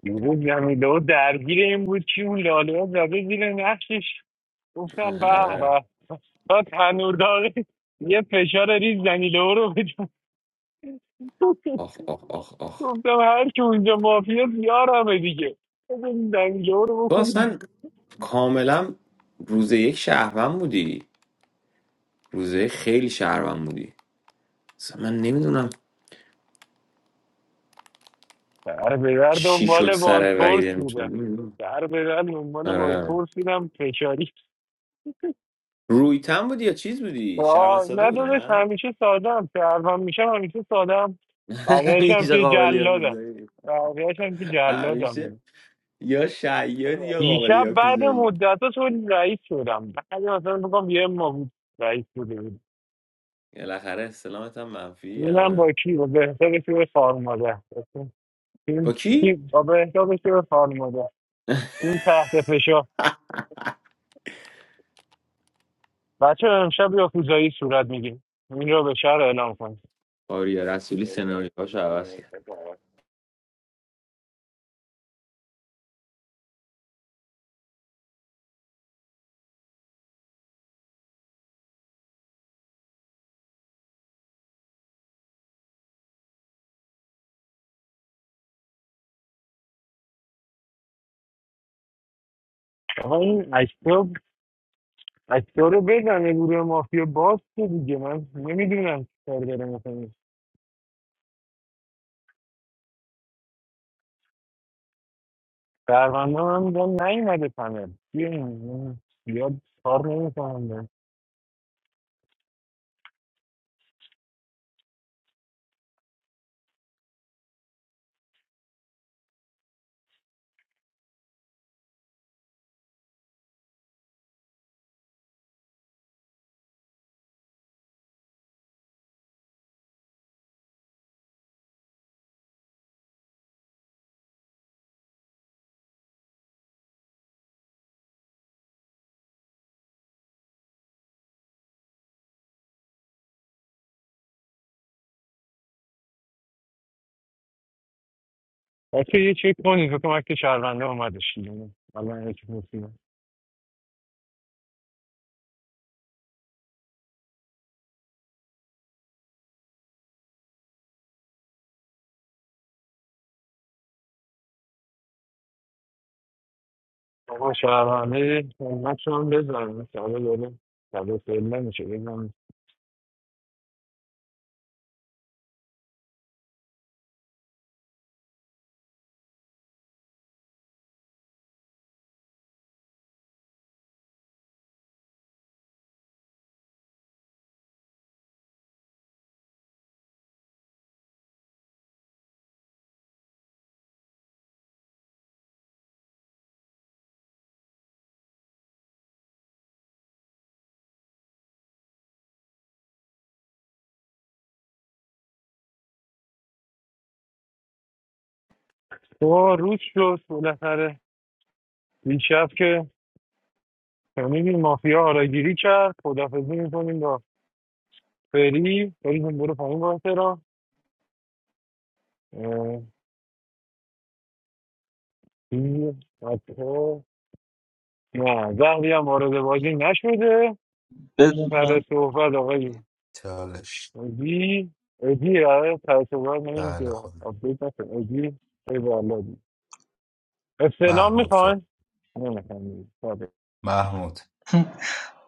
دیروز جمیله و درگیر این بود که اون لاله ها زده زیر نقشش گفتم
آره،
به
آره.
به با تنور داغی یه فشار ریز زنیله او رو بدم
آخ آخ آخ آخ
گفتم هر که اونجا مافیا بیارمه دیگه بزن زنیله او رو
تو
بکنیم
اصلا کاملا روز یک شهروند بودی روزه یک خیلی شهروند بودی اصلا من نمیدونم
در ببر
چی شد
دنبال
سر وحید
بازپرس بودم
نمیدونم
در ببر دنبال
آره
بازپرس بودم فشاری
رویتن بودی یا چیز بودی شهروند
آه
ساده
نه
بودی
داداش
نه
همیشه ساده هم سرفم میشم همیشه ساده هم
*laughs*
بقیهش هم
همیشه
که
قابل
جلادم
یاکوزایی
بقیهش هم که
همیشه
جلادم
یا شیاد یا قابل
دیشب بعد
یاکوزایی
مدت ها تو رئیس شدم بعد مثلا بگم یه ما بود رئیس بوده بود
بالاخره استلامت هم منفی
اینم
آره
با کی با بهتاب شور خارماده
با
این
کی
با بهتاب شور خارماده این تحت فشار بچه امشب یا کوزایی صورت میگیم این را به شهر اعلام کنیم
آریا رسولی سناریوهاش عوض کرد
آقا این اکتا اکتا رو بزنه گروه مافیا باز که دیگه من نمیدونم کار داره میکنیم درمنده من با نیومده پنل بیاین. زیاد کار نمیکنم بچه یه چک کنید تو کنم اکت شهرونده اومدش دیگه. الان یکی می‌کنم. آقا شهرونده همت هم بزنم ساله داره ساله ساله نمیشه بزنم تو روز شد بالاخره دیشب که شنیدین مافیا آراگیری کرد خدافزی میکنیم با فری فری جون برو پایین با احترام اه، این بچه‌ها. نه زهری هم وارد بازی نشده سر صحبت آقای
چالش
ادی ادی آره سر صحبت نمیم
بله
که
خودم
آپدیت نشد ادی ای والا دی استعلام
محمود تو
میخواین؟ نه میخواین
محمود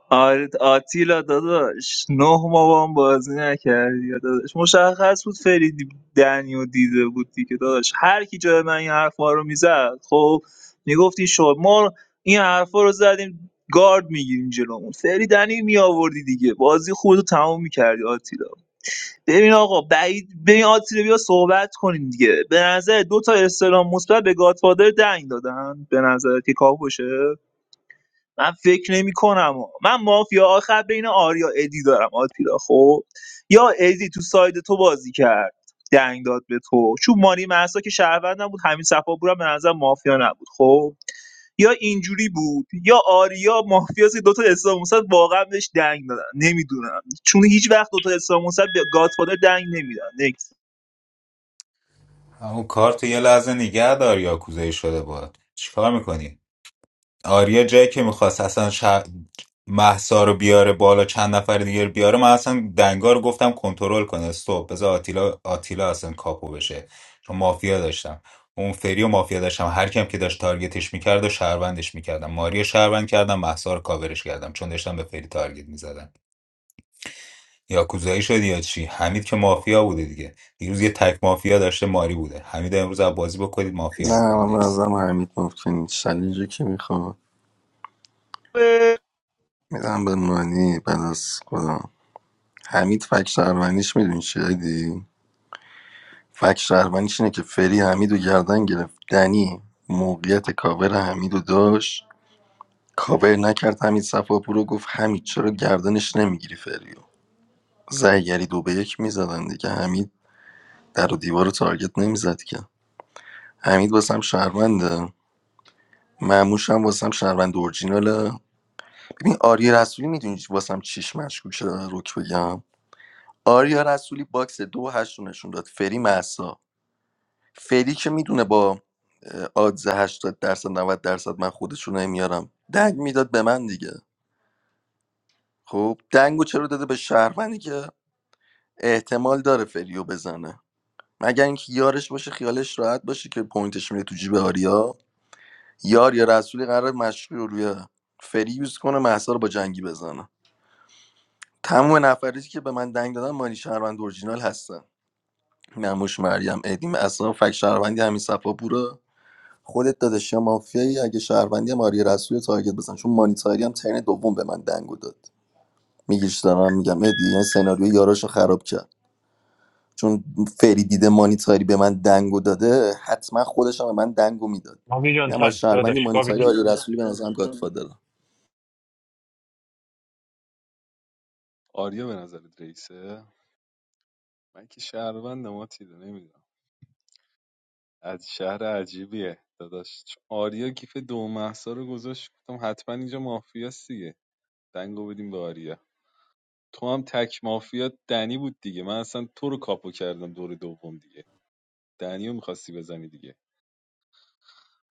آره آتیلا داداش نه ما با هم بازی نکردی یا داداش مشخص بود فریدی دنیو دیده بود دیگه داداش هر کی جای من این حرفا رو میزد خب میگفتی شما ما این حرفا رو زدیم گارد میگیریم جلومون فری دنی میآوردی دیگه بازی خودتو تموم میکردی آتیلا ببین آقا بعید ببین آتیلا بیا صحبت کنیم دیگه به نظر دو تا استلام مثبت به گادفادر دنگ دادن به نظر که کاپوشه من فکر نمی‌کنم من مافیا آخر بین آریا ادی دارم آتیلا خب یا ادی تو ساید تو بازی کرد دنگ داد به تو چون مانی محسا که شهروند نبود همین صفا بورم به نظر مافیا نبود خب یا اینجوری بود یا آریا مافیا که دوتا اسلام موسد واقعا بهش دنگ دادن نمیدونم چون هیچ وقت دوتا اسلام موسد به گادفادر دنگ نمیدن نکس
اون کارت یه لحظه نگه دار یاکوزایی شده باید چیکار میکنی آریا جایی که میخواست اصلا ش... محسا رو بیاره بالا چند نفر دیگه رو بیاره من اصلا دنگا رو گفتم کنترل کنه استوب بذار آتیلا آتیلا اصلا کاپو بشه چون مافیا داشتم اون فری و مافیا داشتم هر کیم که داشت تارگتش میکرد و شهروندش میکردم ماری شهروند کردم محسا رو کاورش کردم چون داشتم به فری تارگت میزدم یا کوزایی شدی یا چی حمید که مافیا بوده دیگه دیروز یه تک مافیا داشته ماری بوده حمید امروز از بازی بکنید مافیا
نه من
میخونه
به نظرم حمید ممکن چلنجی که میخواد میدم به مانی بعد از خودم حمید فک شهروندیش میدونی چیه دی فک شهروندیش اینه که فری حمید و گردن گرفت دنی موقعیت کاور حمید رو داشت کاور نکرد حمید صفاپور رو گفت حمید چرا گردنش نمیگیری فریو زرگری دو به یک میزدن دیگه حمید در و دیوار رو تارگت نمیزد که حمید واسم شهرونده معموش هم واسم شهروند اورجیناله ببین آریا رسولی میدونی واسم چیش مشکوک شده روک بگم آریا رسولی باکس دو و هشت رو نشون داد فری محسا فری که میدونه با اه، آدز 80 درصد 90 درصد من خودش رو نمیارم دنگ میداد به من دیگه خب دنگو چرا داده به شهروندی که احتمال داره فریو بزنه مگر اینکه یارش باشه خیالش راحت باشه که پوینتش میره تو جیب آریا یار یا رسولی قرار مشروع روی فری یوز کنه محسا رو با جنگی بزنه تمام نفراتی که به من دنگ دادن مانی شهروند اورجینال هستن نموش مریم ادیم اصلا فک شهروندی همین صفا بورا خودت داداش یا مافیایی اگه شهروندی هم آریا رسوی تارگت بزن چون مانیتاری هم ترن دوم به من دنگو داد میگیش دارم میگم ادی یعنی سناریو یاراشو خراب کرد چون فری دیده مانیتاری به من دنگو داده حتما خودش هم به من دنگو میداد
مامی جان
اما
تن داداش
شهروندی
بابی
مانیتاری
تن
آریا رسولی به نظرم گادفادره
آریا به نظرت رئیسه من که شهروند ماتیده نمیدونم از شهر عجیبیه داداش چون آریا کیف دو محصا رو گذاشت گفتم حتما اینجا مافیاست دیگه دنگو بدیم به آریا تو هم تک مافیا دنی بود دیگه من اصلا تو رو کاپو کردم دور دوم دیگه دنیو رو میخواستی بزنی دیگه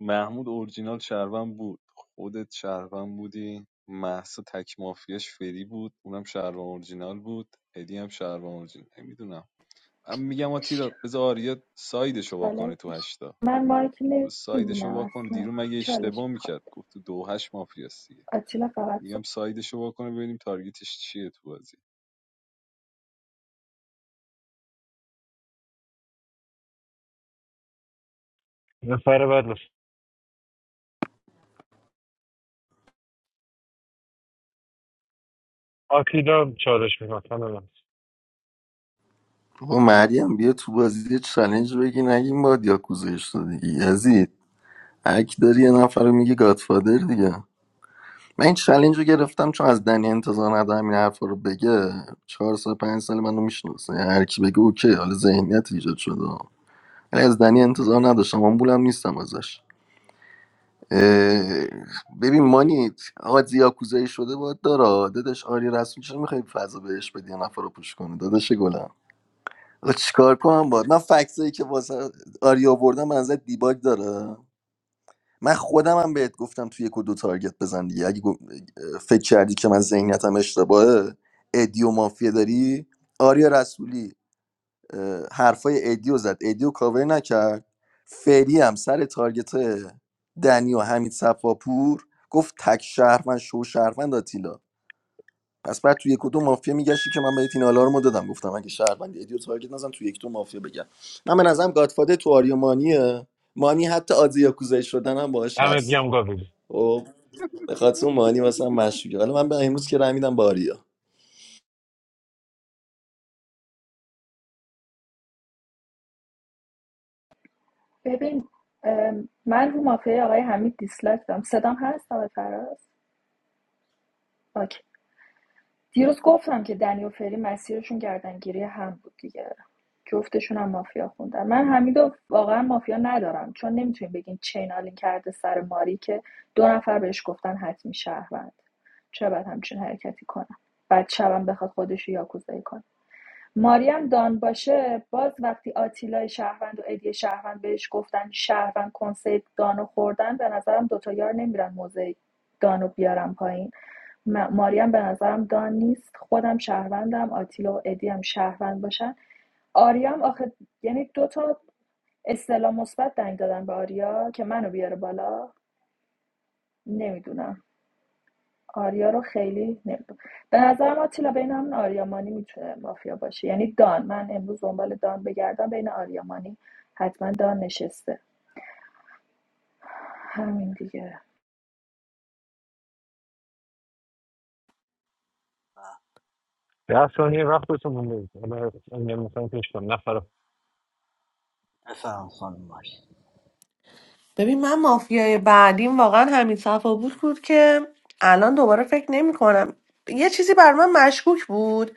محمود اورجینال شهروند بود خودت شهروند بودی محسا تک مافیاش فری بود اونم شهروند اورجینال بود ادی هم شهروند اورجینال نمیدونم من میگم آتیلا بذار آریا سایدشو وا کنه
چالش
تو هشتا
من مایک
تو سایدشو
نمیبینم
وا کنه
اصلا
دیرو
که
مگه
چالش
اشتباه
میخواد
میکرد گفت تو دو هشت مافیاست دیگه
آتیلا فقط
میگم
صبح.
سایدشو وا کنه ببینیم تارگتش چیه تو بازی
نفر بعد لطفا. آتیلا چالش میخواد
بابا مریم بیا تو بازی یه چالش بگی نگیم باد یا کوزش شدی یزید اک داری یه نفر رو میگه گادفادر دیگه من این چلنج رو گرفتم چون از دنی انتظار ندارم این حرفا رو بگه چهار سال پنج سال منو میشناسه هر کی بگه اوکی حالا ذهنیت ایجاد شده ولی از دنی انتظار نداشتم آمبولم نیستم ازش اه، ببین مانیت آقا یاکوزایی شده باید داره دادش آری رسمی چرا میخوای فضا بهش بدی یه نفر رو پوش کنی دادش گلم آقا چیکار کنم باید من فکسایی که واسه آری آوردم به نظر دیباگ داره من خودم هم بهت گفتم توی یک و دو تارگت بزن دیگه اگه گف- فکر کردی که من ذهنیتم اشتباهه ادی و مافیا داری آریا رسولی اه، حرفای ادیو زد ادیو رو کاور نکرد فری هم سر تارگت دنی و حمید صفاپور گفت تک شهروند شو شهروند آتیلا پس بعد توی یک و دو مافیا میگشتی که من بهت این آلارمو دادم گفتم اگه شهروندی ادیو تارگت نزن توی یک دو مافیا بگم من به نظرم گادفادر تو آریو مانیه مانی حتی آدز یاکوزایی شدن هم باهاش
دمت
هست
گم گابی
خب به خاطر اون مانی مثلا مشکوکه حالا من به امروز که رای میدم به آریا
ببین ام، من رو مافیای آقای حمید دیسلایک دارم صدام هست آقای فراز اوکی. دیروز گفتم که دنی و فری مسیرشون گردنگیری هم بود دیگه جفتشون هم مافیا خوندن من حمیدو واقعا مافیا ندارم چون نمیتونیم بگین چین آلین کرده سر ماری که دو نفر بهش گفتن حتمی شهروند چرا باید همچین حرکتی کنم بعد شبم بخواد خودش رو یاکوزایی کنه ماریم دان باشه باز وقتی آتیلای شهروند و ادی شهروند بهش گفتن شهروند کنسه دانو خوردن به نظرم دوتا یار نمیرن موزه دانو بیارم پایین ماریم به نظرم دان نیست خودم شهروندم آتیلا و ادی هم شهروند باشن آریام آخه یعنی دوتا اصطلاح مثبت دنگ دادن به آریا که منو بیاره بالا نمیدونم آریا رو خیلی نمیدونم به نظر ما آتیلا بین همون آریامانی میتونه مافیا باشه یعنی دان من امروز دنبال دان بگردم بین آریامانی حتما دان نشسته همین دیگه
ده ثانیه وقتتون مونده حالا اگر مثلا پیش کن نفر
بفهم خانم ماری
ببین من مافیای بعدیم واقعا همین صفا بود بود که الان دوباره فکر نمی کنم یه چیزی بر من مشکوک بود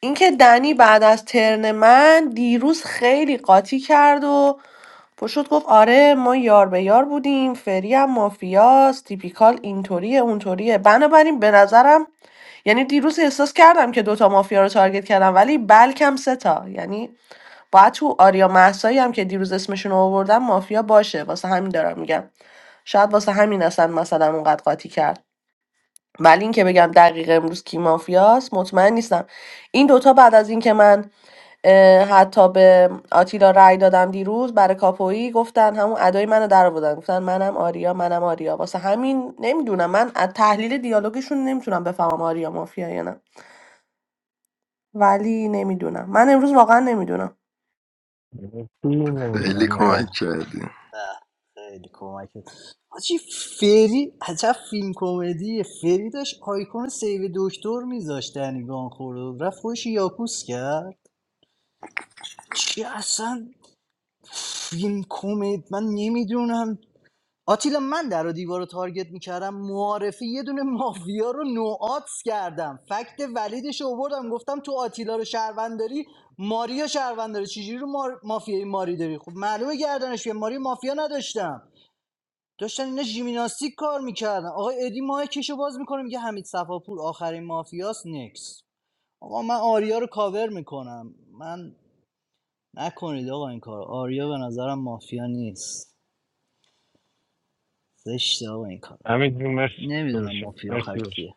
اینکه دنی بعد از ترن من دیروز خیلی قاطی کرد و پشت گفت آره ما یار به یار بودیم فری هم مافیاست تیپیکال اینطوریه اونطوریه بنابراین به نظرم یعنی دیروز احساس کردم که دوتا مافیا رو تارگت کردم ولی بلکم سه تا یعنی باید تو آریا محسایی هم که دیروز اسمشون رو آوردم مافیا باشه واسه همین دارم میگم شاید واسه همین اصلا مثلا اونقدر قاطی کرد ولی اینکه بگم دقیق امروز کی مافیاست مطمئن نیستم این دوتا بعد از اینکه من اه، حتی به آتیلا رأی دادم دیروز برای کاپویی گفتن همون ادای منو در آوردن گفتن منم آریا منم آریا واسه همین نمیدونم من از تحلیل دیالوگشون نمیتونم بفهمم آریا مافیا یا نه ولی نمیدونم من امروز واقعا نمیدونم
دیگه
خیلی
نمیدونم
بله،
نفر
کمک کردیم
خیلی کمکت حاجی فری عجب فیلم کمدیه فری داشت آیکون سیو دکتر میذاشت دنیگان خورد رفت خودش یاکوس کرد چی اصلا فیلم کمد من نمیدونم آتیلا من در و دیوار رو تارگت میکردم معارفی یه دونه مافیا رو نوآتس کردم فکت ولیدش رو آوردم گفتم تو آتیلا رو شهروند داری ماریا شهروند داره چجوری رو مار... مافیای ماری داری خب معلومه گردنش بیه. ماری مافیا نداشتم داشتن اینا ژیمناستیک کار میکردن آقای ادی ماه کشو باز میکنه میگه حمید صفاپور آخرین مافیاس نکس آقا من آریا رو کاور میکنم من نکنید آقا این کار آریا به نظرم مافیا نیست زشته آقا این کار
امید جون مرسی
نمیدونم
داداشم
مافیا آخر
مرسی داداش
کیه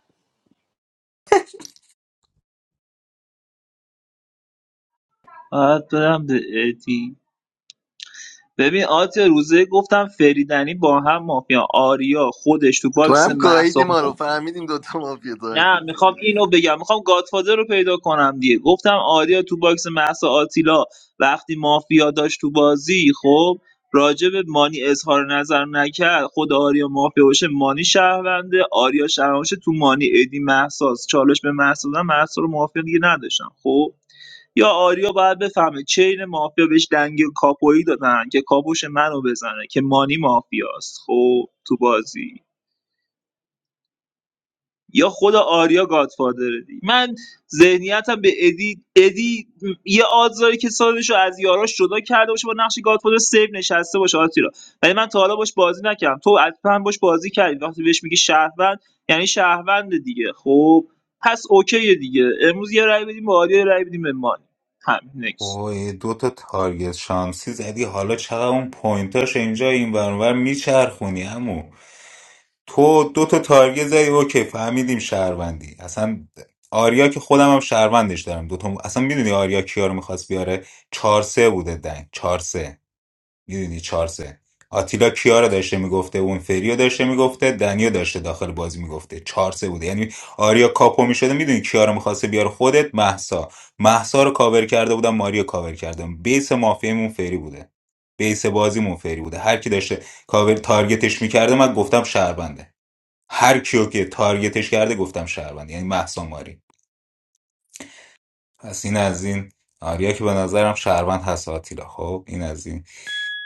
باید برم به ادی ببین آتیا روزه گفتم فریدنی با هم مافیا آریا خودش تو
تو
باکس
هم گاهیدی
محسا
ما رو فهمیدیم دوتا مافیا
نه
تارگت
میخوام
زدی
اینو بگم میخوام گادفادر رو پیدا کنم دیگه گفتم آریا تو باکس محسا آتیلا وقتی مافیا داشت تو بازی خب راجع به مانی اظهار نظر نکرد خود آریا مافیا باشه مانی شهرونده آریا شهرونده باشه، تو مانی ادی محساس چالش به محسا دادن محسا رو مافیا دیگه نداشتم خب یا آریا باید بفهمه چین مافیا بهش دنگ کاپویی دادن که کاپوش منو بزنه که مانی مافیاست خب تو بازی یا خود آریا گادفادره دیگه. من ذهنیتم به ادی ادی یه آزاری که سالش از یاراش جدا کرده باشه با نقش گادفادر سیو نشسته باشه آتیلا ولی من تا حالا باش بازی نکردم تو حتما باش بازی کردی وقتی بهش میگی شهروند یعنی شهروند دیگه خب پس اوکیه دیگه امروز یه رای بدیم به آریا یه رای بدیم به مانی همین نکس
وای دو تا تارگت شانسی زدی حالا چقدر اون پوینتاش اینجا این ور اون ور میچرخونی عمو تو دو تا تارگت زدی اوکی فهمیدیم شهروندی اصلا آریا که خودم هم شهروندش دارم دو تا اصلا میدونی آریا کیا رو میخواست بیاره چهار سه بوده دنگ چهار سه. میدونی چارسه آتیلا کیا رو داشته میگفته اون فریو داشته میگفته دنیو داشته داخل بازی میگفته چارسه بوده یعنی آریا کاپو میشده میدونی کیا رو میخواسته بیاره خودت محسا محسا رو کاور کرده بودم ماریا کاور کردم بیس مافیمون فری بوده بیس بازیمون فری بوده هر کی داشته کاور تارگتش میکرده من گفتم شهربنده هر کیو که تارگتش کرده گفتم شهربنده یعنی محسا ماری پس این از این آریا که به نظرم شهروند هست آتیلا خب این از این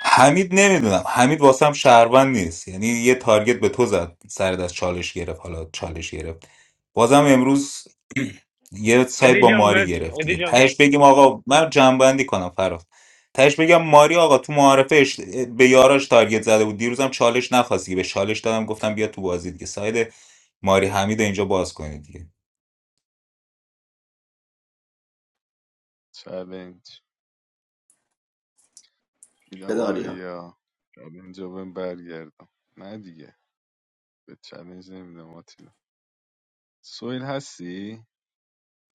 حمید نمیدونم حمید واسم شهروند نیست یعنی یه تارگت به تو زد سر دست چالش گرفت حالا چالش گرفت بازم امروز *clears throat* یه سایت
ادی
با
جان
ماری
مرسی
گرفت دیگه
ادی جان هم.
تهش بگیم آقا من جنبندی کنم فراز تهش بگم ماری آقا تو معارفه اش- به یاراش تارگت زده بود دیروزم چالش نخواست دیگه به چالش دادم گفتم بیا تو بازی دیگه ساید ماری حمید رو اینجا باز کنید دیگه
چلنج میدم
بده آریا
آریا چلنج رو بهم برگردم نه دیگه به چلنج نمیدم آتیلا سویل هستی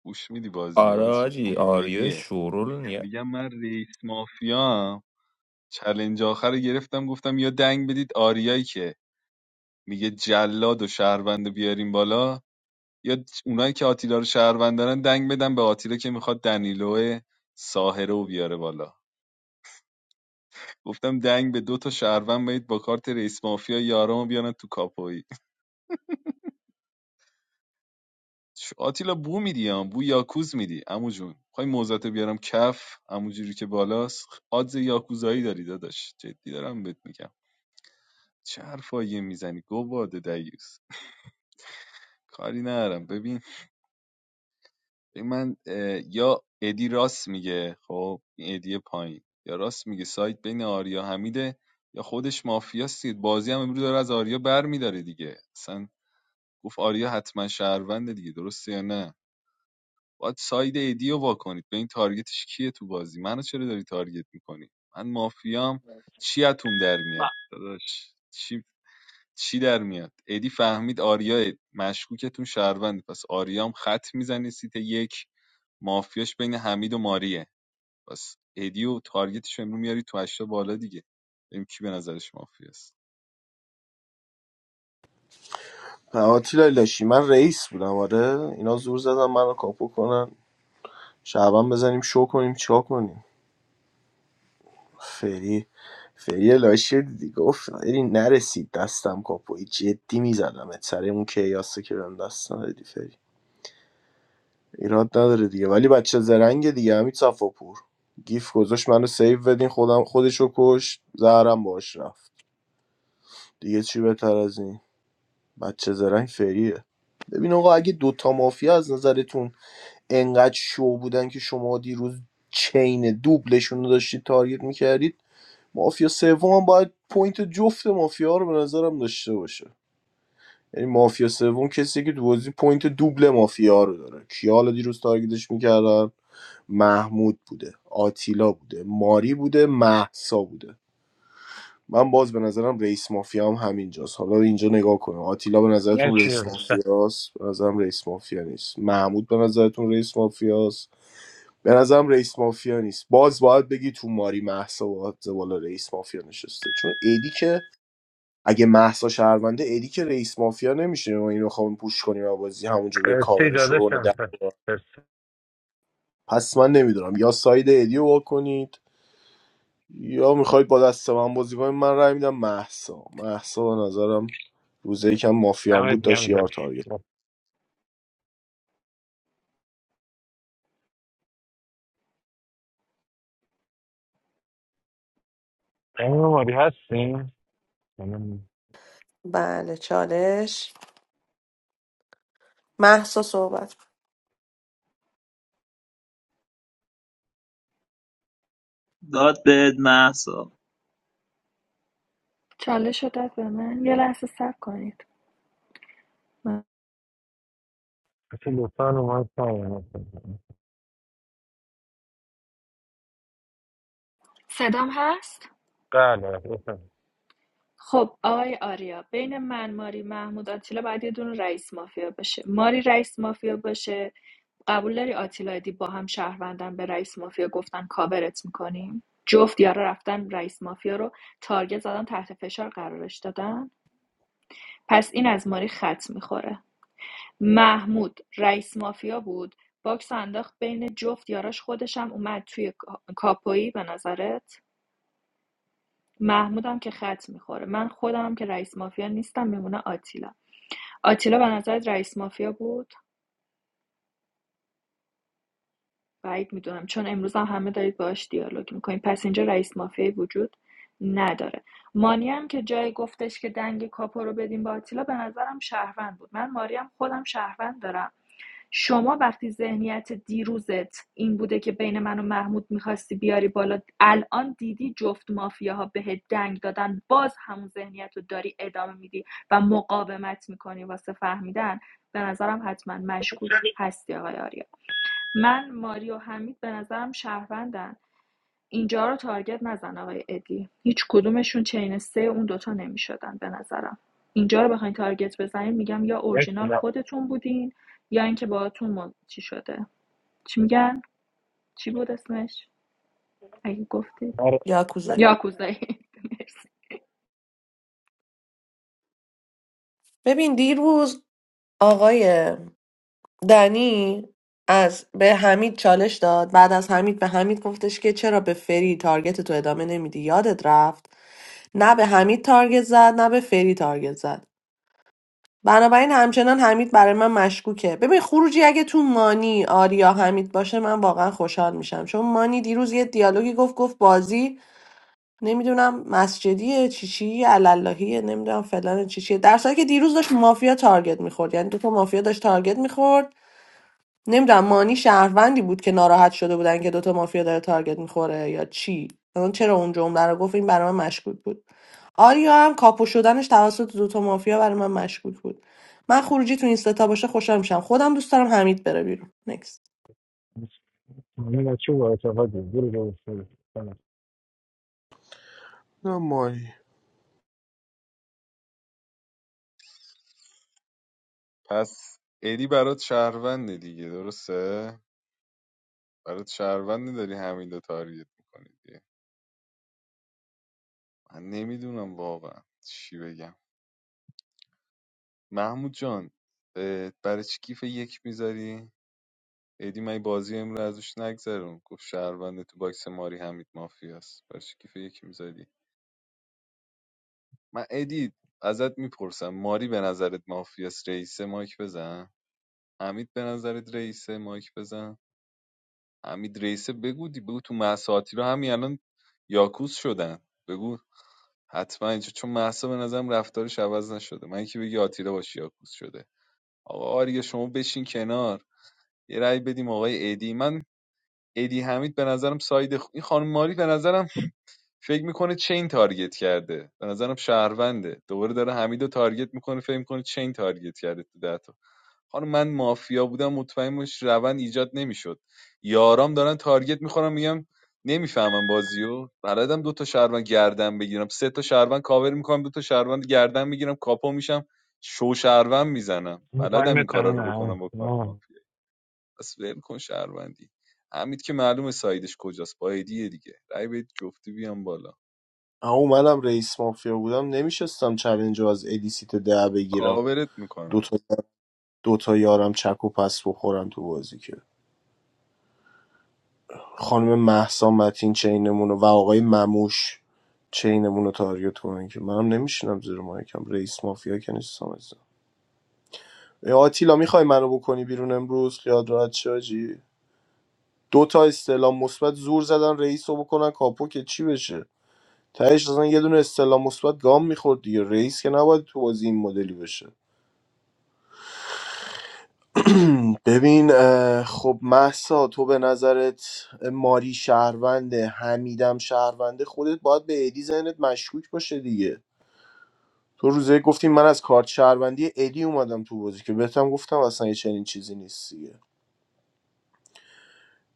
گوش میدی بازی
آره
ها چی
آجی آریا
کمدیه
شورول نی-
میگم من رئیس مافیا چلنج آخر رو گرفتم گفتم یا دنگ بدید آریایی که میگه جلاد و شهروند بیاریم بالا یا اونایی که آتیلا رو شهروند دارن دنگ بدن به آتیلا که میخواد دنیلو ساهره رو بیاره بالا گفتم دنگ به دو تا شهروند بدید با کارت رئیس مافیا یارامو بیارن تو کاپوی چ- آتیلا بو میدی هم بو یاکوز میدی عمو جون میخوای موزت بیارم کف عمو جوری که بالاست آدز یاکوزایی داری داداش جدی دارم بهت میگم چه حرفایی میزنی گواد دیوس کاری ندارم ببین ببین من یا ادی راست میگه خب این ادی پایین یا راست میگه سایت بین آریا حمیده یا خودش مافیاست دیگه. بازی هم امروز داره از آریا بر میداره دیگه اصلا گفت آریا حتما شهرونده دیگه درسته یا نه باید ساید ادی رو واکنید به این تارگتش کیه تو بازی منو چرا داری تارگت میکنی من مافیام چیاتون در میاد داداش چی چی در میاد ادی فهمید آریا مشکوکتون شهروند پس آریا هم خط میزنه سیت یک مافیاش بین حمید و ماریه پس ادی و تارگتش امرو میاری تو هشتا بالا دیگه ببین کی به نظرش مافیاست
آتیلا لاشی من رئیس بودم آره اینا زور زدن منو کاپو کنن شعبان بزنیم شو کنیم چیکار کنیم فری فری لاشی دیدی گفت فری نرسید دستم کاپوی جدی میزدم سر اون کیاسه که بهم دستم دادی فری ایراد نداره دیگه ولی بچه زرنگ دیگه همین صفاپور گیف گذاشت منو سیو بدین خودم خودش رو کشت زهرم باش رفت دیگه چی بهتر از این بچه زرنگ فریه ببین آقا اگه دوتا مافیا از نظرتون انقدر شو بودن که شما دیروز چین دوبلشون رو داشتید تارگت میکردید مافیا سوم هم باید پوینت جفت مافیا رو به نظرم داشته باشه یعنی مافیا سوم کسی که تو بازی پوینت دوبل مافیا رو داره کیا حالا دیروز تارگتش میکردن محمود بوده آتیلا بوده ماری بوده مهسا بوده من باز به نظرم رئیس مافیا هم همینجاست حالا اینجا نگاه کنیم آتیلا به نظرتون
مرسی
رئیس
داداشم
مافیاست به نظرم رئیس مافیا نیست محمود به نظرتون رئیس مافیاست به نظرم رئیس مافیا نیست باز باید بگی تو ماری محسا باید بالا رئیس مافیا نشسته چون ایدی که اگه محسا شهرونده ایدی که رئیس مافیا نمیشه ما اینو خواهم پوش کنیم و بازی همونجا بیا
مرسی
کاورش رو کنه در
داداشم مرسی
پس من نمیدونم یا ساید ایدی رو وا کنید یا میخواید با دست من بازی کنید من رای میدم محسا محسا به نظرم روزه یکم مافیان بود
نمید
داشت
گم
یار تارگت
داداشم خانم ماری هستیم خانم
بله چالش محسا صحبت
داد به محسا
چالش شدت به من یه لحظه صبر کنید من-
کسی لطفا اومد سامن
صدام هست
بله لطفا
خب آقای آریا بین من ماری محمود آتیلا باید یه دونه رئیس مافیا باشه ماری رئیس مافیا باشه قبول داری آتیلا دی با هم شهروندن به رئیس مافیا گفتن کاورت میکنیم جفت یارا رفتن رئیس مافیا رو تارگت زدن تحت فشار قرارش دادن پس این از ماری خط میخوره محمود رئیس مافیا بود باکس انداخت بین جفت یاراش خودشم اومد توی کا- کاپویی به نظرت محمودم که خط میخوره من خودم هم که رئیس مافیا نیستم میمونه آتیلا آتیلا به نظرت رئیس مافیا بود بعید میدونم چون امروز هم همه دارید باهاش دیالوگ میکنید پس اینجا رئیس مافیایی وجود نداره مانی هم که جای گفتش که دنگ کاپو رو بدیم با آتیلا به نظرم شهروند بود من ماریم خودم شهروند دارم شما وقتی ذهنیت دیروزت این بوده که بین من و محمود میخواستی بیاری بالا الان دیدی جفت مافیاها بهت دنگ دادن باز همون ذهنیت رو داری ادامه میدی و مقاومت میکنی واسه فهمیدن به نظرم حتما مشکوک هستی آقای آریا من ماریو حمید به نظرم شهروندن اینجا رو تارگت نزن آقای ادی هیچ کدومشون چین سه اون دوتا نمیشدن به نظرم اینجا رو بخواین تارگت بزنین میگم یا
مرسی
اورجینال
نه
خودتون بودین یا اینکه باهاتون مل... چی شده چی میگن چی بود اسمش اگه گفتید
آره
یاکوزایی
یا مرسی
ببین دیروز آقای دنی از به حمید چالش داد بعد از حمید به حمید گفتش که چرا به فری تارگت تو ادامه نمیدی یادت رفت نه به حمید تارگت زد نه به فری تارگت زد بنابراین همچنان حمید برای من مشکوکه ببین خروجی اگه تو مانی آریا حمید باشه من واقعا خوشحال میشم چون مانی دیروز یه دیالوگی گفت گفت بازی نمیدونم مسجدیه چی چی علاللهیه نمیدونم فلان چی چیه در صورتی که دیروز داشت مافیا تارگت میخورد یعنی دو تا مافیا داشت تارگت میخورد نمیدونم مانی شهروندی بود که ناراحت شده بودن که دوتا مافیا داره تارگت میخوره یا چی اون چرا اون جمله رو گفت این برای من مشکوک بود آریا هم کاپو شدنش توسط دوتا مافیا برای من مشکوک بود من خروجی تو این ستا باشه خوشحال میشم خودم دوست دارم حمید بره بیرون نکست
من بچه باید آقا جون برو برو برو. سلام.
نه مانی
پس ادی برات شهرونده دیگه درسته برات شهرونده داری حمید و تارگت میکنی دیگه من نمیدونم واقعا چی بگم محمود جان اه، برای چی کیف یک میذاری ادی من بازی امرو ازش نگذرون گفت شهرونده تو باکس ماری حمید مافیاست برش کیف یکی میزدی من ادی ازت میپرسم ماری به نظرت مافیاست رئیسه مایک بزن حمید به نظرت رئیسه مایک بزن حمید رئیسه بگو دی بگو تو مساطی رو همین الان یاکوس شدن بگو حتما اینجا چون محسا به نظرم رفتارش عوض نشده من که بگی آتیلا با شیاکوس شده آقا آریا شما بشین کنار یه رأی بدیم آقای ایدی من ایدی حمید به نظرم ساید خ... این خانم ماری به نظرم فکر میکنه چین تارگت کرده به نظرم شهرونده دوباره داره حمید رو تارگت میکنه فکر میکنه چین تارگت کرده تو ده خانم من مافیا بودم مطمئن باش روند ایجاد نمیشد یارام دارن تارگت میخورم میگم نمیفهمم بازیو بلدم دو تا شهروند گردن بگیرم سه تا شهروند کاور میکنم دو تا شهروند گردن میگیرم کاپو میشم شو شهروند میزنم
اون
بلدم
پایین
این کارا رو
تنه
بکنم با کارت
نه
مافیا. پس ول کن شهروندی حمید که معلومه سایدش کجاست با دیگه رای بدید جفتی بیام بالا
اما منم رئیس مافیا بودم نمیشستم چلنج رو از ادیسیت ده بگیرم
کاورت
دو
میکنم
تا دو تا یارم چک و پس بخورم تو بازی که خانم مهسا متین چینمونو و آقای مموش چینمونو تاریت کنن که منم نمیشینم زیر مایکم رئیس مافیا که نیستم عزیزم ای آتیلا میخوای منو بکنی بیرون امروز خیال راحت شه حاجی. دو تا استعلام مثبت زور زدن رئیس رو بکنن کاپو که چی بشه تهش اصلا یه دونه استعلام مثبت گام میخورد دیگه رئیس که نباید تو بازی این مدلی بشه *clears throat* ببین اه، خب محسا تو به نظرت ماری شهرونده حمیدم شهرونده خودت باید به ادی ذهنت مشکوک باشه دیگه تو روزه گفتیم من از کارت شهروندی ادی اومدم تو بازی که بهتم گفتم اصلا یه چنین چیزی نیست دیگه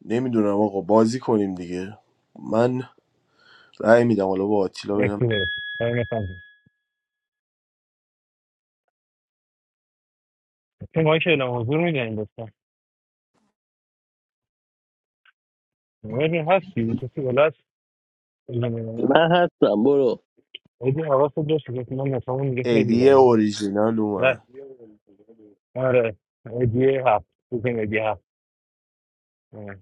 نمیدونم آقا بازی کنیم دیگه من رأی میدم حالا با آتیلا ببینم
مرسی برس تایم تموم این مایک اعلام حضور میدین لطفا مهدی هستی کسی بالا هست بگی نه
من هستم برو
ایدی حواست باشه که من نفهمون دیگه خیلی
ادی
داریم
اوریجینال
ره.
اومد
آره ایدی هفت بزن ایدی هفت آره.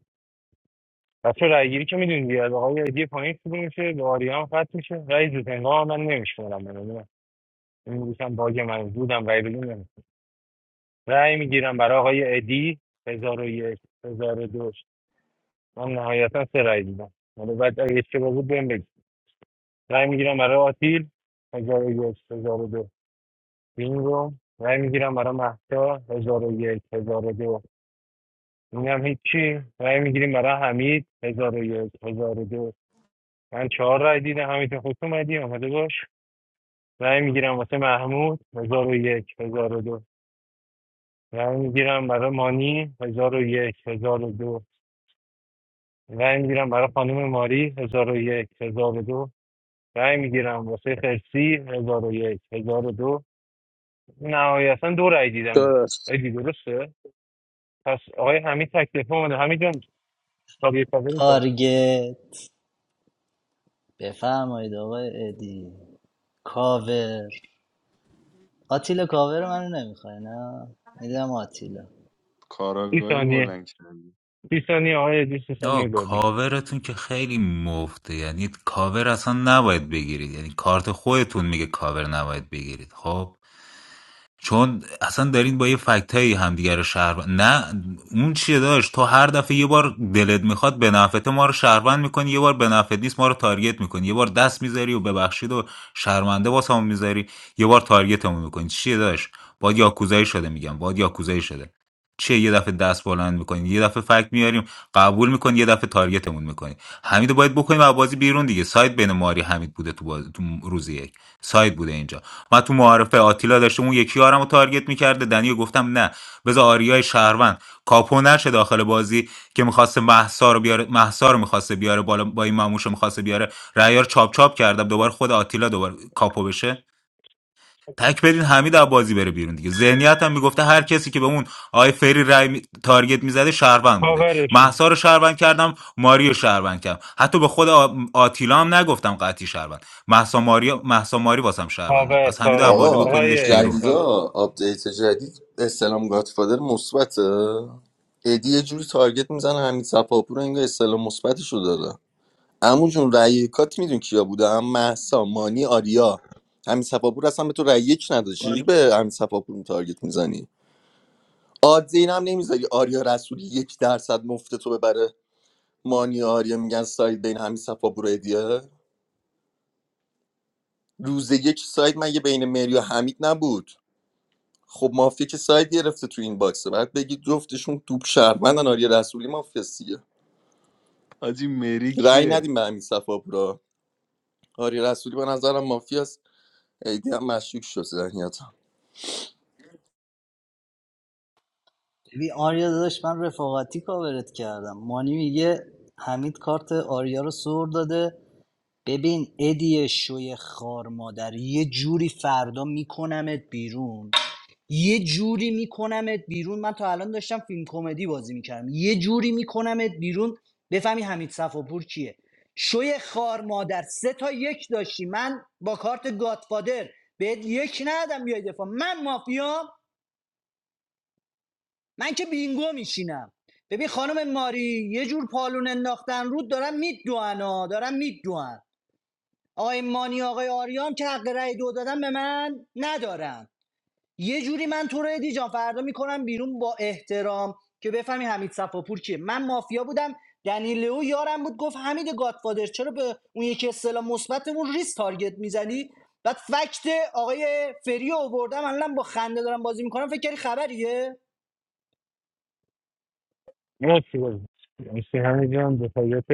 بچه رای گیری که میدونی دیگه از آقای ایدی پایین شروع میشه به آریان خط میشه رای زودنگاه هم من نمیشمارم من نمی‌دونم. این میگوشم باگ من بودم رای بدون نمی‌شمارم. رای میگیرم برای آقای ایدی هزار و یک هزار و دو من نهایتا سه رای دیدم حالا بعد اگه اشتباه بود بهم بگید. رای میگیرم برای آتیل هزار و یک هزار و دو بینگو رای میگیرم برای مهسا هزار و یک هزار و دو این هم هیچی رای میگیریم برای حمید هزار و یک هزار و دو من چهار رای دیدم حمید خوش اومدی آمده باش رای میگیرم واسه محمود هزار و یک هزار و دو رای میگیرم برای مانی هزار و یک هزار و دو رای میگیرم برای خانم ماری هزار و یک هزار و دو رای میگیرم واسه خرسی هزار و یک هزار و دو نهایتا دو رای دیدم
درست
ایدی درسته پس آقای حمید تکلیف اومده حمید جان تاگه پاگه میکن
تارگت بفرمایید آقای ادی کاور آتیلا کاور منو نمیخوای نه میدم آتیلا
30
کاراگاهی
ثانیه
بلند کردی
30 ثانیه آقای ادی 30 ثانیه
آه
گابی
کاورتون که خیلی مفته یعنی کاور اصلا نباید بگیرید یعنی کارت خودتون میگه کاور نباید بگیرید خب چون اصلا دارین با یه فکتایی همدیگه رو شهروند نه اون چیه داشت تو هر دفعه یه بار دلت میخواد به نفعت ما رو شهروند میکنی یه بار به نفعت نیست ما رو تارگت میکنی یه بار دست میذاری و ببخشید و شرمنده واسمون میذاری یه بار تارگتمون میکنی چیه داشت باد یاکوزایی شده میگم باد یاکوزایی شده چیه یه دفعه دست بلند میکنی یه دفعه فکت میاریم قبول میکنی یه دفعه تارگتمون میکنی حمید رو باید بکنیم از بازی بیرون دیگه سایت بین ماری حمید بوده تو, باز... تو روز یک سایت بوده اینجا من تو معارفه آتیلا داشته اون یکی یارم رو تارگت میکرده دنیو گفتم نه بذار آریای شهروند کاپو نشه داخل بازی که میخواسته محسا رو بیاره محسا رو میخواسته بیاره بالا با این ماموش رو میخواسته بیاره رعیار چاپ چاپ کردم دوباره خود آتیلا دوباره کاپو بشه تک بدین حمید از بازی بره بیرون دیگه ذهنیت میگفته هر کسی که به اون آی فری رای می- تارگت میزده شهروند بوده
پاورشون
محسا رو شهروند کردم ماری رو شهروند کردم حتی به خود آ- آتیلا هم نگفتم قطعی شهروند محسا ماری محسا ماری واسم شهرونده
پاور
پس حمید از
پاور
بازی
آقا
بکنیدش
آقای ادی
بیرون
جدیدا
پاور
آپدیت جدید استلام گاتفادر مثبته ادی یه جوری تارگت میزنه همین صفاپور انگار استلام مثبتش رو داده عمو جون رأی یکات میدون کیا بوده هم مهسا مانی آریا همین صفاپور اصلا به تو رأی یک نداده چجوری به همین صفاپور تارگت میزنی آدز این هم نمیذاری آریا رسولی یک درصد مفته تو ببره مانی و آریا میگن ساید بین همین صفا برایدیه روز یک ساید مگه بین مری و حمید نبود خب مافیا که ساید گرفته تو این باکسه بعد بگید جفتشون توپ شهروندن آریا رسولی مافیاسیه
حاجی مری
رأی
کیه
ندیم به همین صفا برا آریا رسولی به نظرم مافیاست ایدی هم مشکوک شد ذهنیتم
ببین آریا داداش من رفاقتی کاورت کردم مانی میگه حمید کارت آریا رو سر داده ببین ادی شوی خار مادر یه جوری فردا میکنمت بیرون یه جوری میکنمت بیرون من تا الان داشتم فیلم کمدی بازی میکردم یه جوری میکنمت بیرون بفهمی حمید صفاپور کیه شوی خار مادر سه تا یک داشتی من با کارت گاتفادر بهت یک ندادم بیای دفاع من مافیام من که بینگو میشینم ببین خانم ماری یه جور پالون انداختن رود دارن میدوانا دارن میدوان آقای مانی آقای آریام که حق رأی دو دادن به من ندارن یه جوری من تو رو ادی فردا میکنم بیرون با احترام که بفهمی حمید صفاپور کیه من مافیا بودم دنیلو یارم بود گفت حمید گادفادر چرا به اون یکی اصطلاح مثبتمون ریس تارگت میزنی بعد فکت آقای فریو رو آوردم الان با خنده دارم بازی میکنم فکر کردی خبریه
مرسی بازی مرسی حمید جان دفاعیت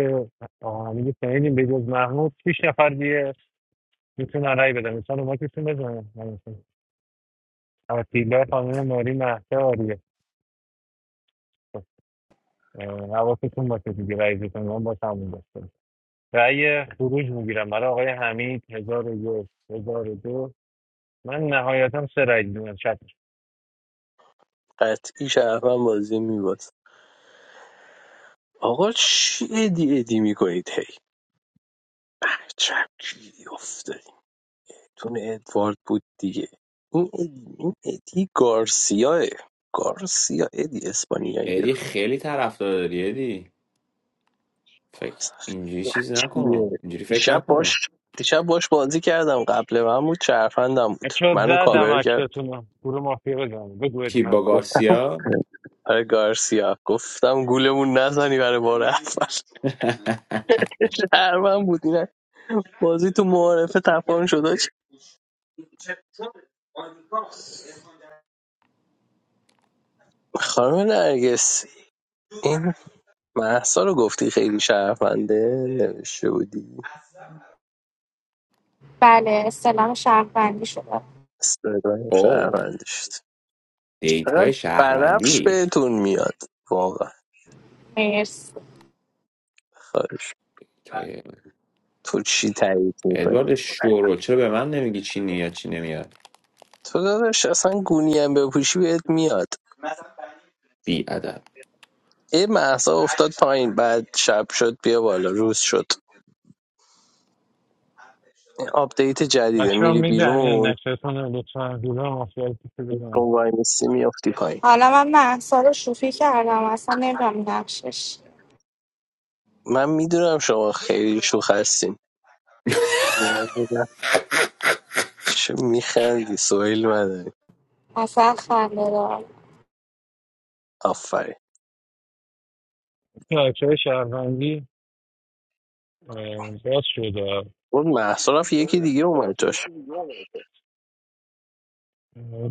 آقا حمید سعیدیم به جز محمود 6 نفر دیگه میتونن رای بدن مثلا ما کسی بزنن آتیلا خانم ماری مهسا آریه اه، حواستون باشه دیگه رای بتون با تموم باشه رأی خروج میگیرم برای آقای حمید هزار و یک هزار و دو من نهایتا سه رأی دیدم شد
قطعی شرفم بازی میباز آقا چی ادی ادی میکنید هی عجب گیری افتادیم تون ادوارد بود دیگه این ادی, این ادی گارسیاه گارسیا ادی اسپانیایی
ادی خیلی طرفدار داری ادی
آقا
فکر
اصلا
اینجوری
خیلی
چیز نکن
عجیبه.
اینجوری فکر
دیشب
نکن
باش دیشب باش بازی کردم قبل من بود چرفندم بود
چو
منو
کی,
زدم
کاور کرد
اکشتون رو گروه مافیا بزنم بگو
کی
بدیم
با
من
گفتم
گارسیا
آره گارسیا گفتم گولمون نزنی برای بار اول شهرون بودین بازی تو معارفه تپان شد چی؟ خانم نرگس این محسا رو گفتی خیلی شهرونده نوشته بودی
Pales, salam sharafandi shala,
استرادم
او
شهرونده شد
دیت
فقط
های
بنفش
شهروندی
بهتون میاد واقعا
mes.
خواهش
تای
تو چی تایید میکنی
ادوارد شورو چرا به من نمیگی چی نیاد چی نمیاد
تو داداش اصلا گونی هم بپوشی بهت میاد
بی ادب
ای محسا افتاد پایین بعد شب شد بیا بالا روز شد این آپدیت جدیده
بچه ها
میری
میدن این
بیرون
اکشتون رو لطفا گروه مافیا رو کسی بزنم
رو وای میستی میافتی پایین.
Hala mama, sorry shufi ke hala mama sa nejam naak shish,
من میدونم شما خیلی شوخ هستین چه میخندی سویل مدنی
masah halala.
آفرین
این اکشه های شهروندی اه، باز شده
اون محصا رفت یکی دیگه اومد جاش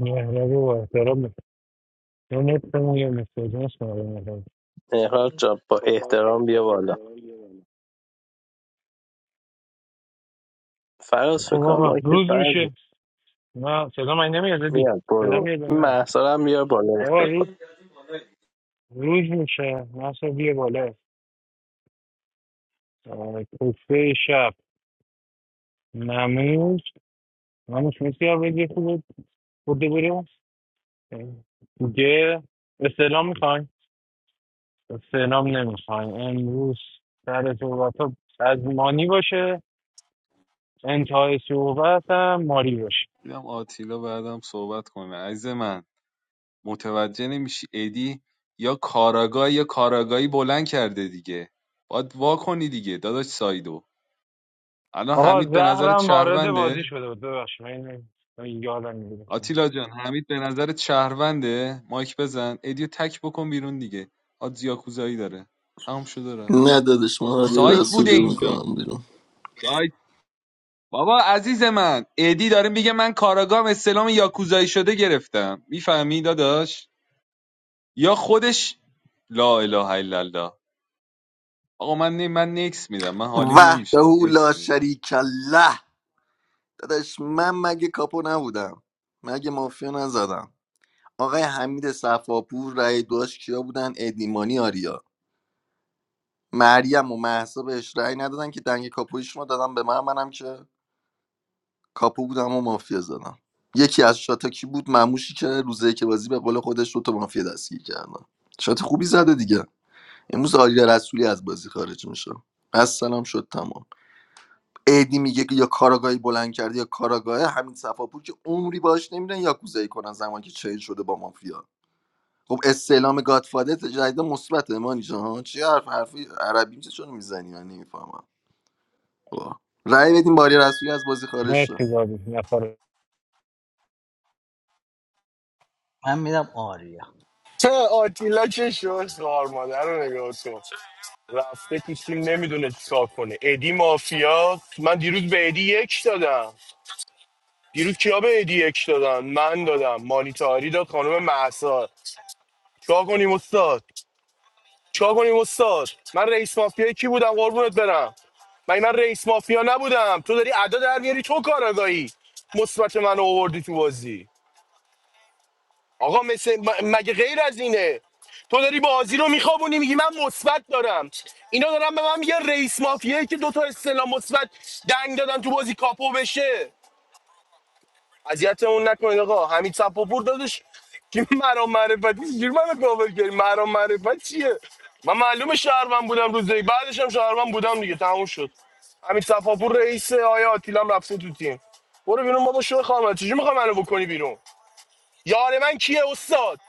مهرب و با احترام میکنم. یا نتمون یا مستجانس مهرب
مهراد جان با احترام بیا بالا فراز
خب
فکر کنم
آقا
مایکت
روز
برد
میشه نه صدا من نمیاد دی
میاد
صدا
برو
میاد
این
نه
مهسا رو هم بیا بالا
آقا روز
استفاده
روز میشه مثلا بیا بالا آه، کوفته شب نموز نموز میسی یا بگی خوب بوده بریم دیگه استعلام میخواین استعلام نمیخواین امروز سر صحبت ها از مانی باشه انتهای صحبت هم ماری باشه
دیدم آتیلا بعدم صحبت کنه عزیز من متوجه نمیشی ادی یا کاراگاه یا کاراگاهی بلند کرده دیگه باید وا کنی دیگه داداش سایدو الان
آقا
حمید به نظرت
زهرم وارد
شهرونده
بازی شده بود ببخشید من اینو- من یادم میگیره
آتیلا جان حمید به نظرت شهرونده مایک بزن ادیو تک بکن بیرون دیگه آدز یاکوزایی داره تمام شد و رفت
نه دادش من آریا
سایت بوده
رسولی
اینجا
میکنم بیرون
سایت بابا عزیز من ادی داره میگه من کاراگام استلام یاکوزایی شده گرفتم میفهمی داداش یا خودش لا اله الا الله آقا من نی... من نکس میدم من حالیم
وحده
نمیشه نکس
لا
میدم
شریک له داداش من مگه کاپو نبودم مگه مافیا نزدم آقای حمید صفاپور رای داشت کیا بودن ادیمانی آریا مریم و مهسا بهش رأی ندادن که دنگ کاپویش ما دادم به من منم که کاپو بودم و مافیا زدم یکی از شاتا کی بود مموشی که روزه که بازی به قول خودش دو تا مافیا دستگیر کردن شات خوبی زده دیگه امروز آریا رسولی از بازی خارج میشه از سلام شد تمام ایدی میگه که یا کاراگاهی بلند کرده یا کاراگاه همین صفاپور که عمری باش نمیرن یا کوزایی کنن زمانی که چین شده با مافیا خب استعلام گادفادر تجدید مثبت مانی جان ها چی حرف حرفی عربی میشه چون میزنی من نمیفهمم واه. رأی بدیم باری رسولی از بازی خارج شد
مرسی بازی نفر
من میدم آریا
چه آتیلا چه شد خار مادر رو نگاه کن رفته تو تیم نمیدونه چیکار کنه ادی مافیا من دیروز به ادی یک دادم دیروز کیا به ادی یک دادم من دادم مانیتاری داد خانم محسا چیکار کنیم استاد چیکار کنیم استاد من رئیس مافیا کی بودم قربونت برم من من رئیس مافیا نبودم تو داری ادا در میاری تو کاراگاهی مثبت من آوردی تو بازی آقا مثل م- مگه غیر از اینه تو داری بازی رو میخوابونی میگی من مثبت دارم اینا دارن به من میگن رئیس مافیایی که دوتا استلام مثبت دنگ دادن تو بازی کاپو بشه اذیتمون نکنید آقا حمید صفاپور دادش که مرام معرفتی چجوری منو کاور کردی مرام معرفت چیه من معلومه شهروند بودم روزی بعدش هم شهروند بودم دیگه تموم شد حمید صفاپور رئیس آیا آتیلم رفته تو تیم برو بیرون بابا شو خواهم چجوری میخوام منو بکنی بیرون یار من کیه استاد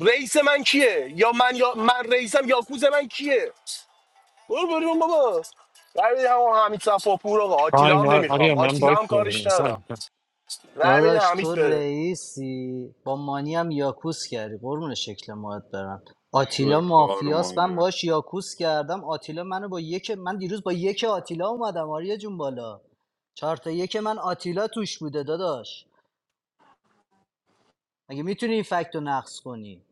رئیس من کیه یا من یا من رئیسم یاکوز من کیه برو بریم بابا رای بده همون حمید صفاپور آقا آتیلا
تایم
هم
آ- آریا
نمیخوام
من
آتیلا
باید
هم
بودم
کارش ندارم
انسان
رای بده
داداش
حمید
تو
بره
رئیسی با مانی هم یاکوس کردی قربون شکل ماهت برم
شو
آتیلا
خار
مافیاس من باش یاکوس کردم آتیلا منو با یک من دیروز با یک آتیلا اومدم آریا جون بالا چهار تا یک من آتیلا توش بوده داداش مگه میتونی این فکت رو نقص کنی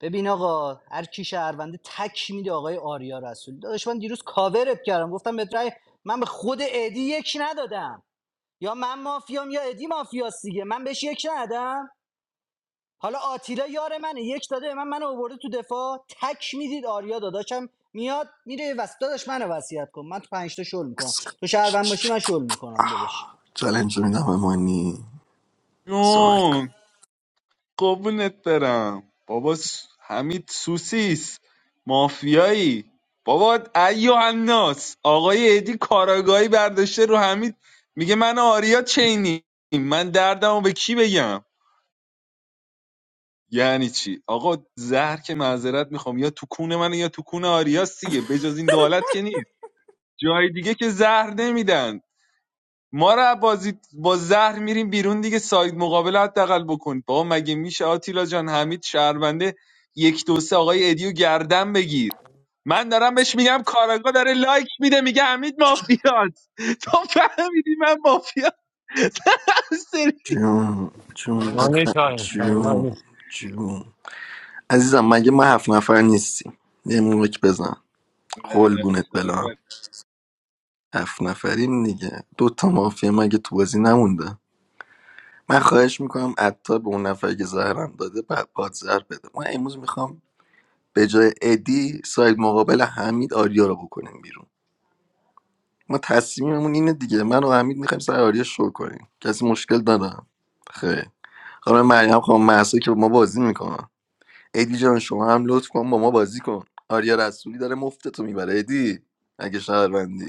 ببین آقا هر کی شهرونده تک میده آقای آریا رسول داداش من دیروز کاورت کردم گفتم به رأی من به خود ادی یک ندادم یا من مافیام یا ادی مافیاس دیگه من بهش یک ندادم حالا آتیلا یار منه یک داده به من منو آورده تو دفاع تک میدید آریا داداشم میاد میره وسط داداش منو وصیت کن من تو پنج تا شل میکنم تو شهروند باشی من شل میکنم داداش
چالش میدم به مانی صحبت
مادر
کن
قربونت برم بابا س... حمید سوسیس مافیایی بابا ایو الناس آقای ادی کاراگاهی برداشته رو حمید میگه من و آریا چینی من دردمو به کی بگم یعنی چی آقا زهر که معذرت میخوام یا تو کون من یا تو کون آریاس دیگه بجز این دولت که نیست جای دیگه که زهر نمیدن ما رو از بازی با زهر میریم بیرون دیگه ساید مقابل رو حداقل بکن بابا مگه میشه آتیلا جان حمید شهرونده یک دو سه آقای ادیو گردن بگیر من دارم بهش میگم کارگاه داره لایک میده میگه حمید مافیاست تو فهمیدی من مافیا *laughs* سری
جون جون
مانی
بخن جون
تایم
جون عزیزم مگه ما هفت نفر نیستیم یه موقع بزن قلبونت بلا
نفر
هفت نفریم دیگه دوتا تا مافیا مگه تو بازی نمونده من خواهش میکنم عطار به اون نفری که زهرم داده بعد پادزر بده من امروز میخوام به جای ادی ساید مقابل حمید آریا رو بکنیم بیرون ما تصمیممون اینه دیگه من و حمید میخوایم سر آریا شو کنیم کسی مشکل دارم خیر خانم مریم خانم محسا که با ما بازی میکنن ادی جان شما هم لطف کن با ما بازی کن آریا رسولی داره مفتتو میبره ادی اگه شهروندی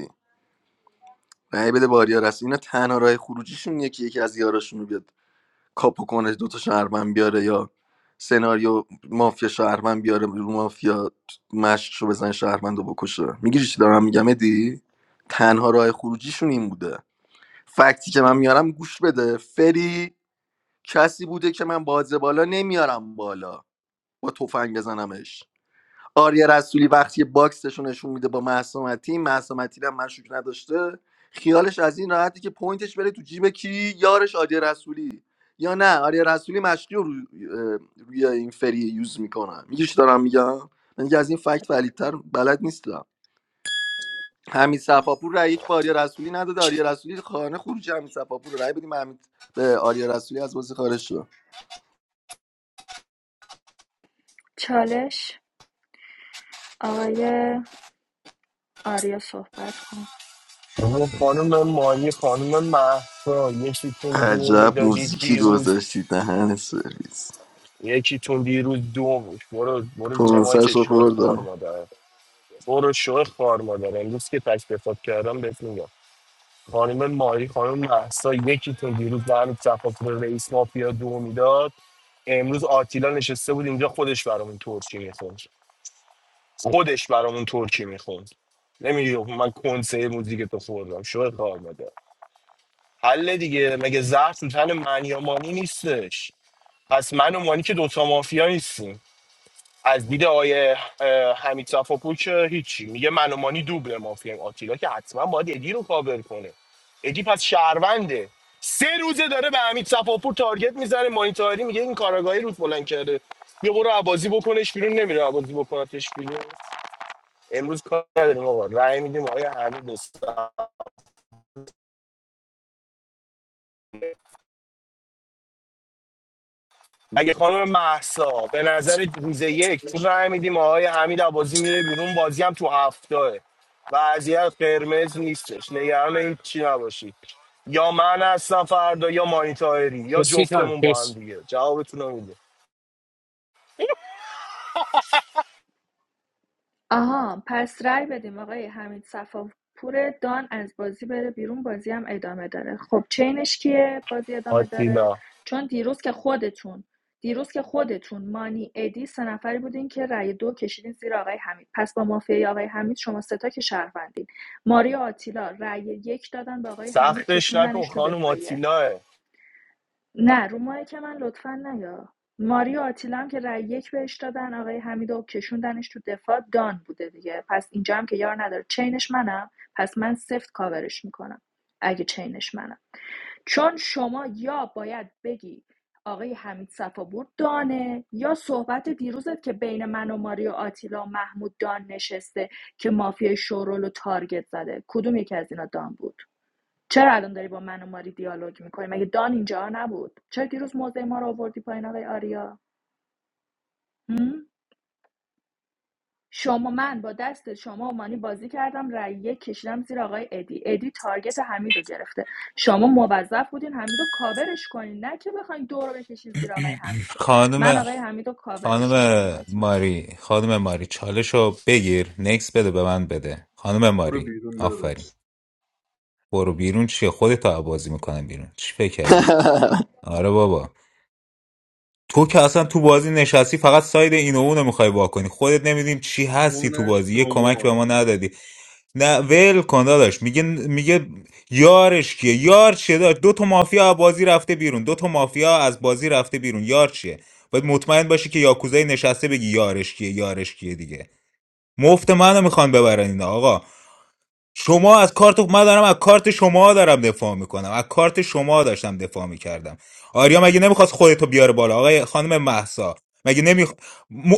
رأی بده به آریا رسول اینا تنها راه خروجیشون یکی یکی از یاراشون رو بیاد کاپو کنه دوتا شهروند بیاره یا سناریو مافیا شهروند بیاره رو مافیا مشقش رو بزن شهروند رو بکشه میگیری چی دارم میگم ادی تنها راه خروجیشون این بوده فکتی که من میارم گوش بده فری کسی بوده که من بازه بالا نمیارم بالا با تفنگ بزنمش آریا رسولی وقتی باکسش رو نشون میده با مهسا متین مهسا متین هم مشکوک نداشته خیالش از این راحتی که پوینتش بره تو جیب کی یارش آریا رسولی یا نه آریا رسولی مشکی رو روی, اه، روی این فری یوز میکنه میگیش دارم میگم من دیگه از این فکت ولیدتر بلد نیستم حمید صفاپور رای یک به آریا رسولی نداده آریا رسولی خانه خروج حمید صفاپور رو. رای بدیم حمید به آریا رسولی از بازی خارج شد
*laughs* چالش آقای آریا صحبت کن
اون خانم مانی خانم مهسا یکیتون دو
عجب
میدادید
موزیکی
دیروز
گذاشتید دهن سرویس
یکیتون دیروز دو بود برو برو زیر مایک
کنسرش رو
شوه خوار
خوردم
مادر برو شوه خوار مادر امروز که تک دفات کردم بهت میگم خانم ماری خانم محسا یکی تا دیروز به همین تفاکر رئیس مافیا دو میداد امروز آتیلا نشسته بود اینجا خودش برامون ترکی میخوند خودش برامون ترکی میخوند نمیگفت من کنسه موزیک تو خوردم شو کار بده حل دیگه مگه زهر تو تن من یا مانی نیستش پس من و مانی که دوتا مافیا نیستیم از دید آقای اه، حمید صفاپور که هیچی میگه من و مانی دوبل مافیم آتیلا که حتما باید ادی رو کاور کنه ادی پس شهرونده سه روزه داره به حمید صفاپور تارگت میزنه مانیتاری میگه این کاراگاهی روز بلند کرده یه برو عبازی بکنش بیرون نمیره عبازی بکنتش بیرون امروز کار نداریم آقا رأی میدیم آقای حمید اگه خانم محسا به نظر روز یک تو رای میدیم آقای حمید عبازی میره بیرون بازی هم تو هفتاه وضعیت قرمز نیستش نگران این چی نباشی یا من هستم فردا یا مانیتایری یا
مرسی کن
جفتمون با هم
مرسی
دیگه جوابتون رو میده
آها پس رأی بدیم آقای حمید صفاپور دان از بازی بره بیرون بازی هم ادامه داره خب چینش کیه بازی ادامه داره
آتیلا
چون دیروز که خودتون دیروز که خودتون مانی ادی سه نفری بودین که رأی دو کشیدین زیر آقای حمید پس با مافیای آقای حمید شما ستا که شهروندین ماری و آتیلا رأی یک دادن به آقای حمید
سختش نکن
کشوندنش تو
خانم
دفاعیه
آتیلاه
نه رو ماهی که من لطفا نیا ماریا آتیلم که رأی یک بهش دادن آقای حمیدو کشوندنش تو دفاع دان بوده دیگه پس اینجا هم که یار نداره چینش منم پس من سفت کاورش میکنم اگه چینش منم چون شما یا باید بگی آقای حمید صفابور دانه یا صحبت دیروزت که بین من و ماریا آتیلا و محمود دان نشسته که مافیای شورول و تارگت زده کدوم یکی از اینا دان بود چرا الان داری با من و ماری دیالوگ میکنی مگه دان اینجا نبود چرا دیروز موضع ما رو آوردی پایین آقای آریا شما من با دست شما و مانی بازی کردم رأی یک کشیدم زیر آقای ادی ادی تارگت حمیدو گرفته شما موظف بودین حمیدو کاورش کنین نه که بخواین دو رو بکشین زیر آقای حمید که من
خانم
آقای حمیدو کاورش میکنم
خانم
حتما
ماری خانم ماری چالشو بگیر نکس بده به من بده خانم
برو
ماری
بیرون
آفرین
داداش
برو بیرون چیه خودت بازی میکنم بیرون چی فکر کردی آره بابا تو که اصلا تو بازی نشستی فقط ساید این و اونو میخوای وا کنی خودت نمیدونیم چی هستی تو
اونش
بازی یه کمک به
شما
ما ندادی نه ول کن داداش میگه میگه یارش کیه یار چیه داداش دو تا مافیا از بازی رفته بیرون دو تا مافیا از بازی رفته بیرون یار چیه باید مطمئن باشی که یاکوزای نشسته بگی یارش کیه یارش کیه دیگه مفت منو میخوان ببرن اینا آقا شما از کارت من دارم از کارت شما دارم دفاع میکنم از کارت شما داشتم دفاع میکردم آریا مگه نمیخواست خودتو بیاره بالا آقای خانم محسا مگه نمی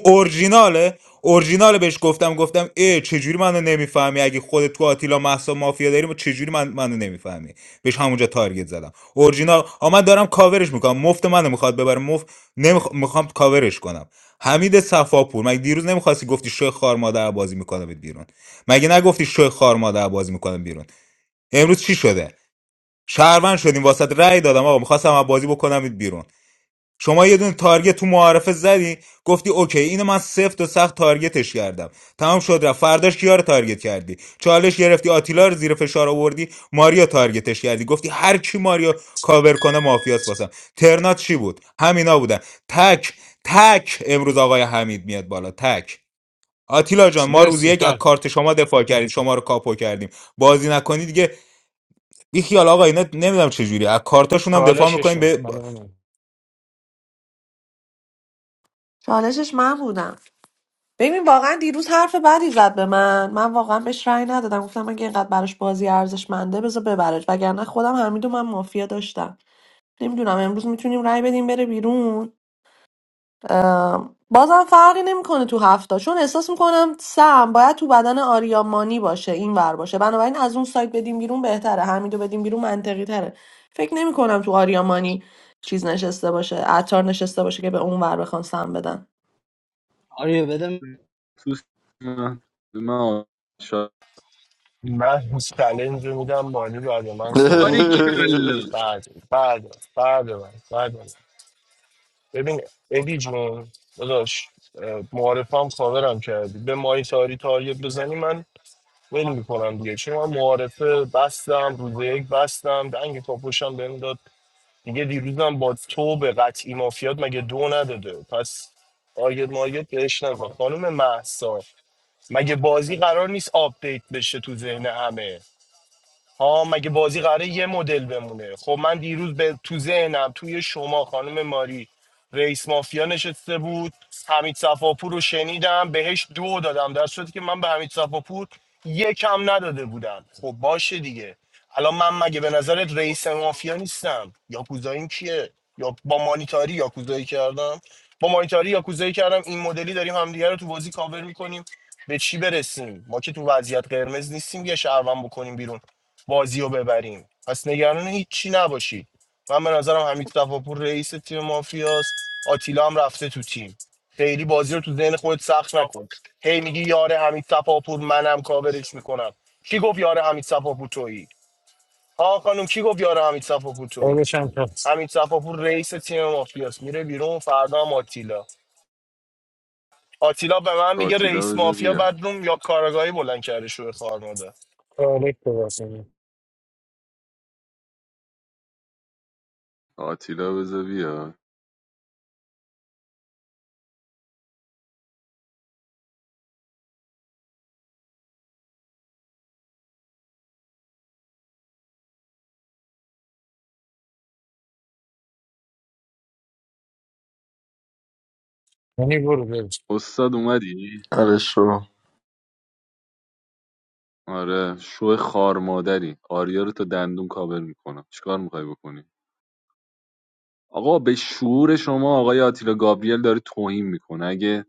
اورجیناله اورجیناله بهش گفتم گفتم ای چجوری منو نمیفهمی اگه خودت تو آتیلا محسا مافیا داری ما چجوری من منو نمیفهمی بهش همونجا تارگت زدم اورجینال آ من دارم کاورش میکنم مفت منو میخواد ببره مفت نمیخوام کاورش کنم حمید صفاپور مگه دیروز نمیخواستی گفتی شوی خار مادر بازی میکنمت بیرون مگه نگفتی شوی خار مادر بازی میکنم بیرون امروز چی شده شهروند شدیم واسط رأی دادم آقا میخواستم از بازی بکنمت بیرون شما یه دونه تارگت تو معارفه زدی گفتی اوکی اینو من سفت و سخت تارگتش کردم تمام شد رفت فرداش کیا رو تارگت کردی چالش گرفتی آتیلا رو زیر فشار آوردی ماریا تارگتش کردی گفتی هر کی ماریا کاور کنه مافیاس واسم ترنات چی بود همینا بودن تک تک امروز آقای حمید میاد بالا تک آتیلا جان ما روز
مرسی
یک از
کن
کارت شما دفاع کردیم شما رو کاپو کردیم بازی نکنی دیگه بیخیال آقا اینا نمیدونم چه جوری از کارتاشون هم دفاع میکنیم
چالششون
به
خانم من
چالشش من بودم ببین واقعا دیروز حرف بدی زد به من من واقعا بهش رأی ندادم گفتم اگه اینقدر براش بازی ارزشمنده بذار ببرش وگرنه خودم حمیدو من مافیا داشتم نمیدونم امروز میتونیم رأی بدیم بره بیرون بازم فرقی نمیکنه تو هفته چون احساس میکنم سم باید تو بدن آریا مانی باشه این ور باشه بنابراین از اون سایت بدیم بیرون بهتره حمیدو بدیم بیرون منطقی تره فکر نمیکنم تو آریا مانی چیز نشسته باشه عطار نشسته باشه که به اون ور بخوان سم بدن
آریا بده
تو سینه من شا-
من هیچ چلنج رو میدم مانی بعد من صحبت کنه
باریکلا
بعد بعد بعد بعد, بعد, ببین ادی جون داداش اه، معارفه هم کاورم کردی به مای تاری تاریت بزنی من ول میکنم دیگه چون من معارفه بستم روز یک بستم دنگ کاپوشم بهم داد دیگه دیروزم با تو به قطعی مافیات مگه دو نداده پس تارگت مارگت بهش نکن خانم محسا مگه بازی قرار نیست آپدیت بشه تو ذهن همه ها مگه بازی قراره یه مدل بمونه خب من دیروز به تو ذهنم توی شما خانم ماری رئیس مافیا نشسته بود حمید صفاپور رو شنیدم بهش دو دادم در صورتی که من به حمید صفاپور یکم نداده بودم خب باشه دیگه الان من مگه به نظرت رئیس مافیا نیستم یاکوزاییم کیه یا با مانیتاری یاکوزایی کردم با مانیتاری یاکوزایی کردم این مدلی داریم همدیگه رو تو بازی کاور میکنیم به چی برسیم ما که تو وضعیت قرمز نیستیم یه شهروند بکنیم بیرون بازی رو ببریم پس نگران هیچی نباشید من به نظرم حمید صفاپور رئیس تیم مافیاست آتیلا هم رفته تو تیم خیلی بازی رو تو ذهن خودت سخت نکن هی میگی یاره حمید صفاپور منم کاورش میکنم کی گفت یاره حمید صفاپور تویی ها خانم کی گفت یاره حمید صفاپور تویی
چالش هم کن
حمید صفاپور رئیس تیم مافیاست میره بیرون فردا هم آتیلا آتیلا به من میگه
آتیلا
رئیس
بذار
مافیا
بیاد
بدروم یا کارگاهی بلند کرده شو خار ماده
چالش تو واسه من.
آتیلا بذار بیاد
یعنی برو برس
استاد اومدی
آره شو
آره شو خار مادری آریا رو تا دندون کاور میکنم چیکار میخوای بکنی آقا به شعور شما آقای آتیلا گابریل داره توهین میکنه اگه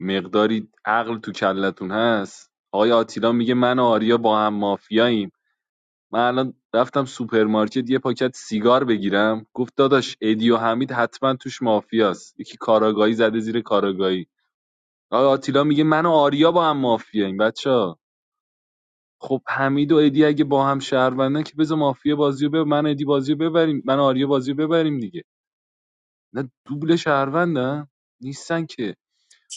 مقداری عقل تو کلتون هست آقای آتیلا میگه من و آریا با هم مافیاییم من الان رفتم سوپرمارکت یه پاکت سیگار بگیرم گفت داداش ادی و حمید حتما توش مافیاست یکی کاراگاهی زده زیر کاراگاهی آقای آتیلا میگه من و آریا با هم مافیاییم بچه خب حمید و ادی اگه با هم شهروندن که بذار مافیا بازیو ببر من ادی بازیو ببریم من آریا بازیو ببریم دیگه نه دوبل شهروندن نیستن که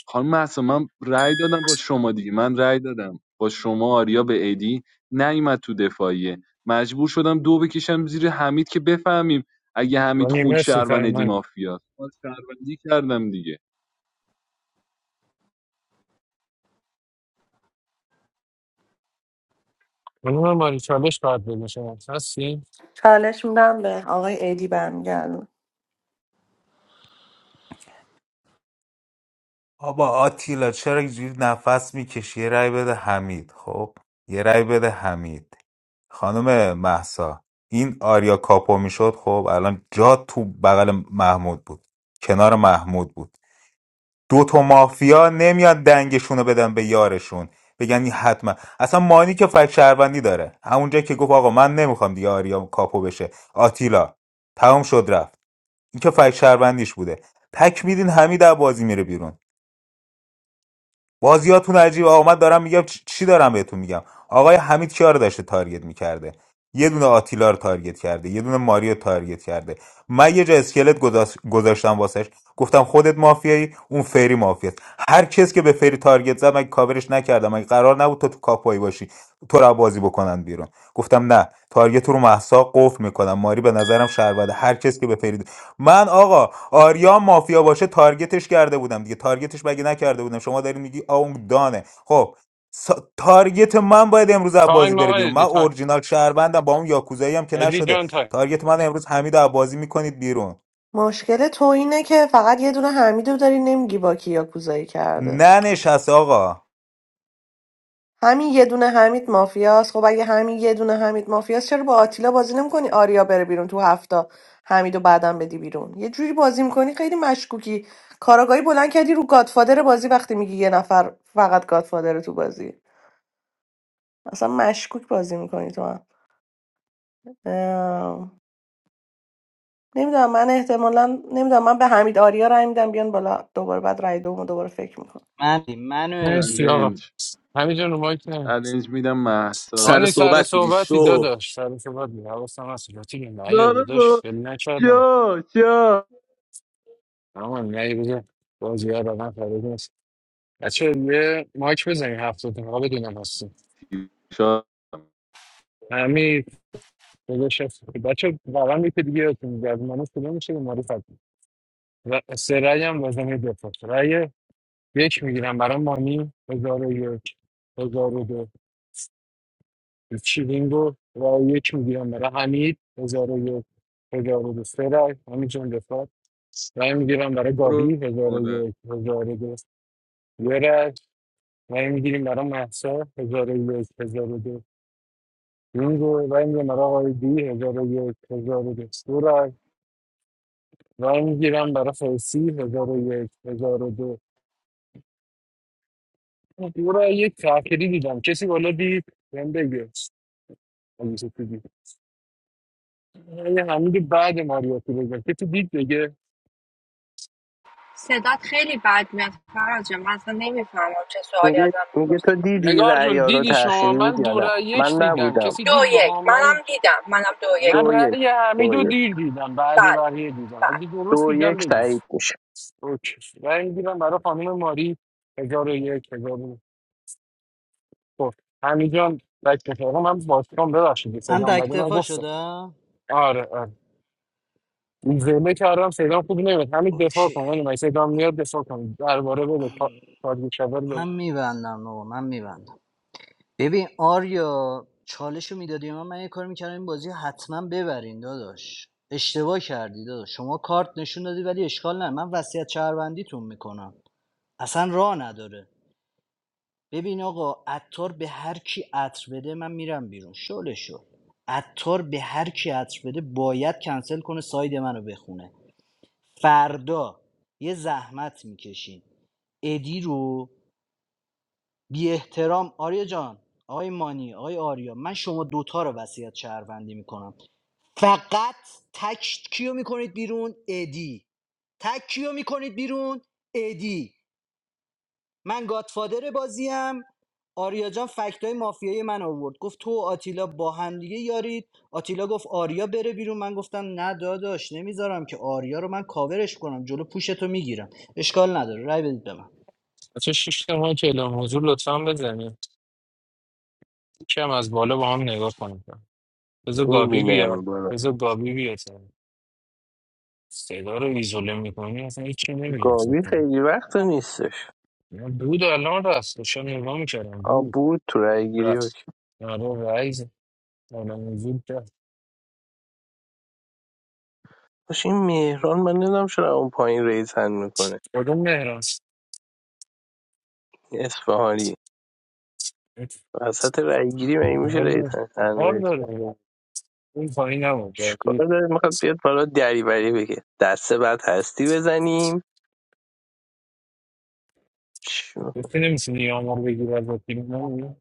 خانم مهسا من رأی دادم با شما دیگه من رأی دادم با شما آریا به ادی نیومد تو دفاعیه مجبور شدم دو بکشم زیر حمید که بفهمیم اگه حمید
یعنی
خوند
مرسی
شهروند
تایم
ادی
من
مافیا من شهروندی کردم دیگه
خانم ماری چالش باید بده شما هستی؟
چالش میدم به آقای ایدی برمیگردم
بابا آتیلا چرا اینجوری نفس میکشی یه رأی بده حمید خب یه رأی بده حمید خانم محسا این آریا کاپو میشد خب الان جا تو بغل محمود بود کنار محمود بود دو تا مافیا نمیاد دنگشون رو بدن به یارشون بگن این حتما اصلا مانی که فک شهروندی داره همونجا که گفت آقا من نمیخوام دیگه آریا کاپو بشه آتیلا تمام شد رفت این که فک شهروندیش بوده تک میدین حمید از بازی میره بیرون بازیاتون عجیب آمد دارم میگم چی دارم بهتون میگم آقای حمید کیا رو داشته تارگت میکرده یه دونه آتیلا رو تارگت کرده یه دونه ماریو تارگت کرده من یه جا اسکلت گذاشتم واسش گفتم خودت مافیایی اون فری مافیاست هر کس که به فری تارگت زد من کاورش نکردم مگه قرار نبود تو تو کاپوی باشی تو را بازی بکنن بیرون گفتم نه تارگت رو محسا قفل میکنم ماری به نظرم شهروده هر کس که به فری من آقا آریا مافیا باشه تارگتش کرده بودم دیگه تارگتش مگه نکرده بودم شما دارین میگی آون دانه خب سا- تارگت من باید امروز از بازی
تایم
بره
آقا
بیرون من
ادی تایم
اورجینال شهروندم با اون یاکوزایی هم که
ادی
نشده
جان تایم
تارگت من امروز حمید از بازی میکنید بیرون
مشکل تو اینه که فقط یه دونه حمیدو داری نمیگی با کی یاکوزایی کرده
ننشست آقا
همین یه دونه حمید مافیاست خب اگه همین یه دونه حمید مافیاست چرا با آتیلا بازی نمیکنی آریا بره بیرون تو هفته حمیدو بعدم بدی بیرون یه جوری بازی میکنی خیلی مشکوکی کاراگاهی بلند کردی رو گادفادر بازی وقتی میگی یه نفر فقط گادفادر تو بازی اصلا مشکوک بازی میکنی تو هم نمیدونم من احتمالا نمیدونم من به حمید آریا رای میدم بیان بالا دوباره بعد رای دوم دوباره فکر میکنم
من منو
مرسی
ادی
آقا
چالش
همین جان رو مایک نه
چالش میدم
سر
مهسا
آنی سر
صحبت بودی
صحبتی
شو
داداش سر صحبت بود حواستم هست راتی که نه یه
داره
داداش
با
فیل نکردم
شو
اما نه یه بگه بازی ها روان فراد نیست بچه یه مایک بزنی هفتاد تا بدونم
شو
هستی داداش بچه واقعا یکی دیگه یادتون میگه از مانی شروع میشه به معرفت و سه رأی هم لازمه دفاع رأی یک میگیرم برای مانی هزار و یک هزار و دو چی بینگو رأی یک میگیرم برای حمید هزار و یک هزار و دو سه رأی همین جون دفاع رأی میگیرم برای
برو
گابی هزار
مادر
و یک هزار و دو یه رأی رأی میگیریم برای محسا هزار و یک هزار و دو بینگو رأی میگیرم برای آقای دی هزار و یک هزار و دو دو رأی. رای میگیرم برای فارسی هزار و یک هزار و دو او را یک تأخیری دیدم کسی بالا دید بهم بگه اگه کسی دید یه همین بعد ماریاتی بگم کسی دید بگه
صدات خیلی بد میاد فراجه من اصلا نمیفهمم چه سوالی
میگه
ازم
میگه
میپرسی
تو دیدی
نگار جون
رعیا رو
دیدی شما
تأخیری بود
من
یا
دو
نه
رای
من
یک دیدم
نبودم
کسی
دو
دید
یک
باها
منم
من
دیدم منم دو یک
من
دو
دیدم
یک
رأی
دو
حمیدو
یک
دیر دیدم بعد
بله
بقیه دیدم
بله
اگه درست
دو
دیدم
یک
بگی
تایید میشه
اوکی رأی میگیرم برای خانم ماری هزار و یک هزار و دو حمید جان بک بکنم من باز کنم ببخشید
من
صدام
تک
بده من
دفاع
گفتم
شده
آره آره. زمه کردم صدام خوب نمید همین دفاع
اوکی
کن ولی من صدام میاد دفاع کن درباره بده تا- تارگت شبر بده
من میبندم آقا من میبندم ببین آریا چالش رو میدادی من من یه کار میکردم این بازی رو حتما ببرین داداش اشتباه کردی داداش شما کارت نشون دادی ولی اشکال نه من وصیت شهروندیتون میکنم اصلا راه نداره ببین آقا عطار به هر کی عطر بده من میرم بیرون شله شو عطار به هر کی عطر بده باید کنسل کنه ساید منو بخونه فردا یه زحمت میکشین ادی رو بی احترام آریا جان آقای مانی آقای آریا من شما دوتا رو وصیت شهروندی میکنم فقط تک کیو میکنید بیرون ادی تک کیو میکنید بیرون ادی من گادفادر بازیم آریا جان فکتای مافیایی من آورد گفت تو و آتیلا با هم دیگه یارید آتیلا گفت آریا بره بیرون من گفتم نه داداش نمیذارم که آریا رو من کاورش کنم جلو پوشتو میگیرم اشکال نداره رای بدید به من.
بچه شیش ما که اعلام حضور لطفا بزنید کم از بالا با هم نگاه کنید بذار گابی
میبینم
بیاد
برو
بذار گابی بیاد صدا رو ایزوله میکنی اصلا هیچی نمیگم
گاوی
ستون
خیلی وقت نیستش
بود الان رست داشتم نگاه میکردم
آ
بود
بود تو رای گیری اوکی.
رست نرو رایز اعلام حضور کرد
باشه این مهران من نمیدونم چرا اون پایین ریزن میکنه
کدوم مهران
این اصفهانی وسط رای گیری مگه میشه
کار داره
ریزن هم
کار
ریز کنه؟
داره. اون پایین
چیکار
نبود
داره میخواد بیاد بالا دریوری بگه دسته بعد هستی بزنیم چیو.
گفتی نمیتونی آمار بگیر از وکیل نه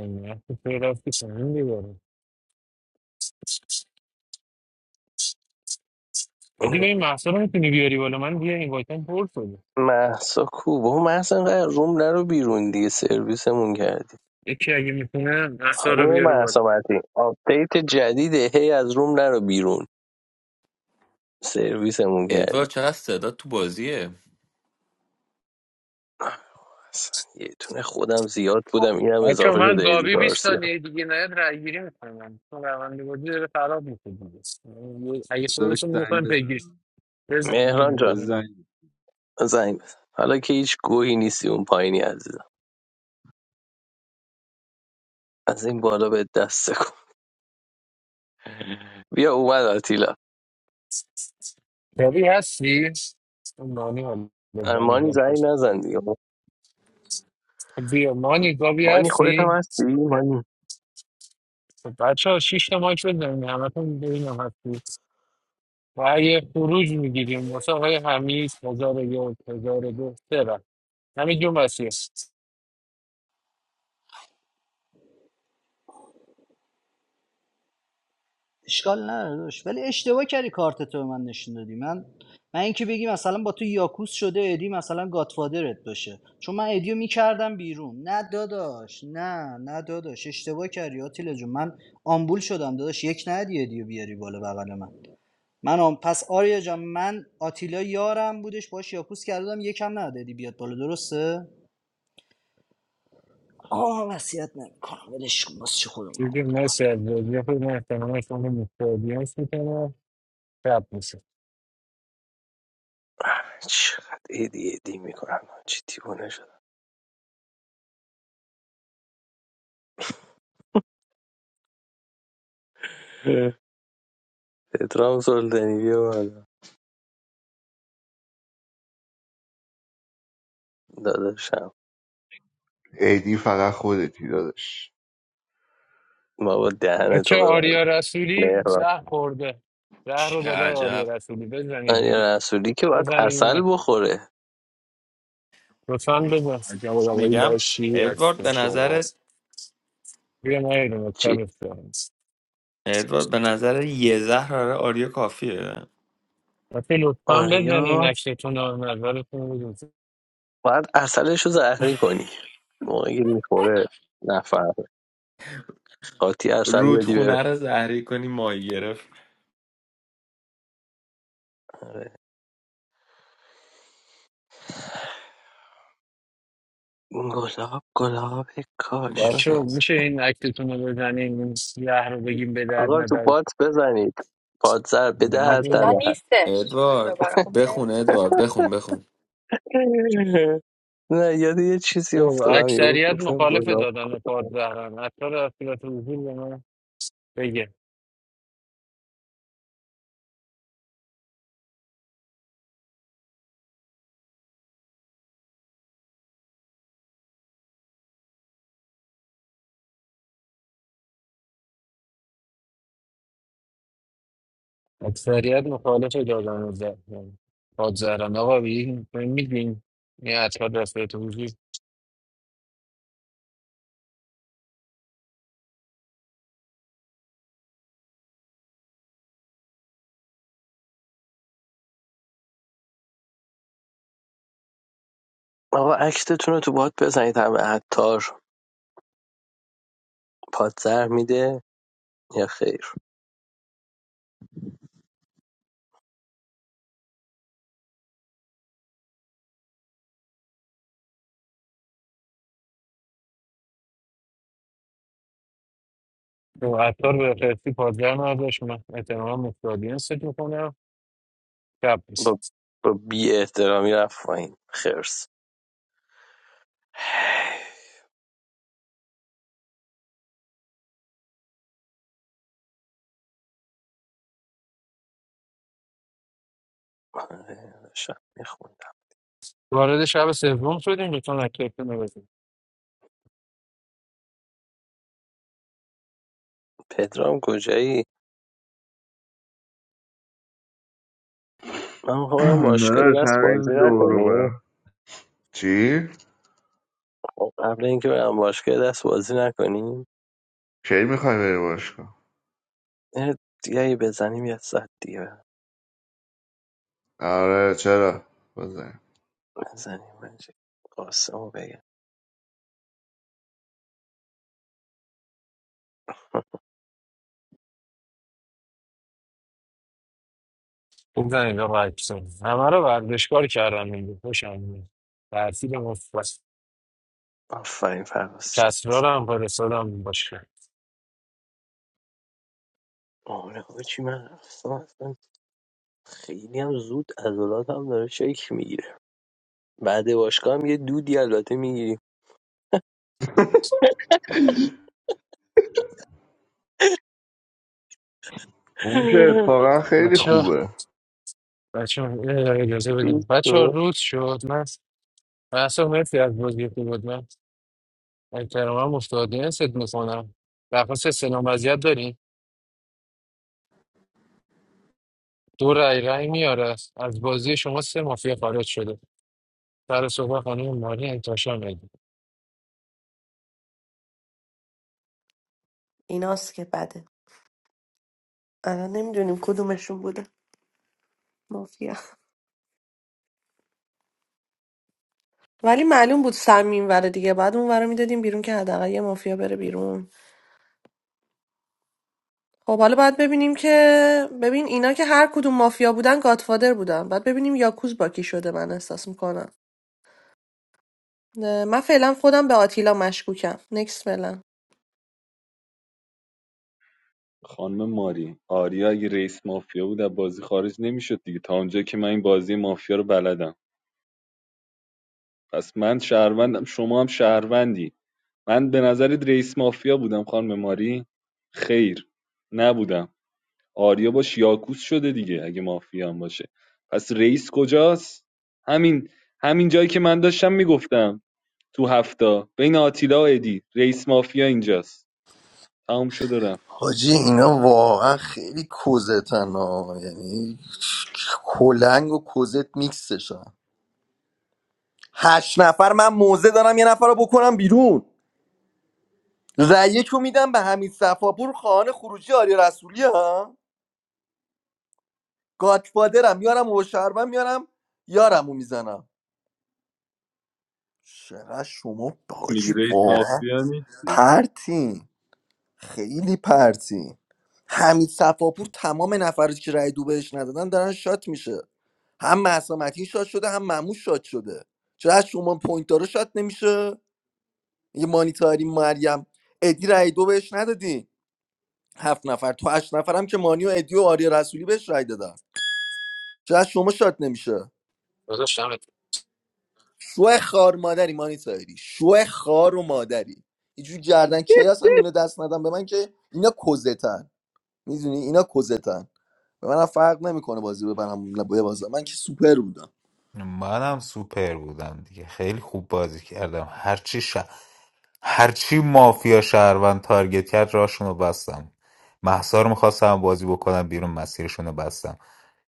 نه تو رفتی سنین دیگاره ادی به این محصا رو میتونی بیاری بالا من دیگه این وایتم پر شده
محسا کو بابا محسا اینقدر روم نرو بیرون دیگه سرویسمون کردی
یکی اگه میتونه محصا رو
خانم
بیاره بالا
محسا متین آپدیت جدیده هی از روم نرو بیرون سرویسمون کردی
ادوارد چقدر صدا تو بازیه
اصلا یه تونه خودم زیاد بودم اینم
بچه
اضافه شده
من
ایدی
گابی 20
گارسیا
ثانیه دیگه نیاد رای گیری میکنم چون روند بازی داره خراب میشه دیگه اگه
بذار بهش
صدتون
زنگ
میکنم پیگیش
بزنم
بزن من
مهران جان
به
نمی‌دونم.
زنگ
زنگ بزن حالا که هیچ گوهی نیستی اون پایینی عزیزم از این بالا به دست کن بیا اومد آتیلا
گابی هستی؟ اون نانی حالا
مانی
بزنی
زنگ نزن دیگه
بیا مانی گابی
مانی خودت هم
هستی؟
هستی مانی
خب بچه ها شیش تا مایک بزنین همه تون ببینم هستی رأی خروج میگیریم واسه آقای حمید هزار و یک هزار و دو سه رأی همین جون وسیع
اشکال نداره داشت ولی اشتباه کردی کارت تو به من نشون دادی من من اینکه بگی مثلا با تو یاکوس شده ادی مثلا گاتفادرت باشه چون من ادیو میکردم بیرون نه داداش نه نه داداش اشتباه کردی آتیلا جون من آمبول شدم داداش یک ندی ادیو بیاری بالا بغل من من آم... پس آریا جان من آتیلا یارم بودش باش یاکوس کردم یکم ندادی بیاد بالا درسته آه وصیت نمیکنم ولش کن واسه چی خودمون
دیگه
آمبول کنیم
مرسی از بازی خود من احتمالا شما رو مفت آدینس میکنم شب میشه
چقدر ایدی ایدی میکنم چی دیوونه شد پدرام سلطانی بیا بالا داداشم
ایدی فقط خودتی دادش
بابا دهن تو
بچه
ببر
آریا رسولی
مهران
زهر خورده زهر رو
چه
داده به
عجب
آریا رسولی بزنید دیگه
آریا رسولی که باید اصل
بزنید
بخوره
لطفا بزن
عجب آدمای
میگم
لاشی
ادوارد
هستین
به نظر
شما
بیا ما یه دونه
چی
تبت کنیم
ادوارد به نظر یه زهر آره آریا کافیه
بچه لطفا بزنین
آریا
اکتتون رو نظرتون رو بگید.
باید اصلش رو زهری کنی موقعی که میخوره نفر قاطی اصل بدی بره
رودخونه رو زهری کنی ماهی گرفت
آره. گلاب گلاب
بچه
کاشونه
ماشاءالله
میشه این اکتتون رو بزنین این یه رو بگیم به درد
آقا تو
ندر
بات بزنید پادزر بده هر
آتیلا
نمیدونم
ده
نیستش
ادوارد
دوباره خوب نمی‌دونم.
بخون ادوارد بخون بخون
نه یاد یه چیزی
خب
افتادم یه
اکثریت
گفتم
مخالف
گلاب
دادن پاد زهرن اکثر در صورت حضور به من بگه اکثریت مخالف دادن زهرن پاد زهرن آقا بگیم میدین این اطفال در صورت حضور
آقا اکتتون رو تو بات بزنید همه عطار پادزر میده یا خیر
خب اطفال به فرسی پادزر نداشت من اعتماع مفتادین سکر میکنم شب
با,
نیست
با بی احترامی رفت پایین خرس آره، داشتم میخوندم
وارد شب سوم شدیم لطفا اکتتون رو بزنین.
پدرام کجایی من میخوام
*clears throat*
باشگاهی
داداش
دست بازی
همین دور رو بر
نکنیم
چی؟
خب، قبل اینکه برم باشگاه یه دست بازی نکنیم
کی میخوای بری باشگاه؟
یه دیگه اگه بزنیم یه ساعت دیگه
آره چرا؟ بزن
بزنیم من چه- قاسمو بگم
بزنید آقا اکسون همه رو ورزشکار کردم این بود خوشم میاد تحصیل مفرس
آفرین فراز شد
کسرا رو هم فرستادم باشه
آره آجی من رفتم اصلا خیلی هم زود عضلات هم داره شکل میگیره بعد باشگاه هم یه دودی البته میگیریم
اون که
*laughs*
اتفاقا خیلی
بچه
خوبه
بچه اجازه
روز
بدیم بچه
شما.
روز شد من محسا مرسی از بازی خوب بود من احترامم افتادین ست میکنم درخواست سلام وضعیت داریم دو رای رای میاره از بازی شما سه مافیا خارج شده سر صبح خانم ماری انتشار میدیم
ایناست که بده الان نمیدونیم کدومشون بوده مافیا ولی معلوم بود سمیم وره دیگه بعد اون ور رو میدادیم بیرون که حداقل یه مافیا بره بیرون خب حالا باید ببینیم که ببین اینا که هر کدوم مافیا بودن گادفادر بودن باید ببینیم یاکوز با کی شده من احساس میکنم من فعلا خودم به آتیلا مشکوکم نکس فعلا
خانم ماری آریا اگه رئیس مافیا بود از بازی خارج نمیشد دیگه تا اونجا که من این بازی مافیا رو بلدم پس من شهروندم شما هم شهروندی من به نظرت رئیس مافیا بودم خانم ماری خیر نبودم آریا باش یاکوس شده دیگه اگه مافیا هم باشه پس رئیس کجاست همین همین جایی که من داشتم میگفتم تو هفته بین آتیلا و ادی رئیس مافیا اینجاست تمام شد و رفت
حاجی اینا واقعا خیلی کوزتن ها یعنی کلنگ و کوزت میکسشن هشت نفر من موزه دارم یه نفر رو بکنم بیرون رأیه رو میدم به همین صفاپور خانه خروجی آریا رسولی ها گادفادرم میارم و شربم میارم یارم رو میزنم چقدر شما
میگی
حاجی
رئیس
واقعا
مافیا نیستی
پرتین خیلی پرتی حمید صفاپور تمام نفراتی که رای دو بهش ندادن دارن شات میشه هم مهسا متین شات شده هم مموش شات شده چرا از شما پوینت داره شات نمیشه یه مانیتاری مریم ادی رای دو بهش ندادی هفت نفر تو هشت نفرم که مانی و ادی و آریا رسولی بهش رای دادن چرا از شما شات نمیشه
داداش دمت
شو خار مادری مانیتاری شو خار و مادری اینجوری گردن کیاس هم اینو دست ندن به من که اینا کزتن میدونی اینا کزتن به منم فرق نمیکنه بازی ببرم یا ببازم من که سوپر بودم
منم سوپر بودم دیگه خیلی خوب بازی کردم هرچی ش... هرچی مافیا شهروند تارگت کرد راشون رو بستم محسا رو میخواستم بازی بکنم بیرون مسیرشون رو بستم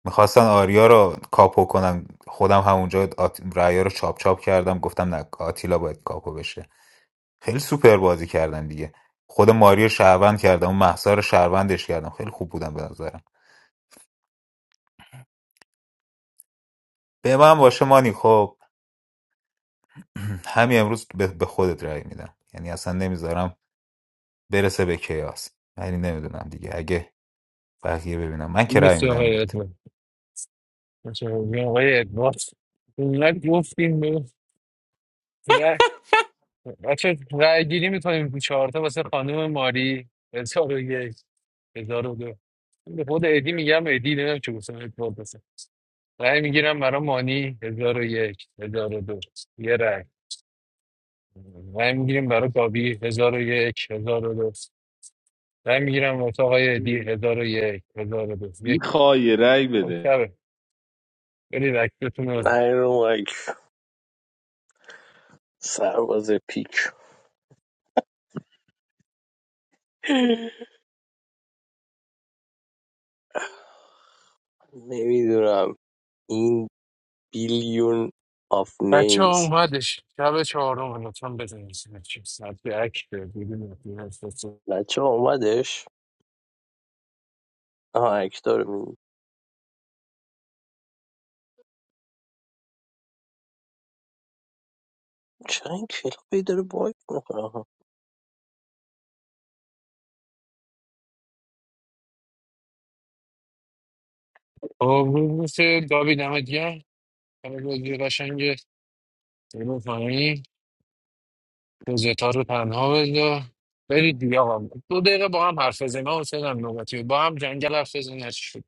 میخواستن آریا رو کاپو کنن خودم همونجا آت... رأیا رو چاپ چاپ کردم گفتم نه آتیلا باید کاپو بشه خیلی سوپر بازی کردن دیگه خود ماری رو شهروند کردم اون محسا رو شهروندش کردم خیلی خوب بودم به نظرم به من باشه مانی خب *clears throat* همین امروز به به خودت رأی میدم یعنی اصلا نمیذارم برسه به کیاس یعنی نمیدونم دیگه اگه بقیه ببینم من که رأی
مرسی
میدم
آقای
بهت
ادوارد مرسی آقای ادوارد اینقدر گفتیم نه، بچه رای گیری میکنیم چهارتا واسه خانم ماری هزار و یک هزار و دو به خود ادی میگم ادی نمیدونم چه گفتم ادوارد بسن رای میگیرم برای مانی هزار و یک هزار و دو یه رای رای میگیریم برای کابی هزار و یک هزار و دو رای میگیرم واسه آقای ادی هزار و یک هزار و دو یک
میخوای یه
خب
بده
شبه برید اکتتون رو بزنید.
نه رو مایک سرباز پیک *laughs* نمیدونم این بیلیون آف
بچه ها
نیمز
اومدش شب چهارم لطفا بزنید چیز ساعت به اکت بدون اطلاع هست.
بچه ها اومدش آها اکتار میگیم چرا این کلاپی داره باگ میکنه
آبروز گابی دمت گرم برای بازی قشنگ برو پایین روزتا رو تنها بذار برید دیگه آقا دو دقیقه با هم حرف بزنیم من حسین هم نوبتی بود. با هم جنگل حرف بزنیم هرچی شد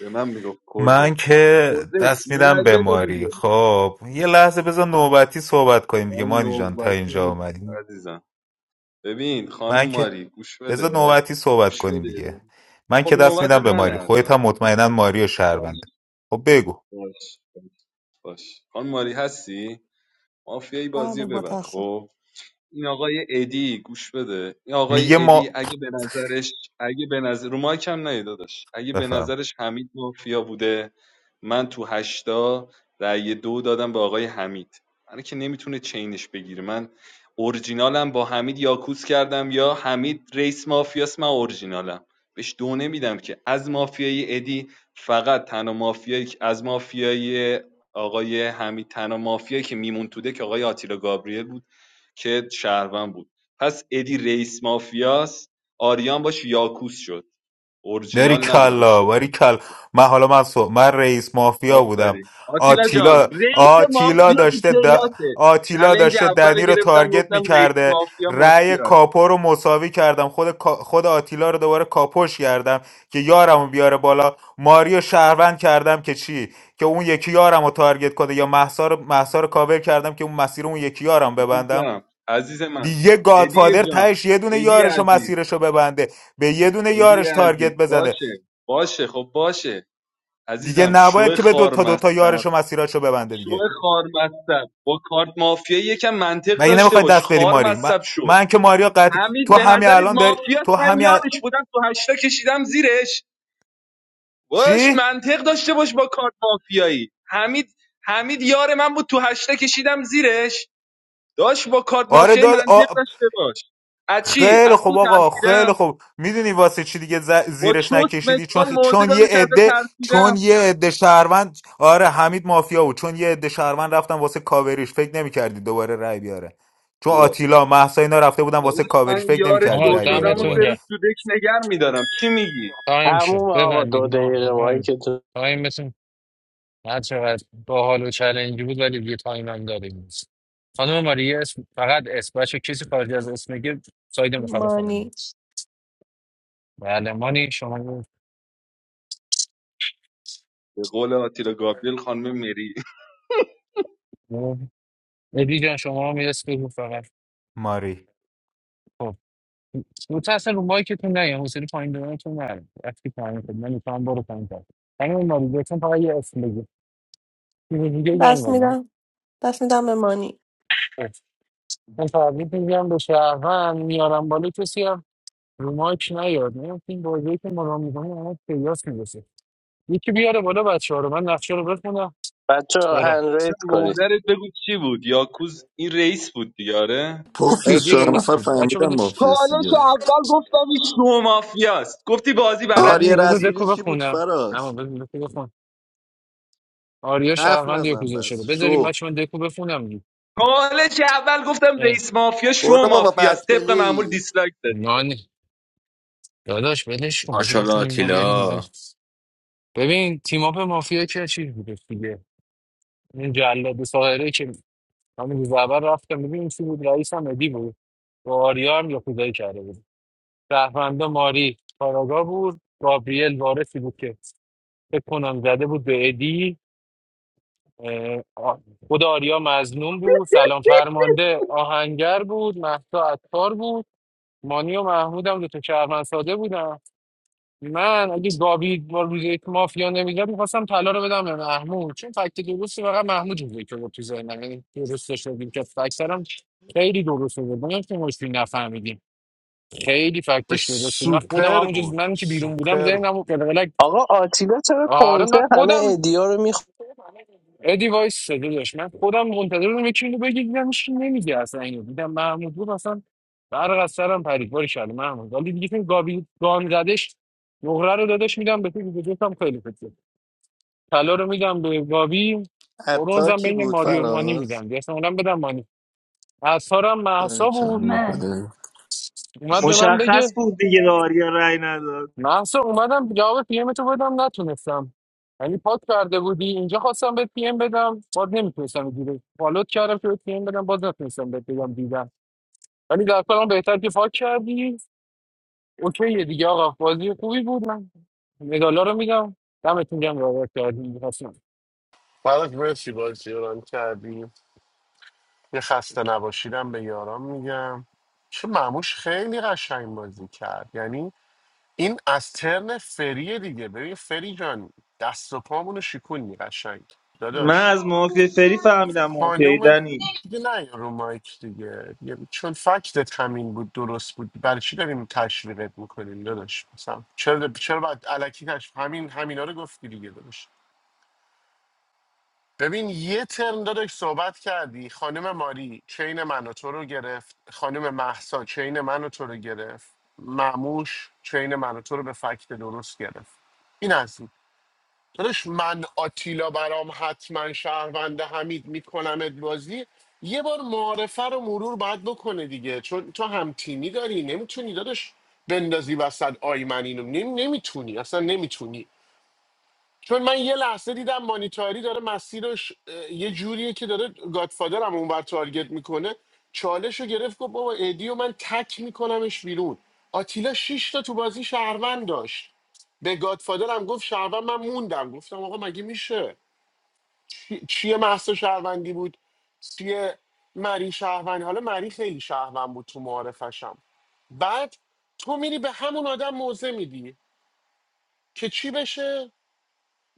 به من میگفت
من
کده
که
کده
دست
یه
میدم
رأی
به
بده
ماری
دیگه
خب یه لحظه بذار نوبتی صحبت کنیم دیگه
من
مانی جان تا
نوبتی
اینجا
نیست
اومدیم
عزیزم ببین
من
خانم
که
ماری گوش
بذار
بده
نوبتی صحبت
گوش
کنیم دیگه
بده
من
خب
که دست
نوبت
میدم به
من
ماری خودت
الان
هم مطمئنا ماری و
باش
شهروند خب بگو
باش باش باش خانم ماری هستی مافیایی بازی
بله
رو
با
ببر
دست
خب این آقای ادی گوش بده این آقای
میگه
ادی
ما
اگه به نظرش اگه به نظر رو مایک هم نهی داداش اگه به
بفهم
نظرش حمید مافیا بوده من تو هشتا رأی دو دادم به آقای حمید من که نمیتونه چینش بگیره من اورجینالم با حمید یاکوس کردم یا حمید رئیس مافیاس من اورجینالم بهش دو نمیدم که از مافیای ادی فقط تنها مافیایی که- از مافیای آقای حمید تنها مافیایی که میمون توده که آقای آتیلا گابریل بود که شهروند بود پس ادی رئیس مافیاس آریان باش یاکوس شد
باری
اورجینال نبوده باش
کلا باری
یاکوس
کلا
شده
من حالا من, سو... من رئیس مافیا بودم
آفرین آتیلا جان
آتیلا
رئیس
آتیلا
مافیا تو
داشته د...
کیلاته
آتیلا
چلنج
داشته
اول رو
دنی رو
گرفتم
تارگت
گفتم رئیس
میکرده
مافیا
رأی
مافیا
کاپو رو مساوی کردم خود کا- خود آتیلا رو دوباره کاپوش کردم که یارم رو بیاره بالا ماریو شهروند کردم که چی که اون یکی یارم رو تارگت کنه یا محسا رو, مهسا رو کاور کردم که اون مسیر اون یکی یارم ببندم
عزیزم عزیز من
دیگه
ادی
گادفادر
جان
تهش یه دونه
ادی
یارش و
عزیز
مسیرش رو ببنده به یه دونه
ادی
یارش تارگت
عزیز
بزنه
باشه باشه خب باشه
دیگه
عزیزم
نباید
شو
که به
خار
دوتا دوتا
مصب
یارش و مسیرش رو ببنده
شو
دیگه
خار مصب با کارت مافیا یکم منطق
مگه
داشته
نمیخوای
باش
دست بدی
خار
ماری من,
مصب شو
من که ماریا قطع تو
حمید به
همین
نظرت
الان داری
مافیاست
تو
من
همین ال-
یادش بودم تو هشتا کشیدم زیرش باش
چی
منطق داشته باش با کارت مافیایی حمید حمید یار من بود تو هشتا کشیدم زیرش داش با کارت
آره
مافیایی
داد آ...
منطق داشته باش از چی
خیلی
از
خوب
تو
آقا خیلی
ترسیدم
خوب میدونی واسه چی دیگه ز-
با
زیرش
چوس
نکشیدی چون
مثقال
خ-
موزه
چون یه
دادم که ازت
عده چون
ترسیدم
یه عده شهروند آره حمید مافیا بود چون یه عده شهروند رفتن واسه کاوریش فکر نمیکردی دوباره رای بیاره چون
وا.
آتیلا مهسا اینا رفته بودن واسه
داداش من
کاوریش فکر
یار
نمیکردی
آقا
شو
رای بیاره
شدم و سه
دمتون
دوباره
روز
گرم
تو دک نگر میدارم چی میگی
تایم
تموم
شد
آقا دو
ببندید ما
دقیقه مایی
من
که تو
تایمتون هر چقدر با حال و چلنجی بود ولی یه تایم هم داریم خانم ماری اسم فقط اسم بچه کسی خارج از اسم بگه ساید مخالف
مانی
فرمید بله مانی شما
به قول آتیلا گابریل خانم مری *laughs*
ادی جان شما رو میرس بگو فقط
ماری
خب رو اصلا رو مایکتون نه حوصله پایین دادنتون نره وقتی پایین خود من میتونم برو پایین تر همین ماریجتون فقط یه اسم بگو چیز دیگه یان
دست
بگم
میدم دست میدم به مانی
من تبریک میگم به شهروند میارم بالا کسی هم رو مایک نیاد نه این بازی که ما رو میکنیم همه پیاس میرسه یکی بیاره بالا بچه ها رو من نقشه رو بخونم
بچه
برم
هنریت کنید
مادرت بگو چی بود یاکوز این رئیس بود دیاره
پافیوز
ادی
چهار
رئیس
نفر
بود بچه
فهمیدم
بده
مافیاس
چالش
دیگه
اول گفتم این شو مافیاست گفتی بازی بلد
آریا
مانی بذار
نیستی
رسولی
دکو
چی بود
بخونم اما
فراز
بذار دکو بخونم. آریا
حرف
شهروند
نزن
یکوزا
بس
شده بذاریم
شو
بچه من دکو بخونم
چالش اول گفتم
اه،
رئیس مافیا شو
برو بابا بد
مافیاست طبق معمول
پلی
دیسلایک دادی
نان داداش ولش کن بذار
ماشاءالله
بخونیم ما بریم ما-
آتیلا
ببین تیم اپ مافیا که چیز بوده دیگه این جلاد ساهره که همین روز اول رفتم ببین چی بود رئیس هم ادی بود با آریا هم یکوزایی کرده بود شهروندا ماری کاراگا بود گابریل وارثی بود که فکر کنم زده بود به ادی اه، آ- خود آریا مظنون بود سلام فرمانده آهنگر بود مهسا عطار بود مانی و محمود هم دوتا شهروند ساده بودن من اگه گابی با روز یک مافیا نمیداد میخواستم طلا رو بدم به محمود چون فکت درستی فقط محمود بود که بود تو ذهنم یعنی درست داشته که فکترم خیلی درست بود من که مشکلی نفهمیدیم خیلی
وای،
فکتش درست بود من خودم
سوپر
همون جز
بود
من که بیرون بودم
سوپر بود
ذهنم و قلقلک
آقا آتیلا چرا
آره
کنسه
من
همه
خودم
ایدیا رو
ادی وایس صدا داشت من خودم منتظر بودم یکی اینو بگه دیدم هیچ کی نمیگه اصلا اینو دیدم محمود بود اصلا برق از سرم پرید باری شده محمود ولی دیگه این گابی گان زدش نقره رو دادش میدم به تو دیگه دوستم خیلی خوبه طلا رو میدم به گابی
حتی
برونزم
کی
بین
بود
ماریو مانی میدم
فراز
دیگه اصلا اونم بدم مانی اثرم مهسا بود
من
باری
اومد به من
مشخص
بگه
بود دیگه آریا رای نداد
محسا اومدم جواب پی ام تو بدم نتونستم یعنی پاک کرده بودی اینجا خواستم به پی ام بدم باز نمیتونستم دیگه فالوت کردم که به پی ام بدم باز نتونستم بهت بگم دیدم ولی در کلام بهتر که پاک کردی اوکیه دیگه آقا بازی خوبی بود من مدالا رو میدم دمتون گرم بابت کردی میخواستم
بعد مرسی بازی رو ران کردی یه خسته نباشیدم به یاران میگم چه مموش خیلی قشنگ بازی کرد یعنی این از ترن فریه دیگه ببین فری جان دست و پامونو شکونی قشنگ
من
داداش
از مافیا فری فهمیدم مافیا
خانوم
دنی
دیگه نه رو مایک دیگه یه- چون فکتت همین بود درست بود برای چی داریم تشویقت میکنیم داداش مثلا چرا چرا باید الکی تشویق همین همینا رو گفتی دیگه داداش ببین یه ترم داداش صحبت کردی خانم ماری چین من و تو رو گرفت خانم محسا چین من و تو رو گرفت معموش چین من و تو رو به فکت درست گرفت این از این. داداش من آتیلا برام حتما شهروند حمید میکنمت بازی یه بار معارفه رو مرور باید بکنه دیگه چون تو هم تیمی داری نمیتونی داداش بندازی وسط آی من اینو نمی... نمیتونی اصلا نمیتونی چون من یه لحظه دیدم مانیتاری داره مسیرش اه، یه جوریه که داره گادفادرم اونور تارگت میکنه چالش رو گرفت گفت بابا ادی و من تک میکنمش بیرون آتیلا شش تا تو بازی شهروند داشت به گادفادرم گفت شهروند من موندم گفتم آقا مگه میشه چی- چیه محصه شهروندی بود چیه مری شهروند حالا مری خیلی شهروند بود تو معارفشم بعد تو میری به همون آدم موزه میدی که چی بشه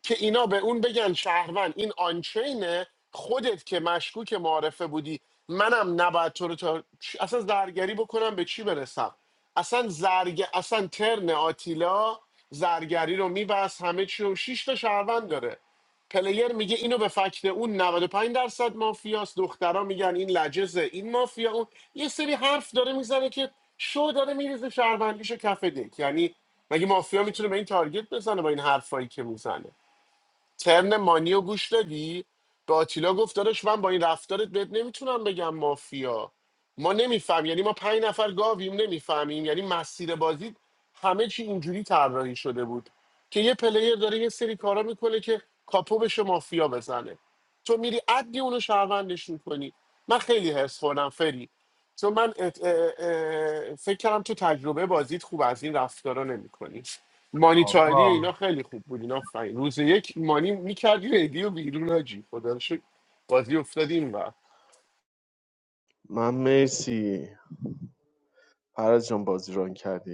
که اینا به اون بگن شهروند این آنچینه خودت که مشکوک معارفه بودی منم نباید تو رو تا... چ- اصلا زرگری بکنم به چی برسم اصلا زرگ اصلا ترن آتیلا زرگری رو میبست همه چی رو شیش تا شهروند داره پلیر میگه اینو به فکت اون 95 درصد مافیاست دخترا میگن این لجزه این مافیا اون یه سری حرف داره میزنه که شو داره میریزه شهروندیشو کف دک یعنی مگه مافیا میتونه به این تارگت بزنه با این حرفایی که میزنه ترن مانیو گوش دادی به آتیلا گفت داداش من با این رفتارت بهت نمیتونم بگم مافیا ما نمیفهم یعنی ما پنج نفر گاویم نمیفهمیم یعنی مسیر بازی همه چی اینجوری طراحی شده بود که یه پلیر داره یه سری کارا میکنه که کاپو بشه مافیا بزنه تو میری عدی اونو شهروندش میکنی من خیلی حس خوردم فری چون من ات- اه، اه، فکر کردم تو تجربه بازیت خوب از این رفتارا نمیکنی مانیتاری
آقا
اینا خیلی خوب بود اینا فاین روز یک مانی میکردی ریدی و بیرون هاجی خدا رو شکر بازی افتاد این و
من مرسی فراز جان بازی ران کردی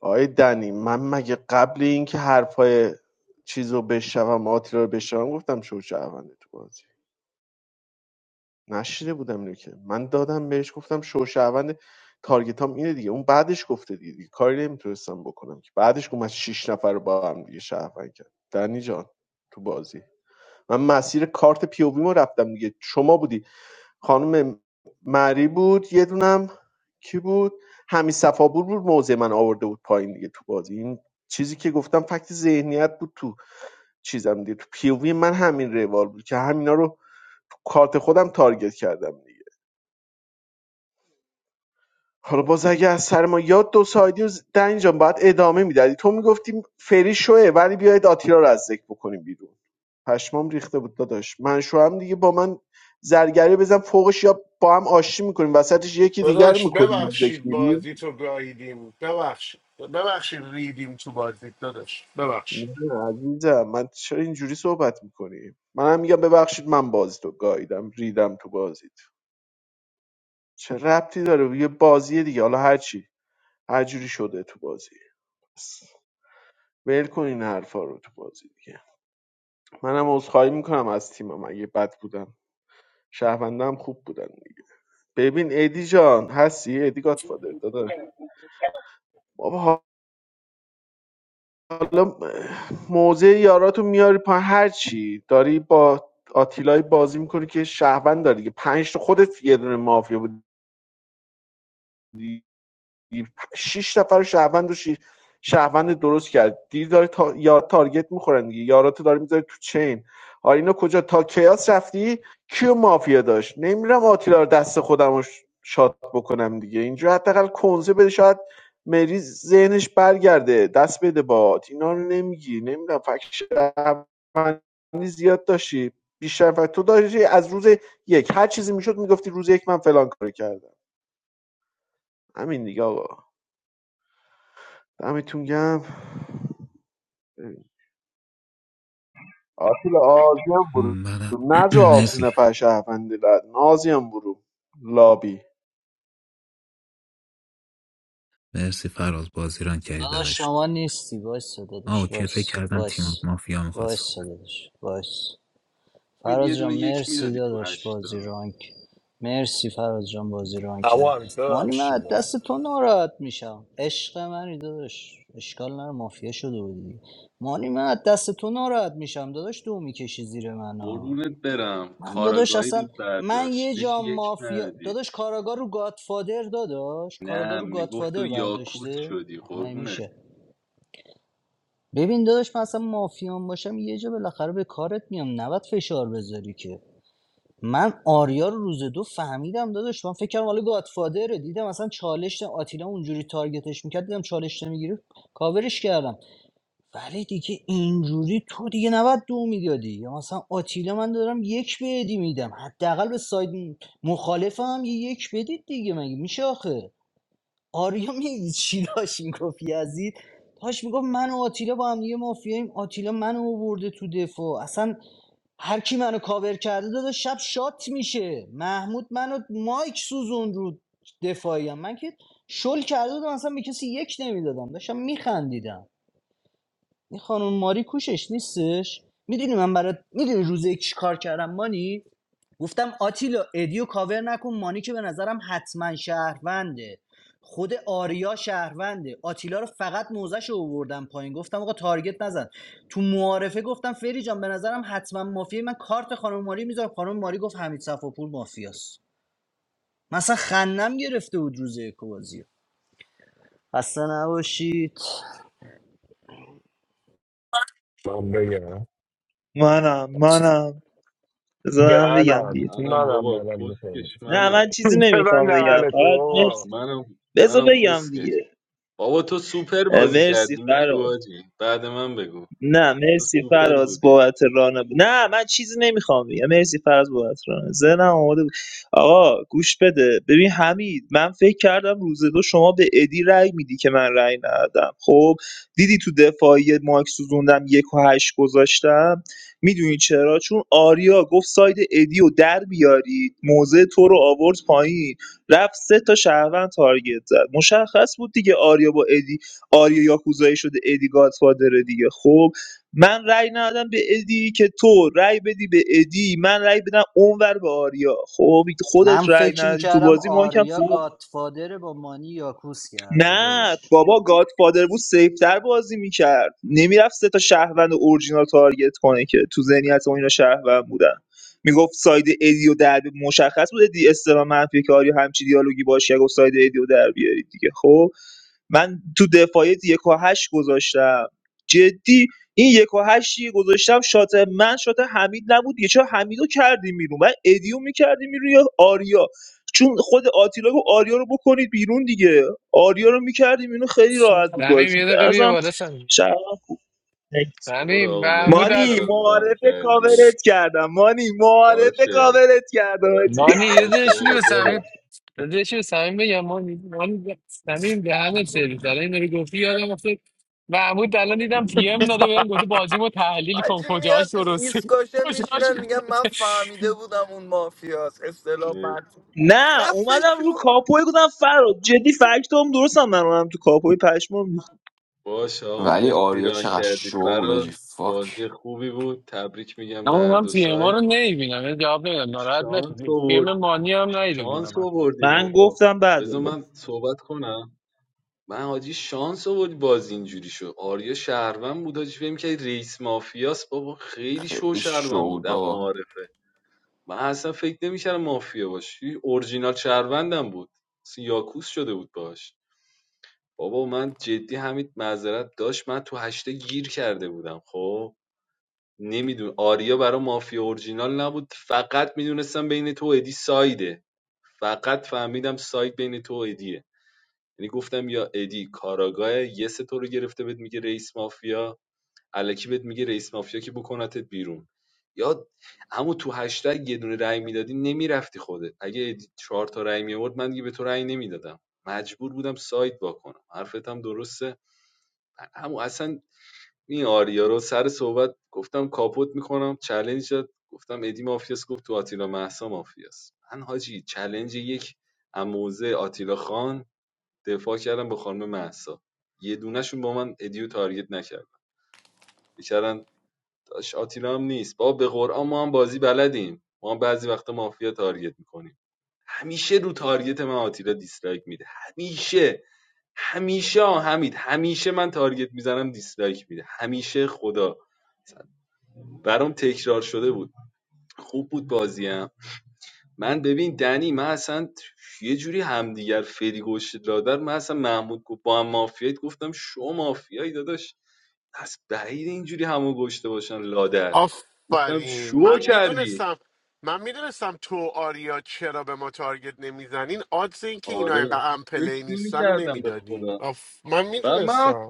آقای دنی من مگه قبل اینکه حرفای چیزو رو بشنوم آتیلا رو بشنوم گفتم شوشهونده تو بازی نشیده بودم اینو که من دادم بهش گفتم شوشهونده تارگت هم اینه دیگه اون بعدش گفته دیگه, دیگه کاری نمیتونستم بکنم که بعدش گفت من شیش نفر رو با هم دیگه شهروند کرد دنی جان تو بازی من مسیر کارت پی او وی ما رفتم دیگه شما بودی خانم مری بود یه دونم کی بود همین صفابور بود موضع من آورده بود پایین دیگه تو بازی این چیزی که گفتم فکت ذهنیت بود تو چیزم دیگه تو پیووی من همین روال بود که همینا رو تو کارت خودم تارگت کردم دیگه حالا باز اگه از سر ما یاد دو سایدی و در اینجا باید ادامه میدادی تو میگفتی فری شوه ولی بیاید آتیلا رو از ذکر بکنیم بیرون پشمام ریخته بود داداش من شوام دیگه با من زرگری بزن فوقش یا با هم آشتی میکنیم وسطش یکی دیگر
داداش
میکنیم مردک
ببخشید
میریم
بازی تو گاهیدیم ببخشید ببخشید ریدیم تو بازی داداش ببخشید
نه عزیزم من چرا اینجوری صحبت میکنیم. من هم میگم ببخشید من بازی تو گاییدم ریدم تو بازیت چه ربطی داره یه بازیه دیگه حالا هرچی هر جوری شده تو بازی ول کن این حرفا رو تو بازی دیگه منم عذرخواهی میکنم از تیمم اگه بد بودم شهروندم خوب بودن دیگه ببین ادی جان هستی ادی گاتفادر داداش بابا حالا موضع یاراتو میاری پا هر چی داری با آتیلای بازی میکنی که شهروند داری دیگه پنج تا خودت یه دونه مافیا بود 6 نفر شهروند و شی- شهروند درست کرد دیر داره تا... یا تارگت میخورن دیگه یاراتو داره میذاره تو چین آ اینو کجا تا کیاس رفتی کیو مافیا داشت نمیرم آتیلا رو دست خودم شات بکنم دیگه اینجا حداقل کنزه بده شاید مری ذهنش برگرده دست بده باد اینا رو نمیگی نمیدونم فکر زیاد داشتی بیشتر فکر تو داشتی از روز یک هر چیزی میشد میگفتی روز یک من فلان کارو کردم همین دیگه آقا دمتون گم آتیل آزی هم برو نجا
من *clears throat*
آلتی نفر شهروندی لد نازی هم برو لابی
مرسی فراز بازی ران کردی
داداش
داداش
شما نیستی وایسا
آه
داداش
اوکی فکر
وایس
کردم تیم
وایس
مافیا میخواد
وایسا
صحبت
داداش وایس
همین یه
فراز جان
دونه یک
مرسی
میدادی تو
داداش بازی
هشتا
رانک مرسی فراز جان بازی رانک
اما
کرد
همیشه
مانی من از
ببخشید
دست تو ناراحت میشم عشق منی داداش اشکال نره مافیا شده بودی مانی من از دست تو ناراحت میشم داداش دو میکشی زیر من ها.
قربونت برم
من داداش
کاراگاهی رو
اصلا من
برداشت
یه
بهش
جا
یک
مافیا
ندادی
داداش کاراگاه رو گادفادر داداش کاراگاه
نه
رو
میگفت تو
گادفادر
یاکوس
برداشته
شدی
آخه من
قربونت
میشه ببین داداش من اصلا مافیان باشم یه جا بالاخره به کارت میام نباید فشار بذاری که من آریا رو روز دو فهمیدم داداش من فکر کردم حالا گادفادره دیدم اصلا چالش آتیلا اونجوری تارگتش میکرد دیدم چالش نمیگیره کاورش کردم ولی دیگه اینجوری تو دیگه نباید دو میدادی یا مثلا آتیلا من دارم یک بدی میدم حداقل به ساید مخالفم یه یک بدید دیگه مگه میشه آخه آریا میدید چی داشت این کافی عزیز داشت میگفت من و آتیلا با هم دیگه مافیاییم آتیلا منو آورده تو دفاع اصلا هر کی منو کاور کرده داده شب شات میشه محمود منو مایک سوزون رو دفاعیم من که شل کرده بودم اصلا به کسی یک نمیدادم داشتم میخندیدم این خانم ماری کوشش نیستش میدونی من برات میدونی روز یک چی کار کردم مانی گفتم آتیلا ادیو کاور نکن مانی که به نظرم حتما شهرونده خود آریا شهرونده آتیلا رو فقط موزش رو آوردم پایین گفتم آقا تارگت نزن تو معارفه گفتم فری جان به نظرم حتما مافیه من کارت خانم ماری میذارم خانم ماری گفت حمید صفاپور مافیاست مثلا خندم گرفته بود روز بازی خسته نباشید
من بگم
منم منم بذار من بگم
دهنم
دیگه
منم
نانم
بابا
منم میکنی
کسکش
نه
منم
من
*laughs*
چیزی
ببن
نمیخوام بگم
دهن تو
فقط مرسی
بابا
منم
بذار
منم
بگم
کسکش
دیگه
بابا تو سوپر بازی
مرسی
کردی
فراد
نگو آجی بعد من بگو
نه
تو
مرسی
سوپر
فراز
بودی
بابت رانه نه من چیزی نمیخوام بگم مرسی فراز بابت رانه ذهنم آماده بود آقا گوش بده ببین حمید من فکر کردم روز دو شما به ادی رأی میدی که من رأی ندادم خب دیدی تو دفاعی ماک سوزوندم یک و هشت گذاشتم میدونی چرا چون آریا گفت ساید ادی رو در بیارید موزه تو رو آورد پایین رفت سه تا شهروند تارگت زد مشخص بود دیگه آریا با ادی آریا یاکوزایی شده ادی گادفادر دیگه خب من رأی ندادم به ادی که تو رأی بدی به ادی من رأی بدم اونور به آریا خب خودت
من
رأی
فکر
ندادی تو
میکردم
بازی ما کم
آریا
سود
گادفادر با مانی یاکوس کرده
نه
داداش
بابا گاد فادر بود سیفتر بازی میکرد نمیرفت سه تا شهروند اورجینال تارگت کنه که تو ذهنیت اون اینا شهروند بودن میگفت ساید ادی و در مشخص بود ادی استرا منفی که آریا همچی دیالوگی باشه گفت ساید ادی و در بیارید دیگه خب من تو دفاعیت یک و هشت گذاشتم جدی این یک و هشتی گذاشتم شات من شات حمید نبود یه چرا حمیدو کردیم بیرون من ادیو میکردیم بیرون یا آریا چون خود آتیلا گفت آریا رو بکنید بیرون دیگه آریا رو میکردیم بیرون خیلی
صمیم
راحت بود بازی
یه
به
دقیقه بیا
نظرم
بالا صمیم
شهر-
برو
صمیم
آقا
محمود
مرسی
ال-
مانی
فراز ران
معارفه
کردی
کاورت کردم مانی معارفه
باشه
کاورت کردم حاجی.
نانی یه
باشه
دشتی
آقا
به صمیم
برو
داداش صمیم بگم ما من صمیم دهنت سرویس الان اینو رو گفتی یادم افتاد محمود الان دیدم پی ام داده بهم گفته بازیمو تحلیل
I just
کن کجاش
want to
درسته
discuss.
*laughs*
I'm not
کجاش
trying to be mean. I'm a
غلطه
family. I don't want to be a mafia. I'm just a little
مر-
bit.
نه اومدم
What's
رو
up?
کاپوی گفتم فراد جدی فکتام درستم من اومدم تو کاپوی پشمام
باشه آقا
ولی
مرسی
آریا
ران
چقدر
کردی
شو بود
فراز
آجی
بازی
فاک
خوبی بود تبریک میگم به
اما
هر
من
دو
پی ام
سایت
رو نمیبینم جواب نمیدم ناراحت
شانس
نشید پی ام
آورد
مانی هم ندیده بودم
شانس
اصلا.
آوردیم
من
آقا
گفتم بعد
بذار
بود.
من صحبت کنم من حاجی شانس آورد باز اینجوری شد آریا شهروند بود حاجی فکر که رئیس مافیاس بابا خیلی شو
خیلی شو
شهروند
بود
بود اما
بابا
معارفه من اصلا فکر نمیکردم مافیا باشی اورجینال شهروندم بود سیاکوس شده بود باش بابا من جدی همین معذرت داشت من تو هشته گیر کرده بودم خب نمیدون آریا برا مافیا اورجینال نبود فقط میدونستم بین تو و ادی سایده فقط فهمیدم ساید بین تو و ادیه یعنی گفتم یا ادی کاراگاه یه تو رو گرفته بهت میگه رئیس مافیا الکی بهت میگه رئیس مافیا که بکنتت بیرون یا همون تو هشتگ یه دونه رأی میدادی نمیرفتی خودت اگه چهار تا رأی میورد من دیگه به تو رأی نمیدادم مجبور بودم سایت با کنم حرفت هم درسته همون اصلا این آریا رو سر صحبت گفتم کاپوت میکنم چلنج داد گفتم ادی مافیاس گفت تو آتیلا محسا مافیاس من حاجی چلنج یک اموزه آتیلا خان دفاع کردم با خانم محسا یه دونهشون با من ادیو تارگت نکرد داش آتیلا هم نیست با به قرآن ما هم بازی بلدیم ما هم بعضی وقتا مافیا تارگت میکنیم همیشه رو تارگت من آتیلا دیسلایک میده همیشه همیشه حمید همیشه من تارگت میزنم دیسلایک میده همیشه خدا برام تکرار شده بود خوب بود بازیم من ببین دنی من اصلا یه جوری همدیگر فری گوش لادر من اصلا محمود گفت با هم مافیایت گفتم شو مافیایی داداش از بعید اینجوری همو گشته باشن لادر گفتم
آفرین
شو
من
کردی
میدونستم من میدونستم تو و آریا چرا به ما تارگت نمیزنین آدز این که اینا
آره
اینقدر
فکر
امپلی
نمی
نیستن رو
کردم به
نمیدادین
خدا
آف... من
و من
میدونستم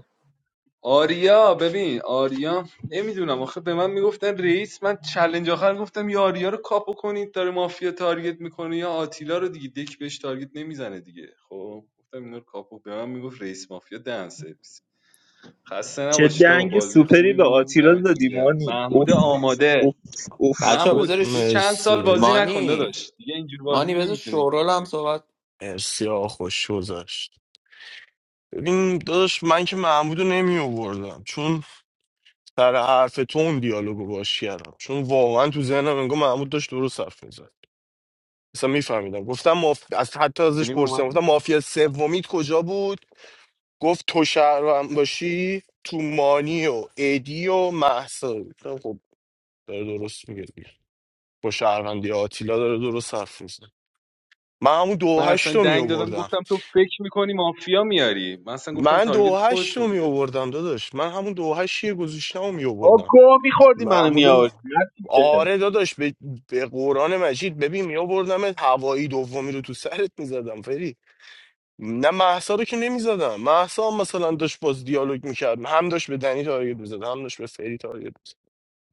آریا ببین آریا نمیدونم آخه به من میگفتن رئیس من چلنج آخر گفتم یا آریا رو کاپو کنید داره مافیا تارگت میکنه یا آتیلا رو دیگه دک بهش تارگت نمیزنه دیگه خب گفتم اینا رو کاپو به من میگفت رئیس مافیا دهن سرویس خسته
چه
نباشید آقا
دنگ
بازی
سوپری
خوبی
به
بود
آتیلا
دمتون
دادی
گرم
مانی اوف
محمود آماده
اوف اوف
بچه ها
اوف
محمود یه
بذارش
چند سال
مرسی
بازی نکن
مانی
داداش دیگه اینجور بازی
مانی بذار
نمیتونی
شورال هم
بکنی
صحبت
مرسی آقا خوش گذشت ببین داداش من که محمودو نمی آوردم چون سر حرف تو اون دیالوگو باش کردم چون واقعا تو ذهنم انگار محمود داشت درست حرف میزد اصلا میفهمیدم گفتم ماف... از حتی ازش
بریم اومد
پرسیدم گفتم مافیا سومیت کجا بود گفت تو شهرم باشی تو مانی و ادی و مهسا گفتم خب داره درست میگه با شهروندی آتیلا داره درست حرف میزنه من همون دو و
من اصلا
هشت رو می
دنگ دادم
آوردم
گفتم تو فکر میکنی مافیا میاری من اصلا گفتم
من دو و
تارگت
هشت رو
خودتو
می
بیار
آوردم داداش من همون دو و هشت گذاشتم رو می
با
آوردم
گو میخوردی منو
محمود رو-
میآوردی هرچی که
آره داداش به, به قرآن مجید ببین می آوردم هوایی دومی رو تو سرت می زدم فری نه محسا رو که نمی زدم محسا هم مثلا داشت باز دیالوگ می کرد هم داشت به دنی تارگت می زد هم داشت به فری تارگت می زد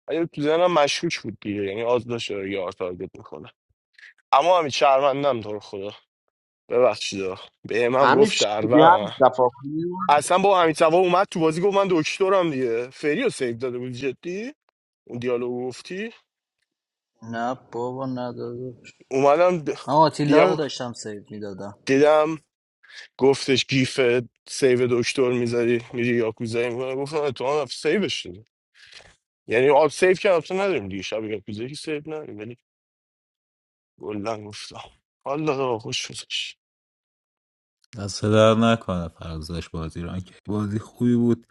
ولی تو ذهنم مشکوک بود دیگه یعنی آز داشت یار تارگت میکنه اما همین شهروندم تو رو خدا ببخشید به هم
همین
گفت
چی بی همین
شهروند
دفعه کنیم
اصلا با همین توا اومد تو بازی گفت من دکترم دیگه فری رو سیف داده بود جدی اون دیالوگ گفتی
نه بابا نداده
اومدم د-
من آتیلا رو
یهو
داشتم سیو میدادم
دیدم گفتش گیف سیف دکتر میذاری میری یاکوزایی میکنه گفتم تو هم سیفش شدی یعنی آب سیف که تو نداریم دیگه شب یاکوزایی که سیف نداریم ولی گلن گفتم والا خوش گذشت
دست در نکنه فراز داشت بران که خوبی بود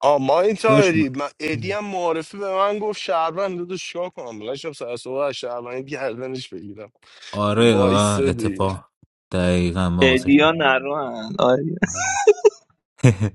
آ ما این
داشت
تایری من ادی هم معارفه به من گفت شهروند دو شکا کنم بلند شدم سر صبح از شهروند گردنش بگیرم
آره
وایس
و
دیگه
اتفاق دقیقا ما واسه
فدیا نروهن آره.
*laughs*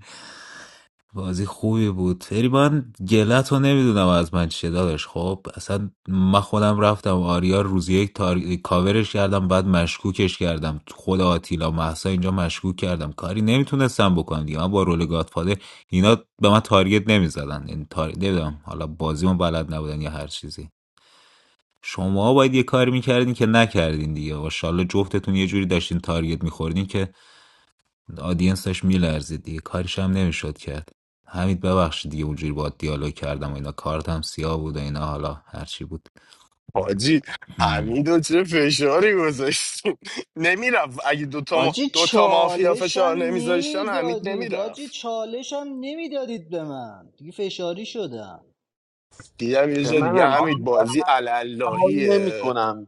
بازی خوبی بود فری من گلت رو نمیدونم از من چیه داداش خب اصلا من خودم رفتم آریا روز یک تار... کاورش کردم بعد مشکوکش کردم خود آتیلا محسا اینجا مشکوک کردم کاری نمیتونستم بکنم دیگه من با رول گادفادر اینا به من تارگت نمیزدن این تار... نمیدونم حالا بازیمو بلد نبودن یا هر چیزی شما باید یه کاری میکردین که نکردین دیگه واشالله جفتتون یه جوری داشتین تارگت میخوردین که آدینس داشت میلرزید دیگه کاریش هم نمیشد کرد حمید ببخشید دیگه اونجوری با دیالوگ کردم و اینا کارت هم سیاه بود و اینا حالا هرچی بود
حاجی
هم.
حمیدو چه فشاری گذاشتیم نمیرفت اگه دوتا ما...
آجی
دوتا مافیا
چالشم
فشار نمیذاشتن حمید
نمیدادید آجی
نمیرفت
چالشم نمیدادید به من دیگه فشاری شدم
دیدم یه
به
جا دیگه
منم
حمید بازی
آشنایی نمی
علاللهیه
کنم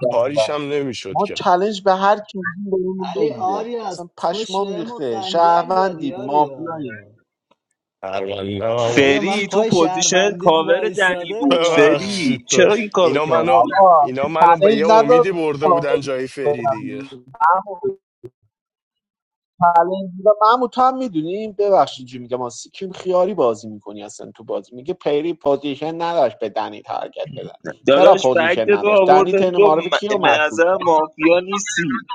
کاریش هم نمیشد
ما
که
چلنج به هر کی میدیم بهمون
علی
نمیده
آریا از
اصلا
پشت
پشمام
بهمون
ریخته
خنجر زدی
شهروندی مافیایی
آریا
پرونده هم
آریا من
فری تو
پای
پوزیشن
شهروندیت
کاور دنی
وایستاده
بود
بودم آ
ببخشید
فری
تو
چرا این کارو
اینا منو
کردی
آقا
اینا منو به یه
چلنج ندار
امیدی برده بودن جای فری دیگه
*laughs* چالش و محمود تو هم میدونیم ببخشید چی میگم ما سیکیم خیاری بازی میکنی اصلا تو بازی میگه پیری پوزیشن نداشت به دنی تارگت بزن چرا
داداش فکت
پوزیشن
تو
نداشت
آورد
دنی
بهت گفت
تن معرف کیو
م- به
مشکوک کرد
نظر مافیا نیستی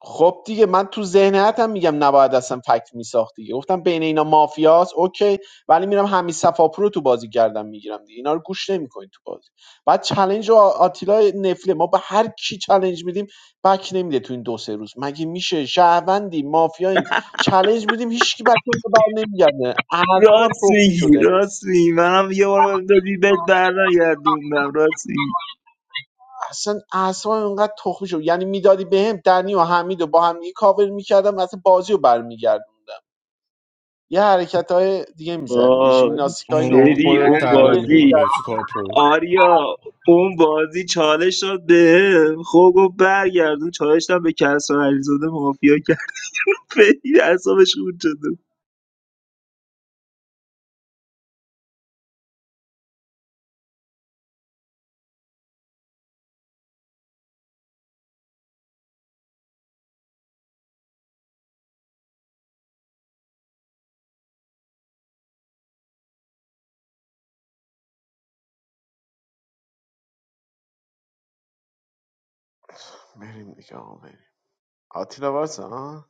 خب دیگه من تو ذهنیتم میگم نباید اصلا فکت میساخت دیگه گفتم بین اینا مافیاست اوکی ولی میرم همین صفاپور رو تو بازی گردم میگیرم دیگه اینا رو گوش نمیکنین تو بازی بعد چلنج و آتیلا نفله ما به هر کی چلنج میدیم بک نمیده تو این دو سه روز مگه میشه شهروندی مافیاییم چلنج میدیم هیچکی بک بر نمیگرده اعصابم
راست
تخمی
میگی
شده
راست میگی منم یه بار بهم دادی بهت برنگردوندم راست میگی
اصلا اعصابم اینقدر تخمی شد یعنی میدادی بهم دنی و حمید و با هم دیگه کاور میکردم اصلا بازی رو برمیگردم یه حرکت های دیگه میزنیم یه
وای
ژیمناستیک های
我
نوین
我
فری
的
اون
家那
یه
里
جوری
بازی
也
در-
是靠谱，
آریا اون بازی چالش داد به خب گفت برگردون چالش دادم به کسرا علیزاده مافیا کرد *laughs* خیلی اعصابش خورد شده
بریم دیگه آقا بریم آتیلا واسه ها